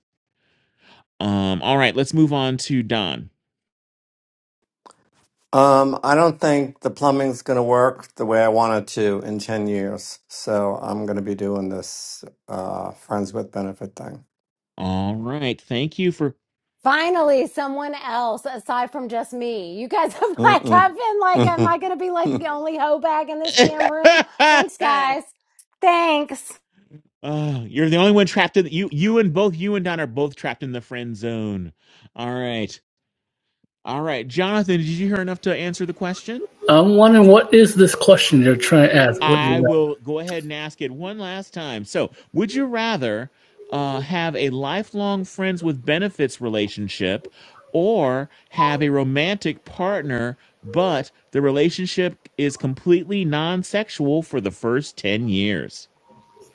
Speaker 2: Um. All right. Let's move on to Don.
Speaker 15: Um, I don't think the plumbing's going to work the way I want it to in 10 years. So I'm going to be doing this uh, friends with benefit thing.
Speaker 2: All right. Thank you for
Speaker 3: Finally, someone else aside from just me. You guys have like, I've been like, am I
Speaker 15: Mm-mm.
Speaker 3: going to be like the only hoe bag in this damn room? Thanks, guys. Thanks.
Speaker 2: Oh, you're the only one trapped in you. You and both you and Don are both trapped in the friend zone. All right, all right, Jonathan. Did you hear enough to answer the question?
Speaker 17: I'm wondering what is this question you're trying to ask? What is
Speaker 2: I
Speaker 17: that?
Speaker 2: will go ahead and ask it one last time. So, would you rather uh, have a lifelong friends with benefits relationship, or have a romantic partner but the relationship is completely non-sexual for the first ten years?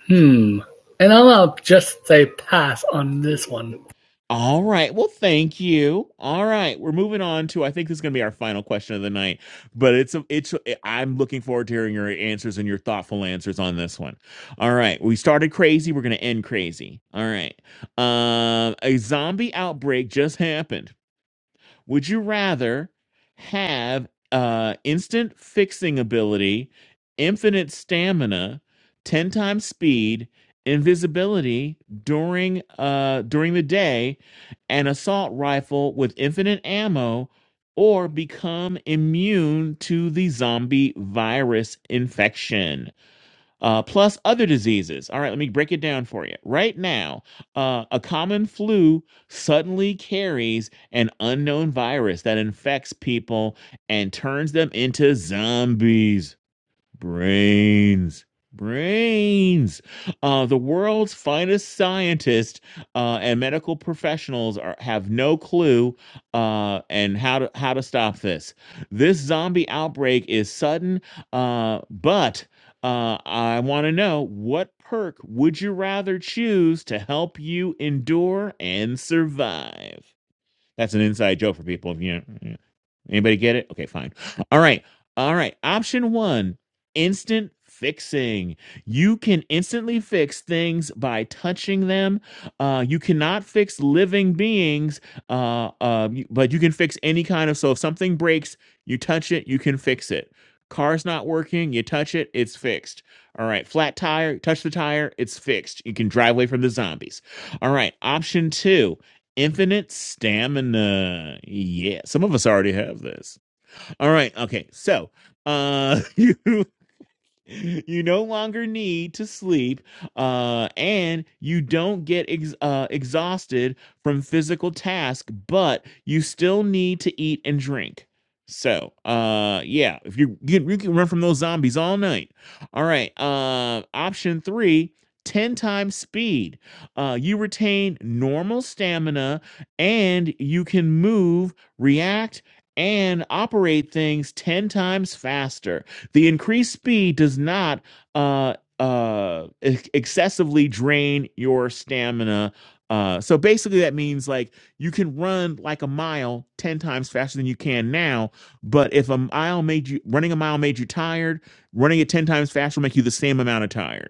Speaker 17: Hmm. And I'll uh, just say pass on this one.
Speaker 2: All right. Well, thank you. All right. We're moving on to I think this is going to be our final question of the night, but it's a, it's I'm looking forward to hearing your answers and your thoughtful answers on this one. All right. We started crazy, we're going to end crazy. All right. Um a zombie outbreak just happened. Would you rather have uh, instant fixing ability, infinite stamina, ten times speed, invisibility during uh, during the day, an assault rifle with infinite ammo, or become immune to the zombie virus infection? uh, plus other diseases. All right, let me break it down for you. Right now, uh, a common flu suddenly carries an unknown virus that infects people and turns them into zombies brains brains uh, the world's finest scientists uh, and medical professionals are, have no clue uh, and how to how to stop this this zombie outbreak is sudden uh, but uh, i want to know what perk would you rather choose to help you endure and survive that's an inside joke for people if you Anybody get it? Okay, fine. All right. All right. Option one instant fixing. You can instantly fix things by touching them. Uh, you cannot fix living beings, uh, uh, but you can fix any kind of. So if something breaks, you touch it, you can fix it. Car's not working, you touch it, it's fixed. All right. Flat tire, touch the tire, it's fixed. You can drive away from the zombies. All right. Option two Infinite stamina. Yeah, some of us already have this. All right. Okay. So, uh, you you no longer need to sleep uh, and you don't get ex- uh, exhausted from physical tasks. but you still need to eat and drink so uh yeah if you you can, you can run from those zombies all night all right uh option three 10 times speed uh you retain normal stamina and you can move react and operate things 10 times faster the increased speed does not uh, uh, ex- excessively drain your stamina. Uh, so basically, that means like you can run like a mile ten times faster than you can now. But if a mile made you running a mile made you tired, running it ten times faster will make you the same amount of tired.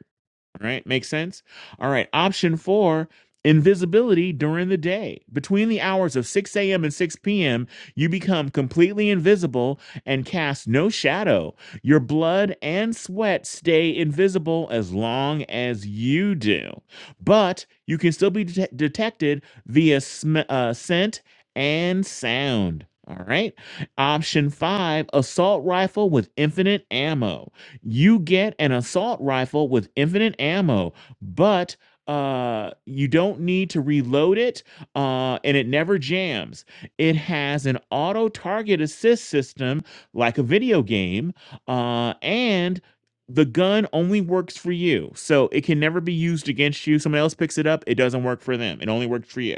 Speaker 2: All right, makes sense. All right, option four invisibility during the day. Between the hours of 6 a.m. and 6 p.m., you become completely invisible and cast no shadow. Your blood and sweat stay invisible as long as you do, but you can still be det- detected via sm- uh, scent and sound. All right. Option five assault rifle with infinite ammo you get an assault rifle with infinite ammo, but uh you don't need to reload it uh and it never jams it has an auto target assist system like a video game uh and the gun only works for you so it can never be used against you someone else picks it up it doesn't work for them it only works for you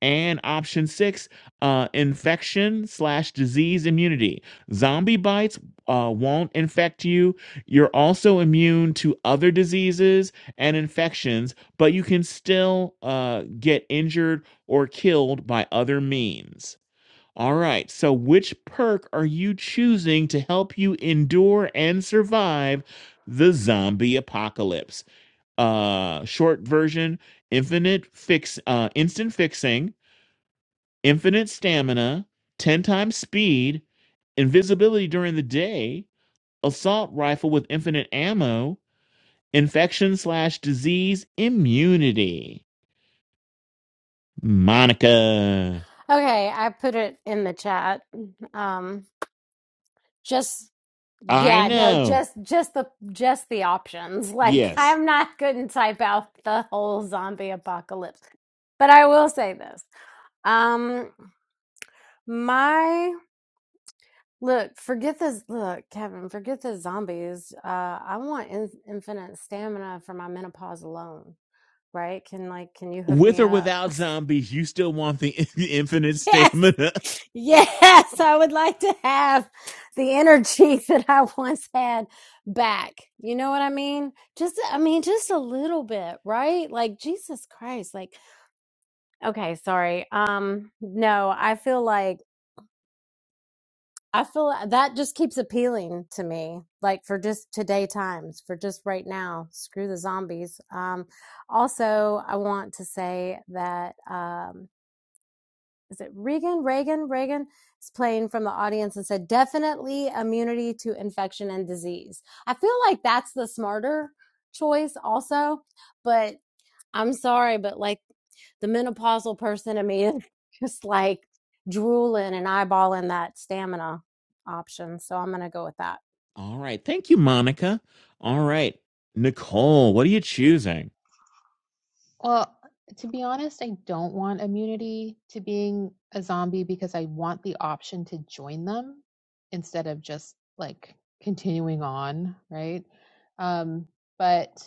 Speaker 2: and option six, uh, infection slash disease immunity. Zombie bites uh, won't infect you. You're also immune to other diseases and infections, but you can still uh, get injured or killed by other means. All right, so which perk are you choosing to help you endure and survive the zombie apocalypse? Uh, short version: infinite fix, uh, instant fixing infinite stamina, 10 times speed, invisibility during the day, assault rifle with infinite ammo, infection slash disease immunity. Monica.
Speaker 3: Okay, I put it in the chat. Um, just
Speaker 2: I
Speaker 3: yeah, no,
Speaker 2: know.
Speaker 3: just just the just the options. Like,
Speaker 2: Yes.
Speaker 3: I'm not going to type out the whole zombie apocalypse, but I will say this. Um, my Look, forget this. Look, Kevin, forget the zombies. Uh, I want in infinite stamina for my menopause alone, right? Can like, can you hook
Speaker 2: With
Speaker 3: me
Speaker 2: or
Speaker 3: up?
Speaker 2: without zombies, you still want the infinite
Speaker 3: Yes.
Speaker 2: stamina.
Speaker 3: Yes, I would like to have the energy that I once had back. You know what I mean? Just I mean just a little bit, right? Like Jesus Christ. Like okay, sorry. Um no, I feel like I feel like that just keeps appealing to me, like for just today times, for just right now. Screw the zombies. Um, also, I want to say that um, is it Reagan? Reagan? Reagan is playing from the audience and said, definitely immunity to infection and disease. I feel like that's the smarter choice, also, but I'm sorry, but like the menopausal person in me is just like drooling and eyeballing that stamina option. So I'm going to go with that.
Speaker 2: All right. Thank you, Monica. All right. Nicole, what are you choosing?
Speaker 1: Well, to be honest, I don't want immunity to being a zombie because I want the option to join them instead of just like continuing on, right? Um, but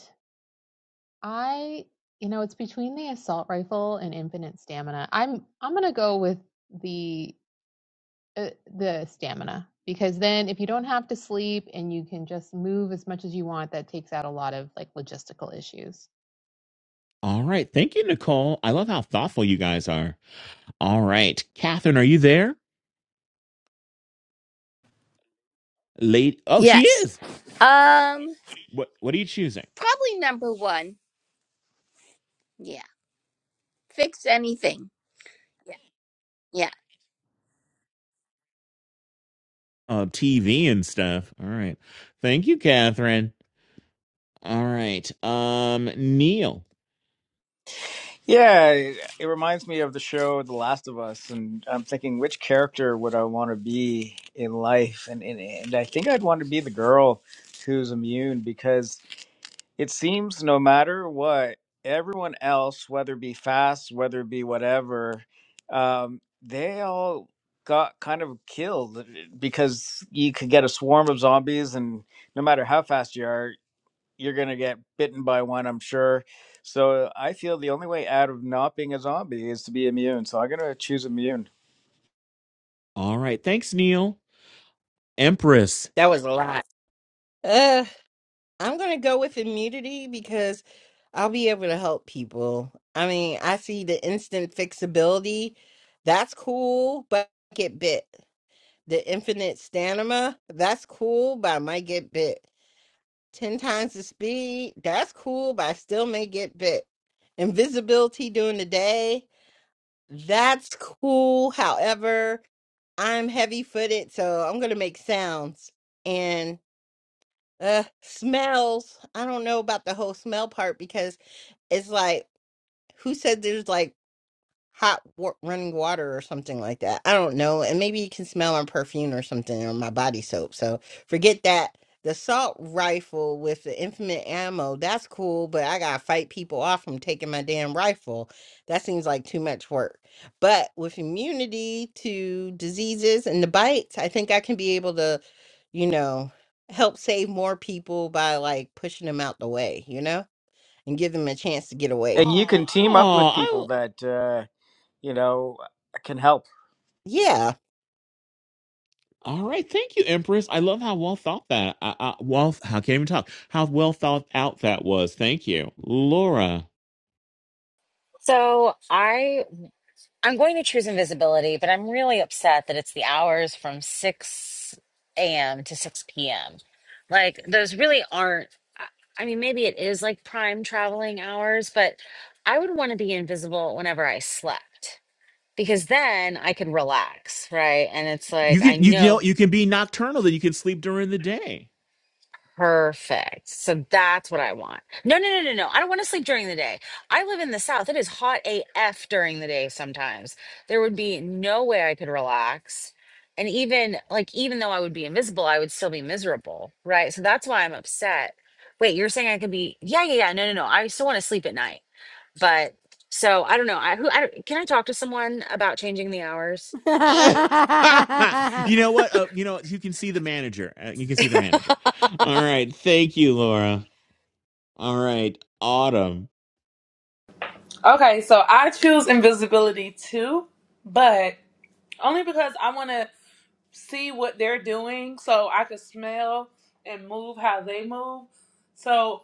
Speaker 1: I, you know, it's between the assault rifle and infinite stamina. I'm I'm gonna go with the uh, the stamina because then if you don't have to sleep and you can just move as much as you want, that takes out a lot of like logistical issues.
Speaker 2: All right. Thank you, Nicole. I love how thoughtful you guys are. All right. Catherine, are you there? Late. Oh, she
Speaker 8: Yes.
Speaker 2: is.
Speaker 8: Um,
Speaker 2: What What are you choosing?
Speaker 8: probably number one. Yeah. Fix anything. Yeah. Yeah.
Speaker 2: Uh, TV and stuff. All right. Thank you, Catherine. All right. Um, Neil.
Speaker 5: Yeah, it, it reminds me of the show The Last of Us, and I'm thinking which character would I want to be in life? And and, and I think I'd want to be the girl who's immune because it seems no matter what, everyone else, whether it be fast, whether it be whatever, um, they all got kind of killed eh, because you could get a swarm of zombies, and no matter how fast you are, you're going to get bitten by one, I'm sure. So I feel the only way out of not being a zombie is to be immune. So I'm going to choose immune.
Speaker 2: All right. Thanks, Neil. Empress.
Speaker 6: That was a lot. I'm going to go with immunity because I'll be able to help people. I mean, I see the instant fixability. That's cool, but I get bit. The infinite stamina. That's cool, but I might get bit. 10 times the speed. That's cool, but I still may get bit. Invisibility during the day. That's cool. However, I'm heavy footed, so I'm going to make sounds. Uh, smells. I don't know about the whole smell part because it's like, who said there's like hot wa- running water or something like that. I don't know. And maybe you can smell on perfume or something or my body soap. So forget that. The assault rifle with the infinite ammo, that's cool, but I gotta fight people off from taking my damn rifle. That seems like too much work. But with immunity to diseases and the bites, I think I can be able to, you know, help save more people by like pushing them out the way, you know, and give them a chance to get away.
Speaker 5: And you Oh, can team up with
Speaker 2: Oh,
Speaker 5: people
Speaker 2: I.
Speaker 5: that, uh, you know, can help.
Speaker 6: Yeah,
Speaker 2: All right. Thank you, Empress. I love how well thought that. I, I, well, how can even talk? How well thought out that was. Thank you, Laura.
Speaker 7: So I I'm going to choose invisibility, but I'm really upset that it's the hours from 6 a.m. to 6 p.m. Like, those really aren't, I I mean, maybe it is like prime traveling hours, but I would want to be invisible whenever I slept because then I could relax, right? And it's
Speaker 2: You
Speaker 7: like, I
Speaker 2: can you you
Speaker 7: know
Speaker 2: know you can be nocturnal. That you can sleep during the day.
Speaker 7: Perfect. So that's what I want. No, no, no, no, no. I don't want to sleep during the day. I live in the South. It is hot AF during the day sometimes. There would be no way I could relax. And even like, even though I would be invisible, I would still be miserable. Right. So that's why I'm upset. Wait, you're saying I could be, yeah, yeah, yeah. No, no, no. I still want to sleep at night. But so I don't know. I, who, I, don't- can I talk to someone about changing the hours?
Speaker 2: you know what? Uh, you know you can see the manager. Uh, you can see the manager. All right. Thank you, Laura. All right, Autumn.
Speaker 9: Okay, so I choose invisibility too, but only because I want to. see what they're doing so I could smell and move how they move. So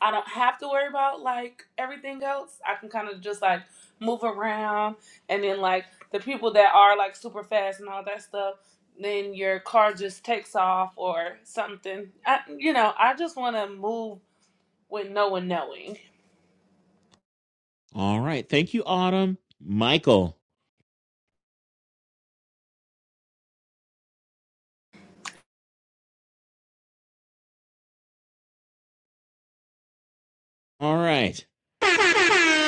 Speaker 9: I don't have to worry about like everything else. I can kind of just like move around and then like the people that are like super fast and all that stuff, then your car just takes off or something. I, you know, I just want to move with no one knowing.
Speaker 2: All right. Thank you, Autumn. Michael. All right.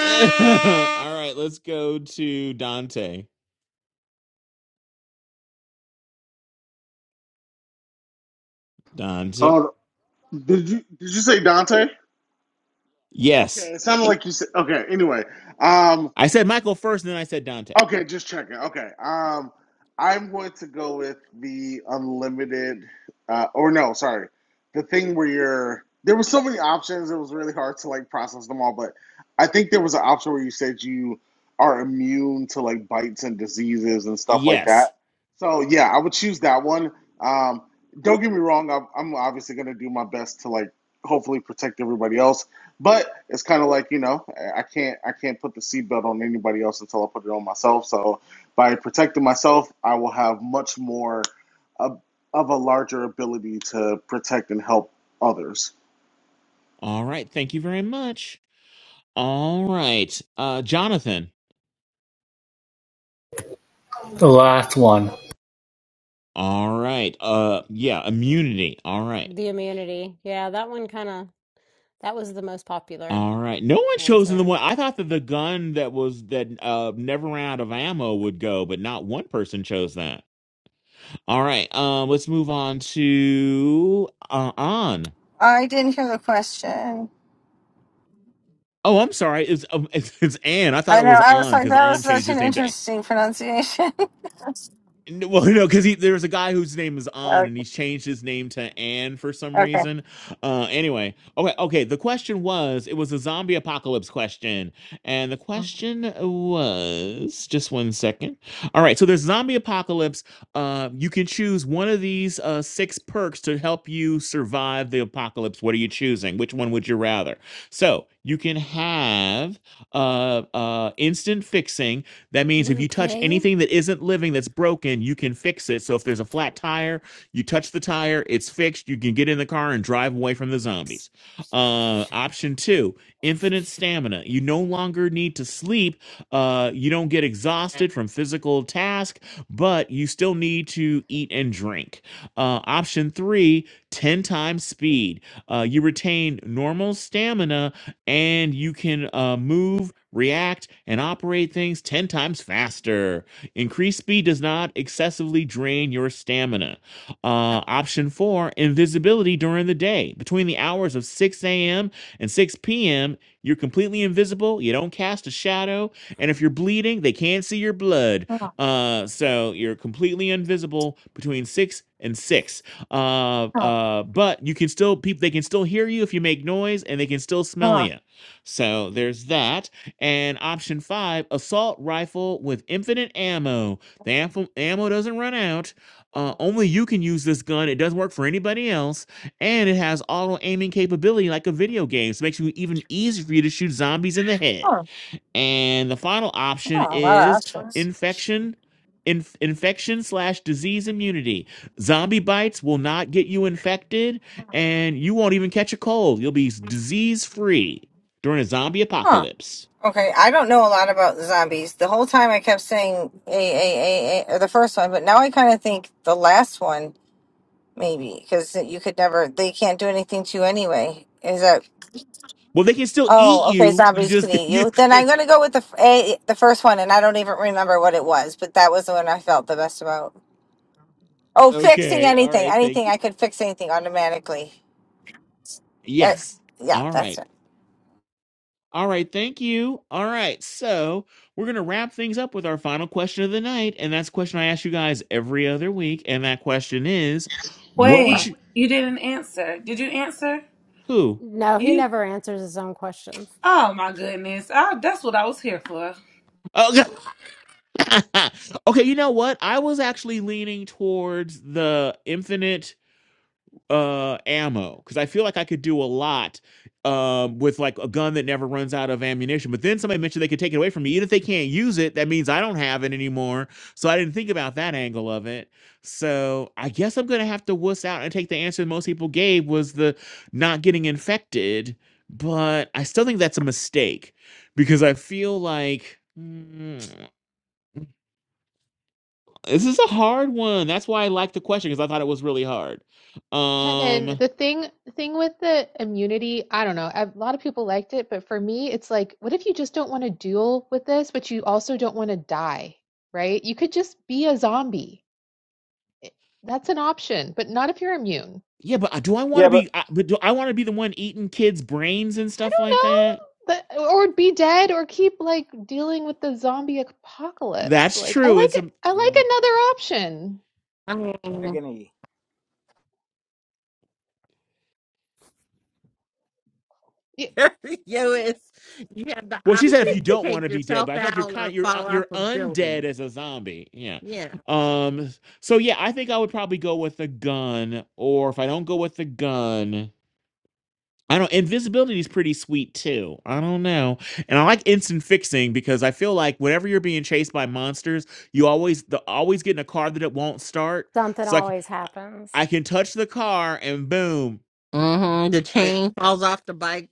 Speaker 2: All right. Let's go to Dante. Dante.
Speaker 16: Oh, did you did you say Dante?
Speaker 2: Yes.
Speaker 16: Okay, it sounded like you said. Okay, anyway, um,
Speaker 2: I said Michael first, and then I said Dante.
Speaker 16: Okay, just checking. Okay. Um, I'm going to go with the unlimited, uh, or no, sorry, the thing where you're. There was so many options; it was really hard to like process them all. But I think there was an option where you said you are immune to like bites and diseases and stuff like
Speaker 2: Yes.
Speaker 16: that. So yeah, I would choose that one. Um, don't get me wrong; I'm, I'm obviously going to do my best to like hopefully protect everybody else. But it's kind of like you know, I can't I can't put the seatbelt on anybody else until I put it on myself. So by protecting myself, I will have much more of, of a larger ability to protect and help others.
Speaker 2: All right. Thank you very much. All right. Uh, Jonathan.
Speaker 17: The last one.
Speaker 2: All right. Uh, yeah. Immunity. All right.
Speaker 3: the immunity. Yeah, that one kind of, that was the most popular
Speaker 2: All right. No one chosen the
Speaker 3: answer.
Speaker 2: one. I thought that the gun that was that uh never ran out of ammo would go, but not one person chose that. All right. Um, let's move on to uh, on.
Speaker 18: I didn't hear the question.
Speaker 2: Oh, I'm sorry. It's um, it's, it's Anne. I thought
Speaker 18: I
Speaker 2: it
Speaker 18: know.
Speaker 2: was
Speaker 18: I was
Speaker 2: on
Speaker 18: like,
Speaker 2: because
Speaker 18: that
Speaker 2: on
Speaker 18: was
Speaker 2: changed
Speaker 18: such an
Speaker 2: his name to.
Speaker 18: interesting pronunciation. okay.
Speaker 2: N- Well, no, because there's a guy whose name is An, and he's changed his name to Anne for some
Speaker 18: okay.
Speaker 2: reason. Uh, anyway, okay, okay. The question was, it was a zombie apocalypse question, and the question was, just one second. All right, so there's zombie apocalypse. Uh, you can choose one of these uh, six perks to help you survive the apocalypse. What are you choosing? Which one would you rather? So you can have uh, uh, instant fixing. That
Speaker 3: Do you
Speaker 2: means if
Speaker 3: want
Speaker 2: you
Speaker 3: to
Speaker 2: touch
Speaker 3: play?
Speaker 2: anything that isn't living that's broken, you can fix it. So if there's a flat tire, you touch the tire, it's fixed. You can get in the car and drive away from the zombies. Uh, option two, infinite stamina. You no longer need to sleep. Uh, you don't get exhausted from physical task, but you still need to eat and drink. Uh, option three: ten times speed. Uh, you retain normal stamina and you can uh, move, react, and operate things 10 times faster. Increased speed does not excessively drain your stamina. Uh, option four invisibility during the day. Between the hours of 6 a.m. and 6 p.m., you're completely invisible. You don't cast a shadow. And if you're bleeding, they can't see your blood.
Speaker 18: Huh,
Speaker 2: Uh, so you're completely invisible between 6 and 6. Uh,
Speaker 18: huh,
Speaker 2: uh, but you can still people they can still hear you if you make noise, and they can still smell
Speaker 18: huh,
Speaker 2: you. So there's that. And option five, assault rifle with infinite ammo. The ammo, ammo doesn't run out. Uh, only you can use this gun. It doesn't work for anybody else, and it has auto aiming capability like a video game. So it makes it even easier for you to shoot zombies in the head.
Speaker 18: huh. Oh,
Speaker 2: And the final option
Speaker 18: a lot of
Speaker 2: is
Speaker 18: options.
Speaker 2: infection, inf- infection slash disease immunity. Zombie bites will not get you infected, and you won't even catch a cold. You'll be disease free during a zombie
Speaker 18: Huh.
Speaker 2: apocalypse.
Speaker 18: Okay. I don't know a lot about zombies. The whole time I kept saying a a a a or the first one, but now I kind of think the last one maybe because you could never. They can't do anything to you anyway. Is that?
Speaker 2: Well, they can still eat
Speaker 18: Oh, okay.
Speaker 2: you. You
Speaker 18: Zombies can
Speaker 2: just
Speaker 18: eat
Speaker 2: you,
Speaker 18: you. Then I'm gonna go with the f- a the first one, and I don't even remember what it was, but that was the one I felt the best about. Oh, fixing
Speaker 2: okay. All
Speaker 18: anything,
Speaker 2: right. Thank
Speaker 18: anything.
Speaker 2: you.
Speaker 18: I could fix anything automatically. Uh,
Speaker 2: Yes.
Speaker 18: yeah,
Speaker 2: All
Speaker 18: that's
Speaker 2: right. All right, thank you. All right, so we're going to wrap things up with our final question of the night. And that's a question I ask you guys every other week. And that question is what would
Speaker 9: Wait,
Speaker 2: you,
Speaker 9: you didn't answer. Did you answer?
Speaker 2: who?
Speaker 3: No, he
Speaker 9: You?
Speaker 3: never answers his own questions.
Speaker 9: Oh my goodness! I, that's what I was here for.
Speaker 2: Oh, okay, you know what? I was actually leaning towards the infinite uh ammo because I feel like I could do a lot um with like a gun that never runs out of ammunition. But then somebody mentioned they could take it away from me. Even if they can't use it, that means I don't have it anymore. So I didn't think about that angle of it. So I guess I'm gonna have to wuss out and take the answer most people gave was the not getting infected. But I still think that's a mistake because I feel like mm, this is a hard one. That's why I like the question because I thought it was really hard.
Speaker 1: Kevin,
Speaker 2: Um
Speaker 1: the thing thing with the immunity, I don't know. A lot of people liked it, but for me, it's like, what if you just don't want to deal with this, but you also don't want to die, right? You could just be a zombie. That's an option, but not if you're immune.
Speaker 2: Yeah, but do I want
Speaker 5: Yeah,
Speaker 2: to
Speaker 5: but
Speaker 2: be? I- But do I want to be the one eating kids' brains and
Speaker 1: I
Speaker 2: stuff
Speaker 1: don't
Speaker 2: like
Speaker 1: know.
Speaker 2: that?
Speaker 1: But, or be dead or keep like dealing with the zombie apocalypse.
Speaker 2: That's
Speaker 1: Like I
Speaker 2: true.
Speaker 1: like
Speaker 2: It's a
Speaker 1: I like another option.
Speaker 6: Um,
Speaker 5: Agony.
Speaker 1: Y-
Speaker 6: Yo, it's you have the
Speaker 2: well. She said if you
Speaker 6: option to
Speaker 2: don't want
Speaker 6: take
Speaker 2: to be dead,
Speaker 6: yourself
Speaker 2: but I feel like you're
Speaker 6: out or
Speaker 2: kind. You're uh,
Speaker 6: fall off
Speaker 2: you're
Speaker 6: a
Speaker 2: undead
Speaker 6: building.
Speaker 2: as a zombie. Yeah.
Speaker 6: Yeah.
Speaker 2: Um. So yeah, I think I would probably go with the gun, or if I don't go with the gun. I don't invisibility is pretty sweet too. I don't know. And I like instant fixing because I feel like whenever you're being chased by monsters, you always the always get in a car that it won't start.
Speaker 3: Something
Speaker 2: So I can,
Speaker 3: always
Speaker 2: I
Speaker 3: happens.
Speaker 2: I can touch the car and boom.
Speaker 6: hmm The
Speaker 2: E-
Speaker 6: chain falls off the bike.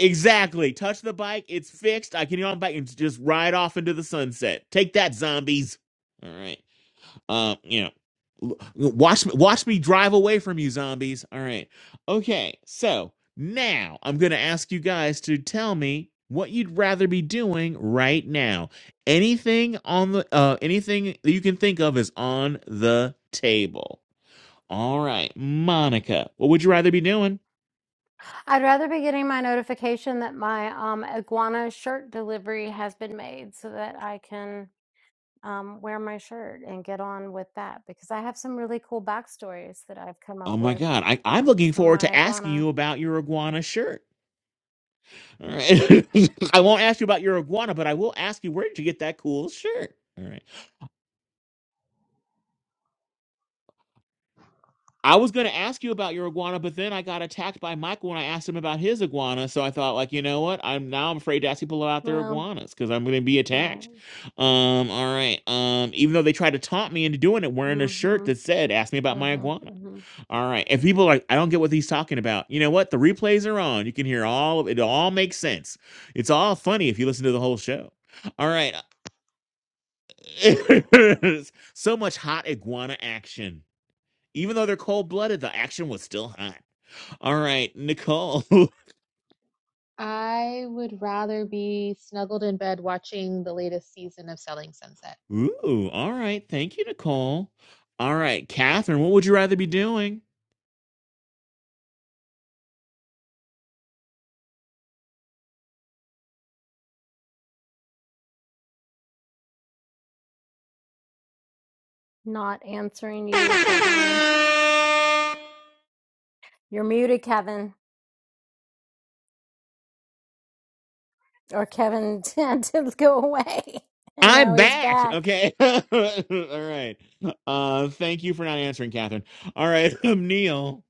Speaker 2: Exactly. Touch the bike, it's fixed. I can get on the bike and just ride off into the sunset. Take that, zombies. All right. Um, you know, watch me, watch me drive away from you zombies. All right. Okay. So now I'm going to ask you guys to tell me what you'd rather be doing right now. Anything on the uh anything that you can think of is on the table. All right, Monica, what would you rather be doing?
Speaker 3: I'd rather be getting my notification that my um, iguana shirt delivery has been made so that I can um, wear my shirt and get on with that because I have some really cool backstories that I've come up
Speaker 2: Oh my
Speaker 3: with
Speaker 2: god, I, I'm
Speaker 3: um,
Speaker 2: looking
Speaker 3: for
Speaker 2: forward
Speaker 3: my
Speaker 2: to asking
Speaker 3: iguana.
Speaker 2: you about your iguana shirt. All right. I won't ask you about your iguana, but I will ask you where did you get that cool shirt? All right. I was going to ask you about your iguana, but then I got attacked by Michael when I asked him about his iguana. So I thought, like, you know what? I'm now I'm afraid to ask people about their
Speaker 3: Well,
Speaker 2: iguanas because I'm going to be
Speaker 3: right.
Speaker 2: attacked. Um, all right. Um, even though they tried to taunt me into doing it, wearing a
Speaker 3: Mm
Speaker 2: shirt
Speaker 3: hmm.
Speaker 2: that said "Ask me about
Speaker 3: Mm
Speaker 2: my
Speaker 3: hmm.
Speaker 2: iguana."
Speaker 3: Mm hmm.
Speaker 2: All right. If people are like, I don't get what he's talking about. You know what? The replays are on. You can hear all of it. All makes sense. It's all funny if you listen to the whole show. All right. so much hot iguana action. Even though they're cold blooded, the action was still hot. All right, Nicole.
Speaker 1: I would rather be snuggled in bed watching the latest season of Selling Sunset.
Speaker 2: Ooh, all right. Thank you, Nicole. All right, Catherine, what would you rather be doing?
Speaker 3: Not answering you, Kevin. You're muted, Kevin. or Kevin had to go away and
Speaker 2: I'm
Speaker 3: now he's
Speaker 2: back.
Speaker 3: back.
Speaker 2: Okay. all right. Uh, thank you for not answering, Catherine. All right, um, Neil.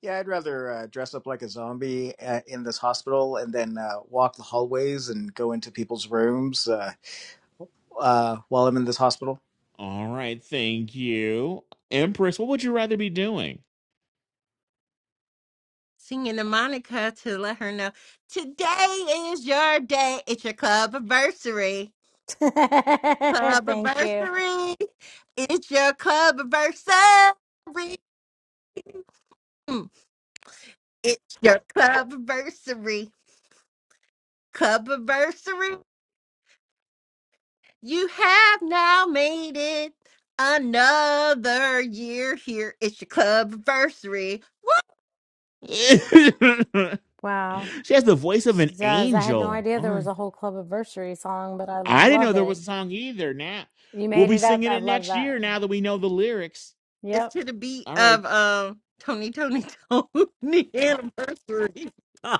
Speaker 5: Yeah, I'd rather uh, dress up like a zombie uh, in this hospital and then uh, walk the hallways and go into people's rooms uh, uh, while I'm in this hospital.
Speaker 2: All right, thank you. Empress, what would you rather be doing?
Speaker 6: Singing to Monica to let her know today is your day. It's your club anniversary. Club
Speaker 3: Thank you.
Speaker 6: anniversary. It's your club anniversary. It's your club anniversary. Clubversary, you have now made it another year here. It's your clubversary. Woo!
Speaker 2: she
Speaker 3: Wow.
Speaker 2: has the voice of an
Speaker 3: She does. I had no
Speaker 2: angel.
Speaker 3: idea
Speaker 2: All
Speaker 3: there
Speaker 2: right.
Speaker 3: was a whole club anniversary song, but I
Speaker 2: I didn't know
Speaker 3: love
Speaker 2: there was
Speaker 3: it.
Speaker 2: a song either. Now
Speaker 3: You
Speaker 2: we'll
Speaker 3: made
Speaker 2: be
Speaker 3: it up.
Speaker 2: singing
Speaker 3: I
Speaker 2: it
Speaker 3: love
Speaker 2: next year
Speaker 3: that.
Speaker 2: now that we know the lyrics.
Speaker 6: It's
Speaker 3: Yep.
Speaker 6: to the beat
Speaker 2: All right.
Speaker 6: of um Tony, Tony, Tony anniversary.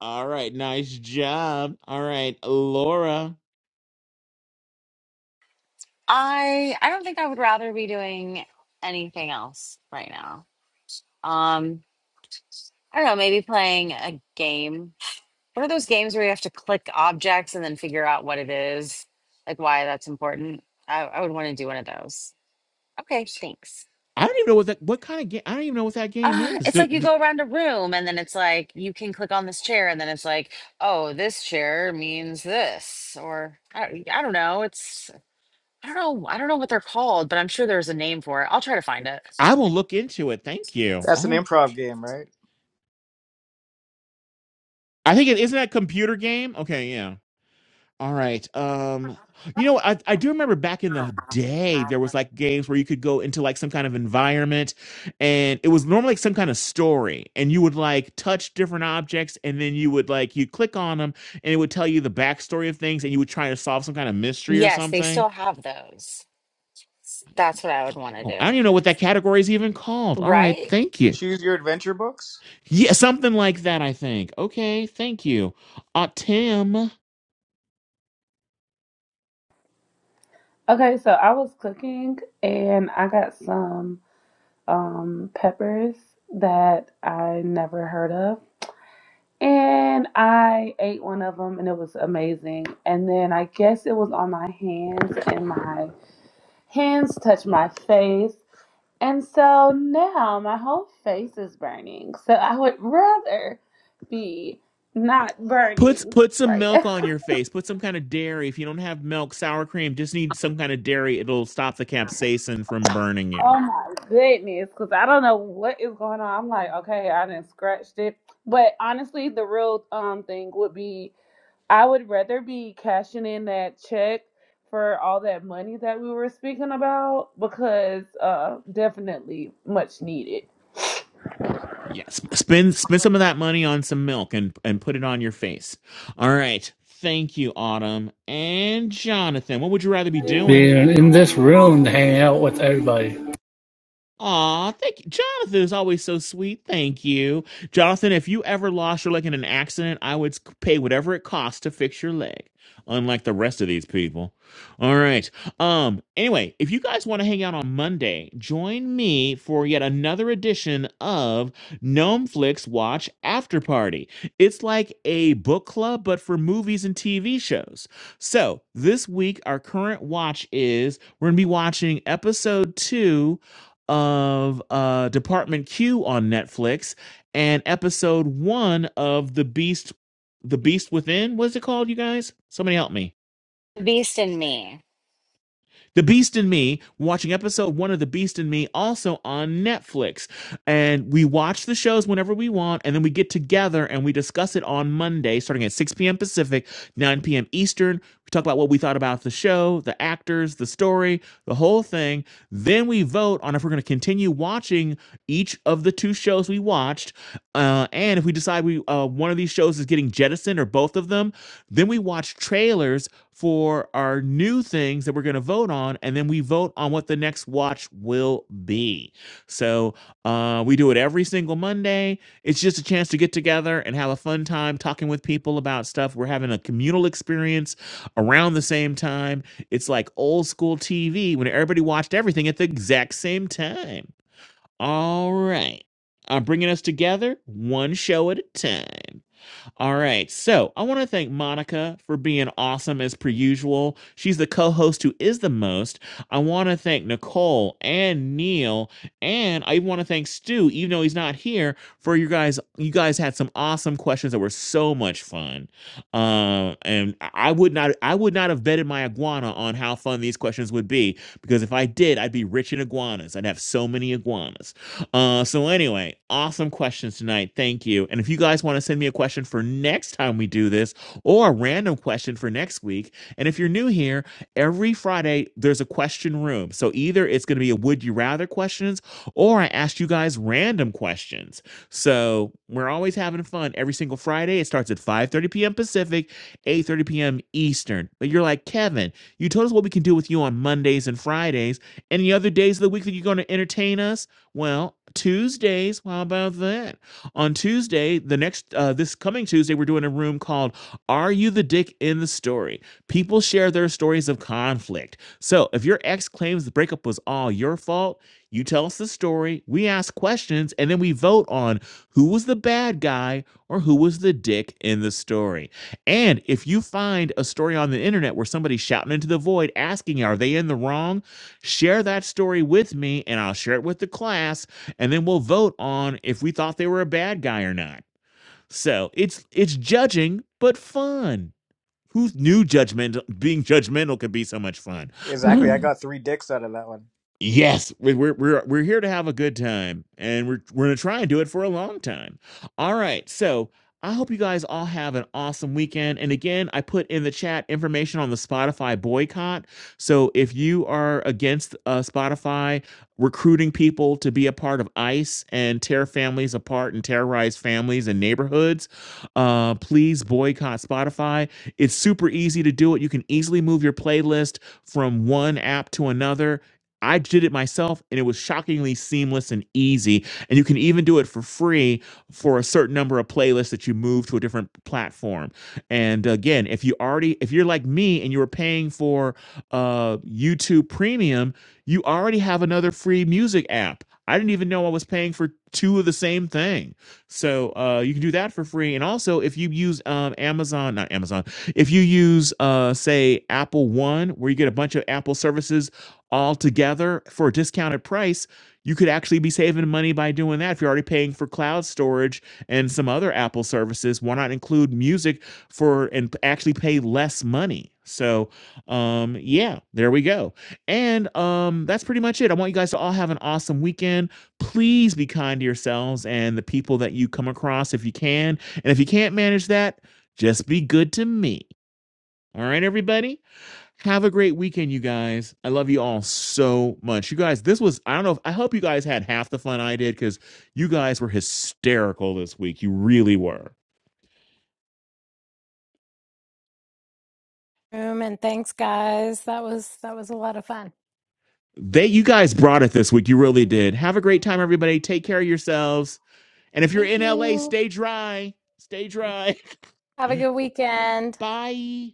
Speaker 2: All right. Nice job. All right, Laura.
Speaker 7: I, I don't think I would rather be doing anything else right now. Um. I don't know, maybe playing a game. What are those games where you have to click objects and then figure out what it is, like why that's important? I, I would want to do one of those. Okay, thanks.
Speaker 2: I don't even know what that what kind of game I don't even know what that game
Speaker 7: Uh,
Speaker 2: is.
Speaker 7: it's
Speaker 2: D-
Speaker 7: like you
Speaker 2: d-
Speaker 7: go around a room and then it's like you can click on this chair and then it's like, oh, this chair means this, or I, I don't know. It's, I don't know. I don't know what they're called, but I'm sure there's a name for it. I'll try to find it.
Speaker 2: I will look into it. Thank you.
Speaker 5: That's an
Speaker 2: Oh,
Speaker 5: improv game, right?
Speaker 2: I think it isn't that a computer game? Okay, yeah. All right. Um, you know, I I do remember back in the day there was like games where you could go into like some kind of environment, and it was normally like some kind of story, and you would like touch different objects, and then you would like you click on them, and it would tell you the backstory of things, and you would try to solve some kind of mystery or
Speaker 7: Yes, they
Speaker 2: something.
Speaker 7: still have those. That's what I would want to
Speaker 2: Oh, I don't
Speaker 7: do.
Speaker 2: even know what that category is even called. All right,
Speaker 7: Right?
Speaker 2: thank you.
Speaker 5: Choose your adventure books?
Speaker 2: Yeah, something like that, I think. Okay, thank you. Uh, Tim.
Speaker 9: Okay, so I was cooking and I got some um peppers that I never heard of. And I ate one of them and it was amazing. And then I guess it was on my hands and my hands touched my face. And so now my whole face is burning. So I would rather be not
Speaker 2: Put
Speaker 9: burning
Speaker 2: put some
Speaker 9: right
Speaker 2: milk
Speaker 9: now.
Speaker 2: on your face. Put some kind of dairy. If you don't have milk, sour cream, just need some kind of dairy. It'll stop the capsaicin from burning you.
Speaker 9: Oh my goodness, because I don't know what is going on. I'm like, okay, I didn't scratch it. But honestly, the real um thing would be I would rather be cashing in that check for all that money that we were speaking about because uh definitely much needed.
Speaker 2: Yes, spend spend some of that money on some milk and and put it on your face. All right. Thank you, Autumn and Jonathan. What would you rather be doing?
Speaker 17: Being in this room hanging out with everybody.
Speaker 2: Aw, thank you. Jonathan is always so sweet. Thank you. Jonathan, if you ever lost your leg in an accident, I would pay whatever it costs to fix your leg. Unlike the rest of these people. All right. Um, anyway, if you guys want to hang out on Monday, join me for yet another edition of Gnome Flicks Watch After Party. It's like a book club, but for movies and TV shows. So this week, our current watch is we're gonna be watching episode two of uh, Department Q on Netflix and episode one of the Beast, the Beast Within. What's it called, you guys? Somebody help me.
Speaker 7: Beast in me.
Speaker 2: The Beast and Me, watching episode one of The Beast and Me, also on Netflix. And we watch the shows whenever we want, and then we get together and we discuss it on Monday, starting at 6 p.m. Pacific, 9 p.m. Eastern. We talk about what we thought about the show, the actors, the story, the whole thing. Then we vote on if we're going to continue watching each of the two shows we watched. Uh, and if we decide we uh, one of these shows is getting jettisoned or both of them, then we watch trailers for our new things that we're going to vote on, and then we vote on what the next watch will be. So uh, we do it every single Monday. It's just a chance to get together and have a fun time talking with people about stuff. We're having a communal experience around the same time. It's like old school TV when everybody watched everything at the exact same time. All right. I'm bringing us together one show at a time. All right. So I want to thank Monica for being awesome as per usual. She's the co host who is the most. I want to thank Nicole and Neil. And I want to thank Stu, even though he's not here, for you guys. You guys had some awesome questions that were so much fun. Um, and I would not I would not have betted my iguana on how fun these questions would be, because if I did, I'd be rich in iguanas. I'd have so many iguanas. Uh, so anyway, awesome questions tonight. Thank you. And if you guys want to send me a question for next time we do this, or a random question for next week, and if you're new here, every Friday there's a question room. So either it's going to be a would you rather questions, or I ask you guys random questions. So we're always having fun every single Friday. It starts at 5:30 p.m. Pacific, 8:30 p.m. Eastern. But you're like Kevin, you told us what we can do with you on Mondays and Fridays. Any other days of the week that you're going to entertain us? Well, Tuesdays, how about that? On Tuesday, the next uh this coming Tuesday, we're doing a room called Are You the Dick in the Story? People share their stories of conflict. So, if your ex claims the breakup was all your fault, you tell us the story, we ask questions, and then we vote on who was the bad guy or who was the dick in the story. And if you find a story on the internet where somebody's shouting into the void asking, are they in the wrong? Share that story with me and I'll share it with the class and then we'll vote on if we thought they were a bad guy or not. So, it's it's judging but fun. Who knew judgmental being judgmental could be so much fun?
Speaker 5: Exactly. I got three dicks out of that one.
Speaker 2: Yes, we- we're we're we're here to have a good time, and we're we're gonna try and do it for a long time. All right, so I hope you guys all have an awesome weekend. And again, I put in the chat information on the Spotify boycott. So if you are against uh, Spotify recruiting people to be a part of ICE and tear families apart and terrorize families and neighborhoods, uh, please boycott Spotify. It's super easy to do it. You can easily move your playlist from one app to another I did it myself and it was shockingly seamless and easy. And you can even do it for free for a certain number of playlists that you move to a different platform. And again, if you already, if you're like me and you were paying for uh, YouTube Premium, you already have another free music app. I didn't even know I was paying for two of the same thing. So uh, you can do that for free. And also, if you use um, Amazon, not Amazon, if you use, uh, say, Apple One, where you get a bunch of Apple services altogether for a discounted price, you could actually be saving money by doing that. If you're already paying for cloud storage and some other Apple services, why not include music for and p- actually pay less money? So, um, yeah, there we go. And um, that's pretty much it. I want you guys to all have an awesome weekend. Please be kind to yourselves and the people that you come across if you can. And if you can't manage that, just be good to me. All right, everybody? Have a great weekend, you guys. I love you all so much. You guys, this was, I don't know if, I hope you guys had half the fun I did because you guys were hysterical this week. You really were.
Speaker 3: Um, and thanks guys. That was that was a lot of fun.
Speaker 2: They, you guys brought it this week. You really did. Have a great time, everybody. Take care of yourselves. And if you're
Speaker 1: Thank
Speaker 2: in LA,
Speaker 1: you.
Speaker 2: stay dry. Stay dry.
Speaker 3: Have a good weekend.
Speaker 2: Bye.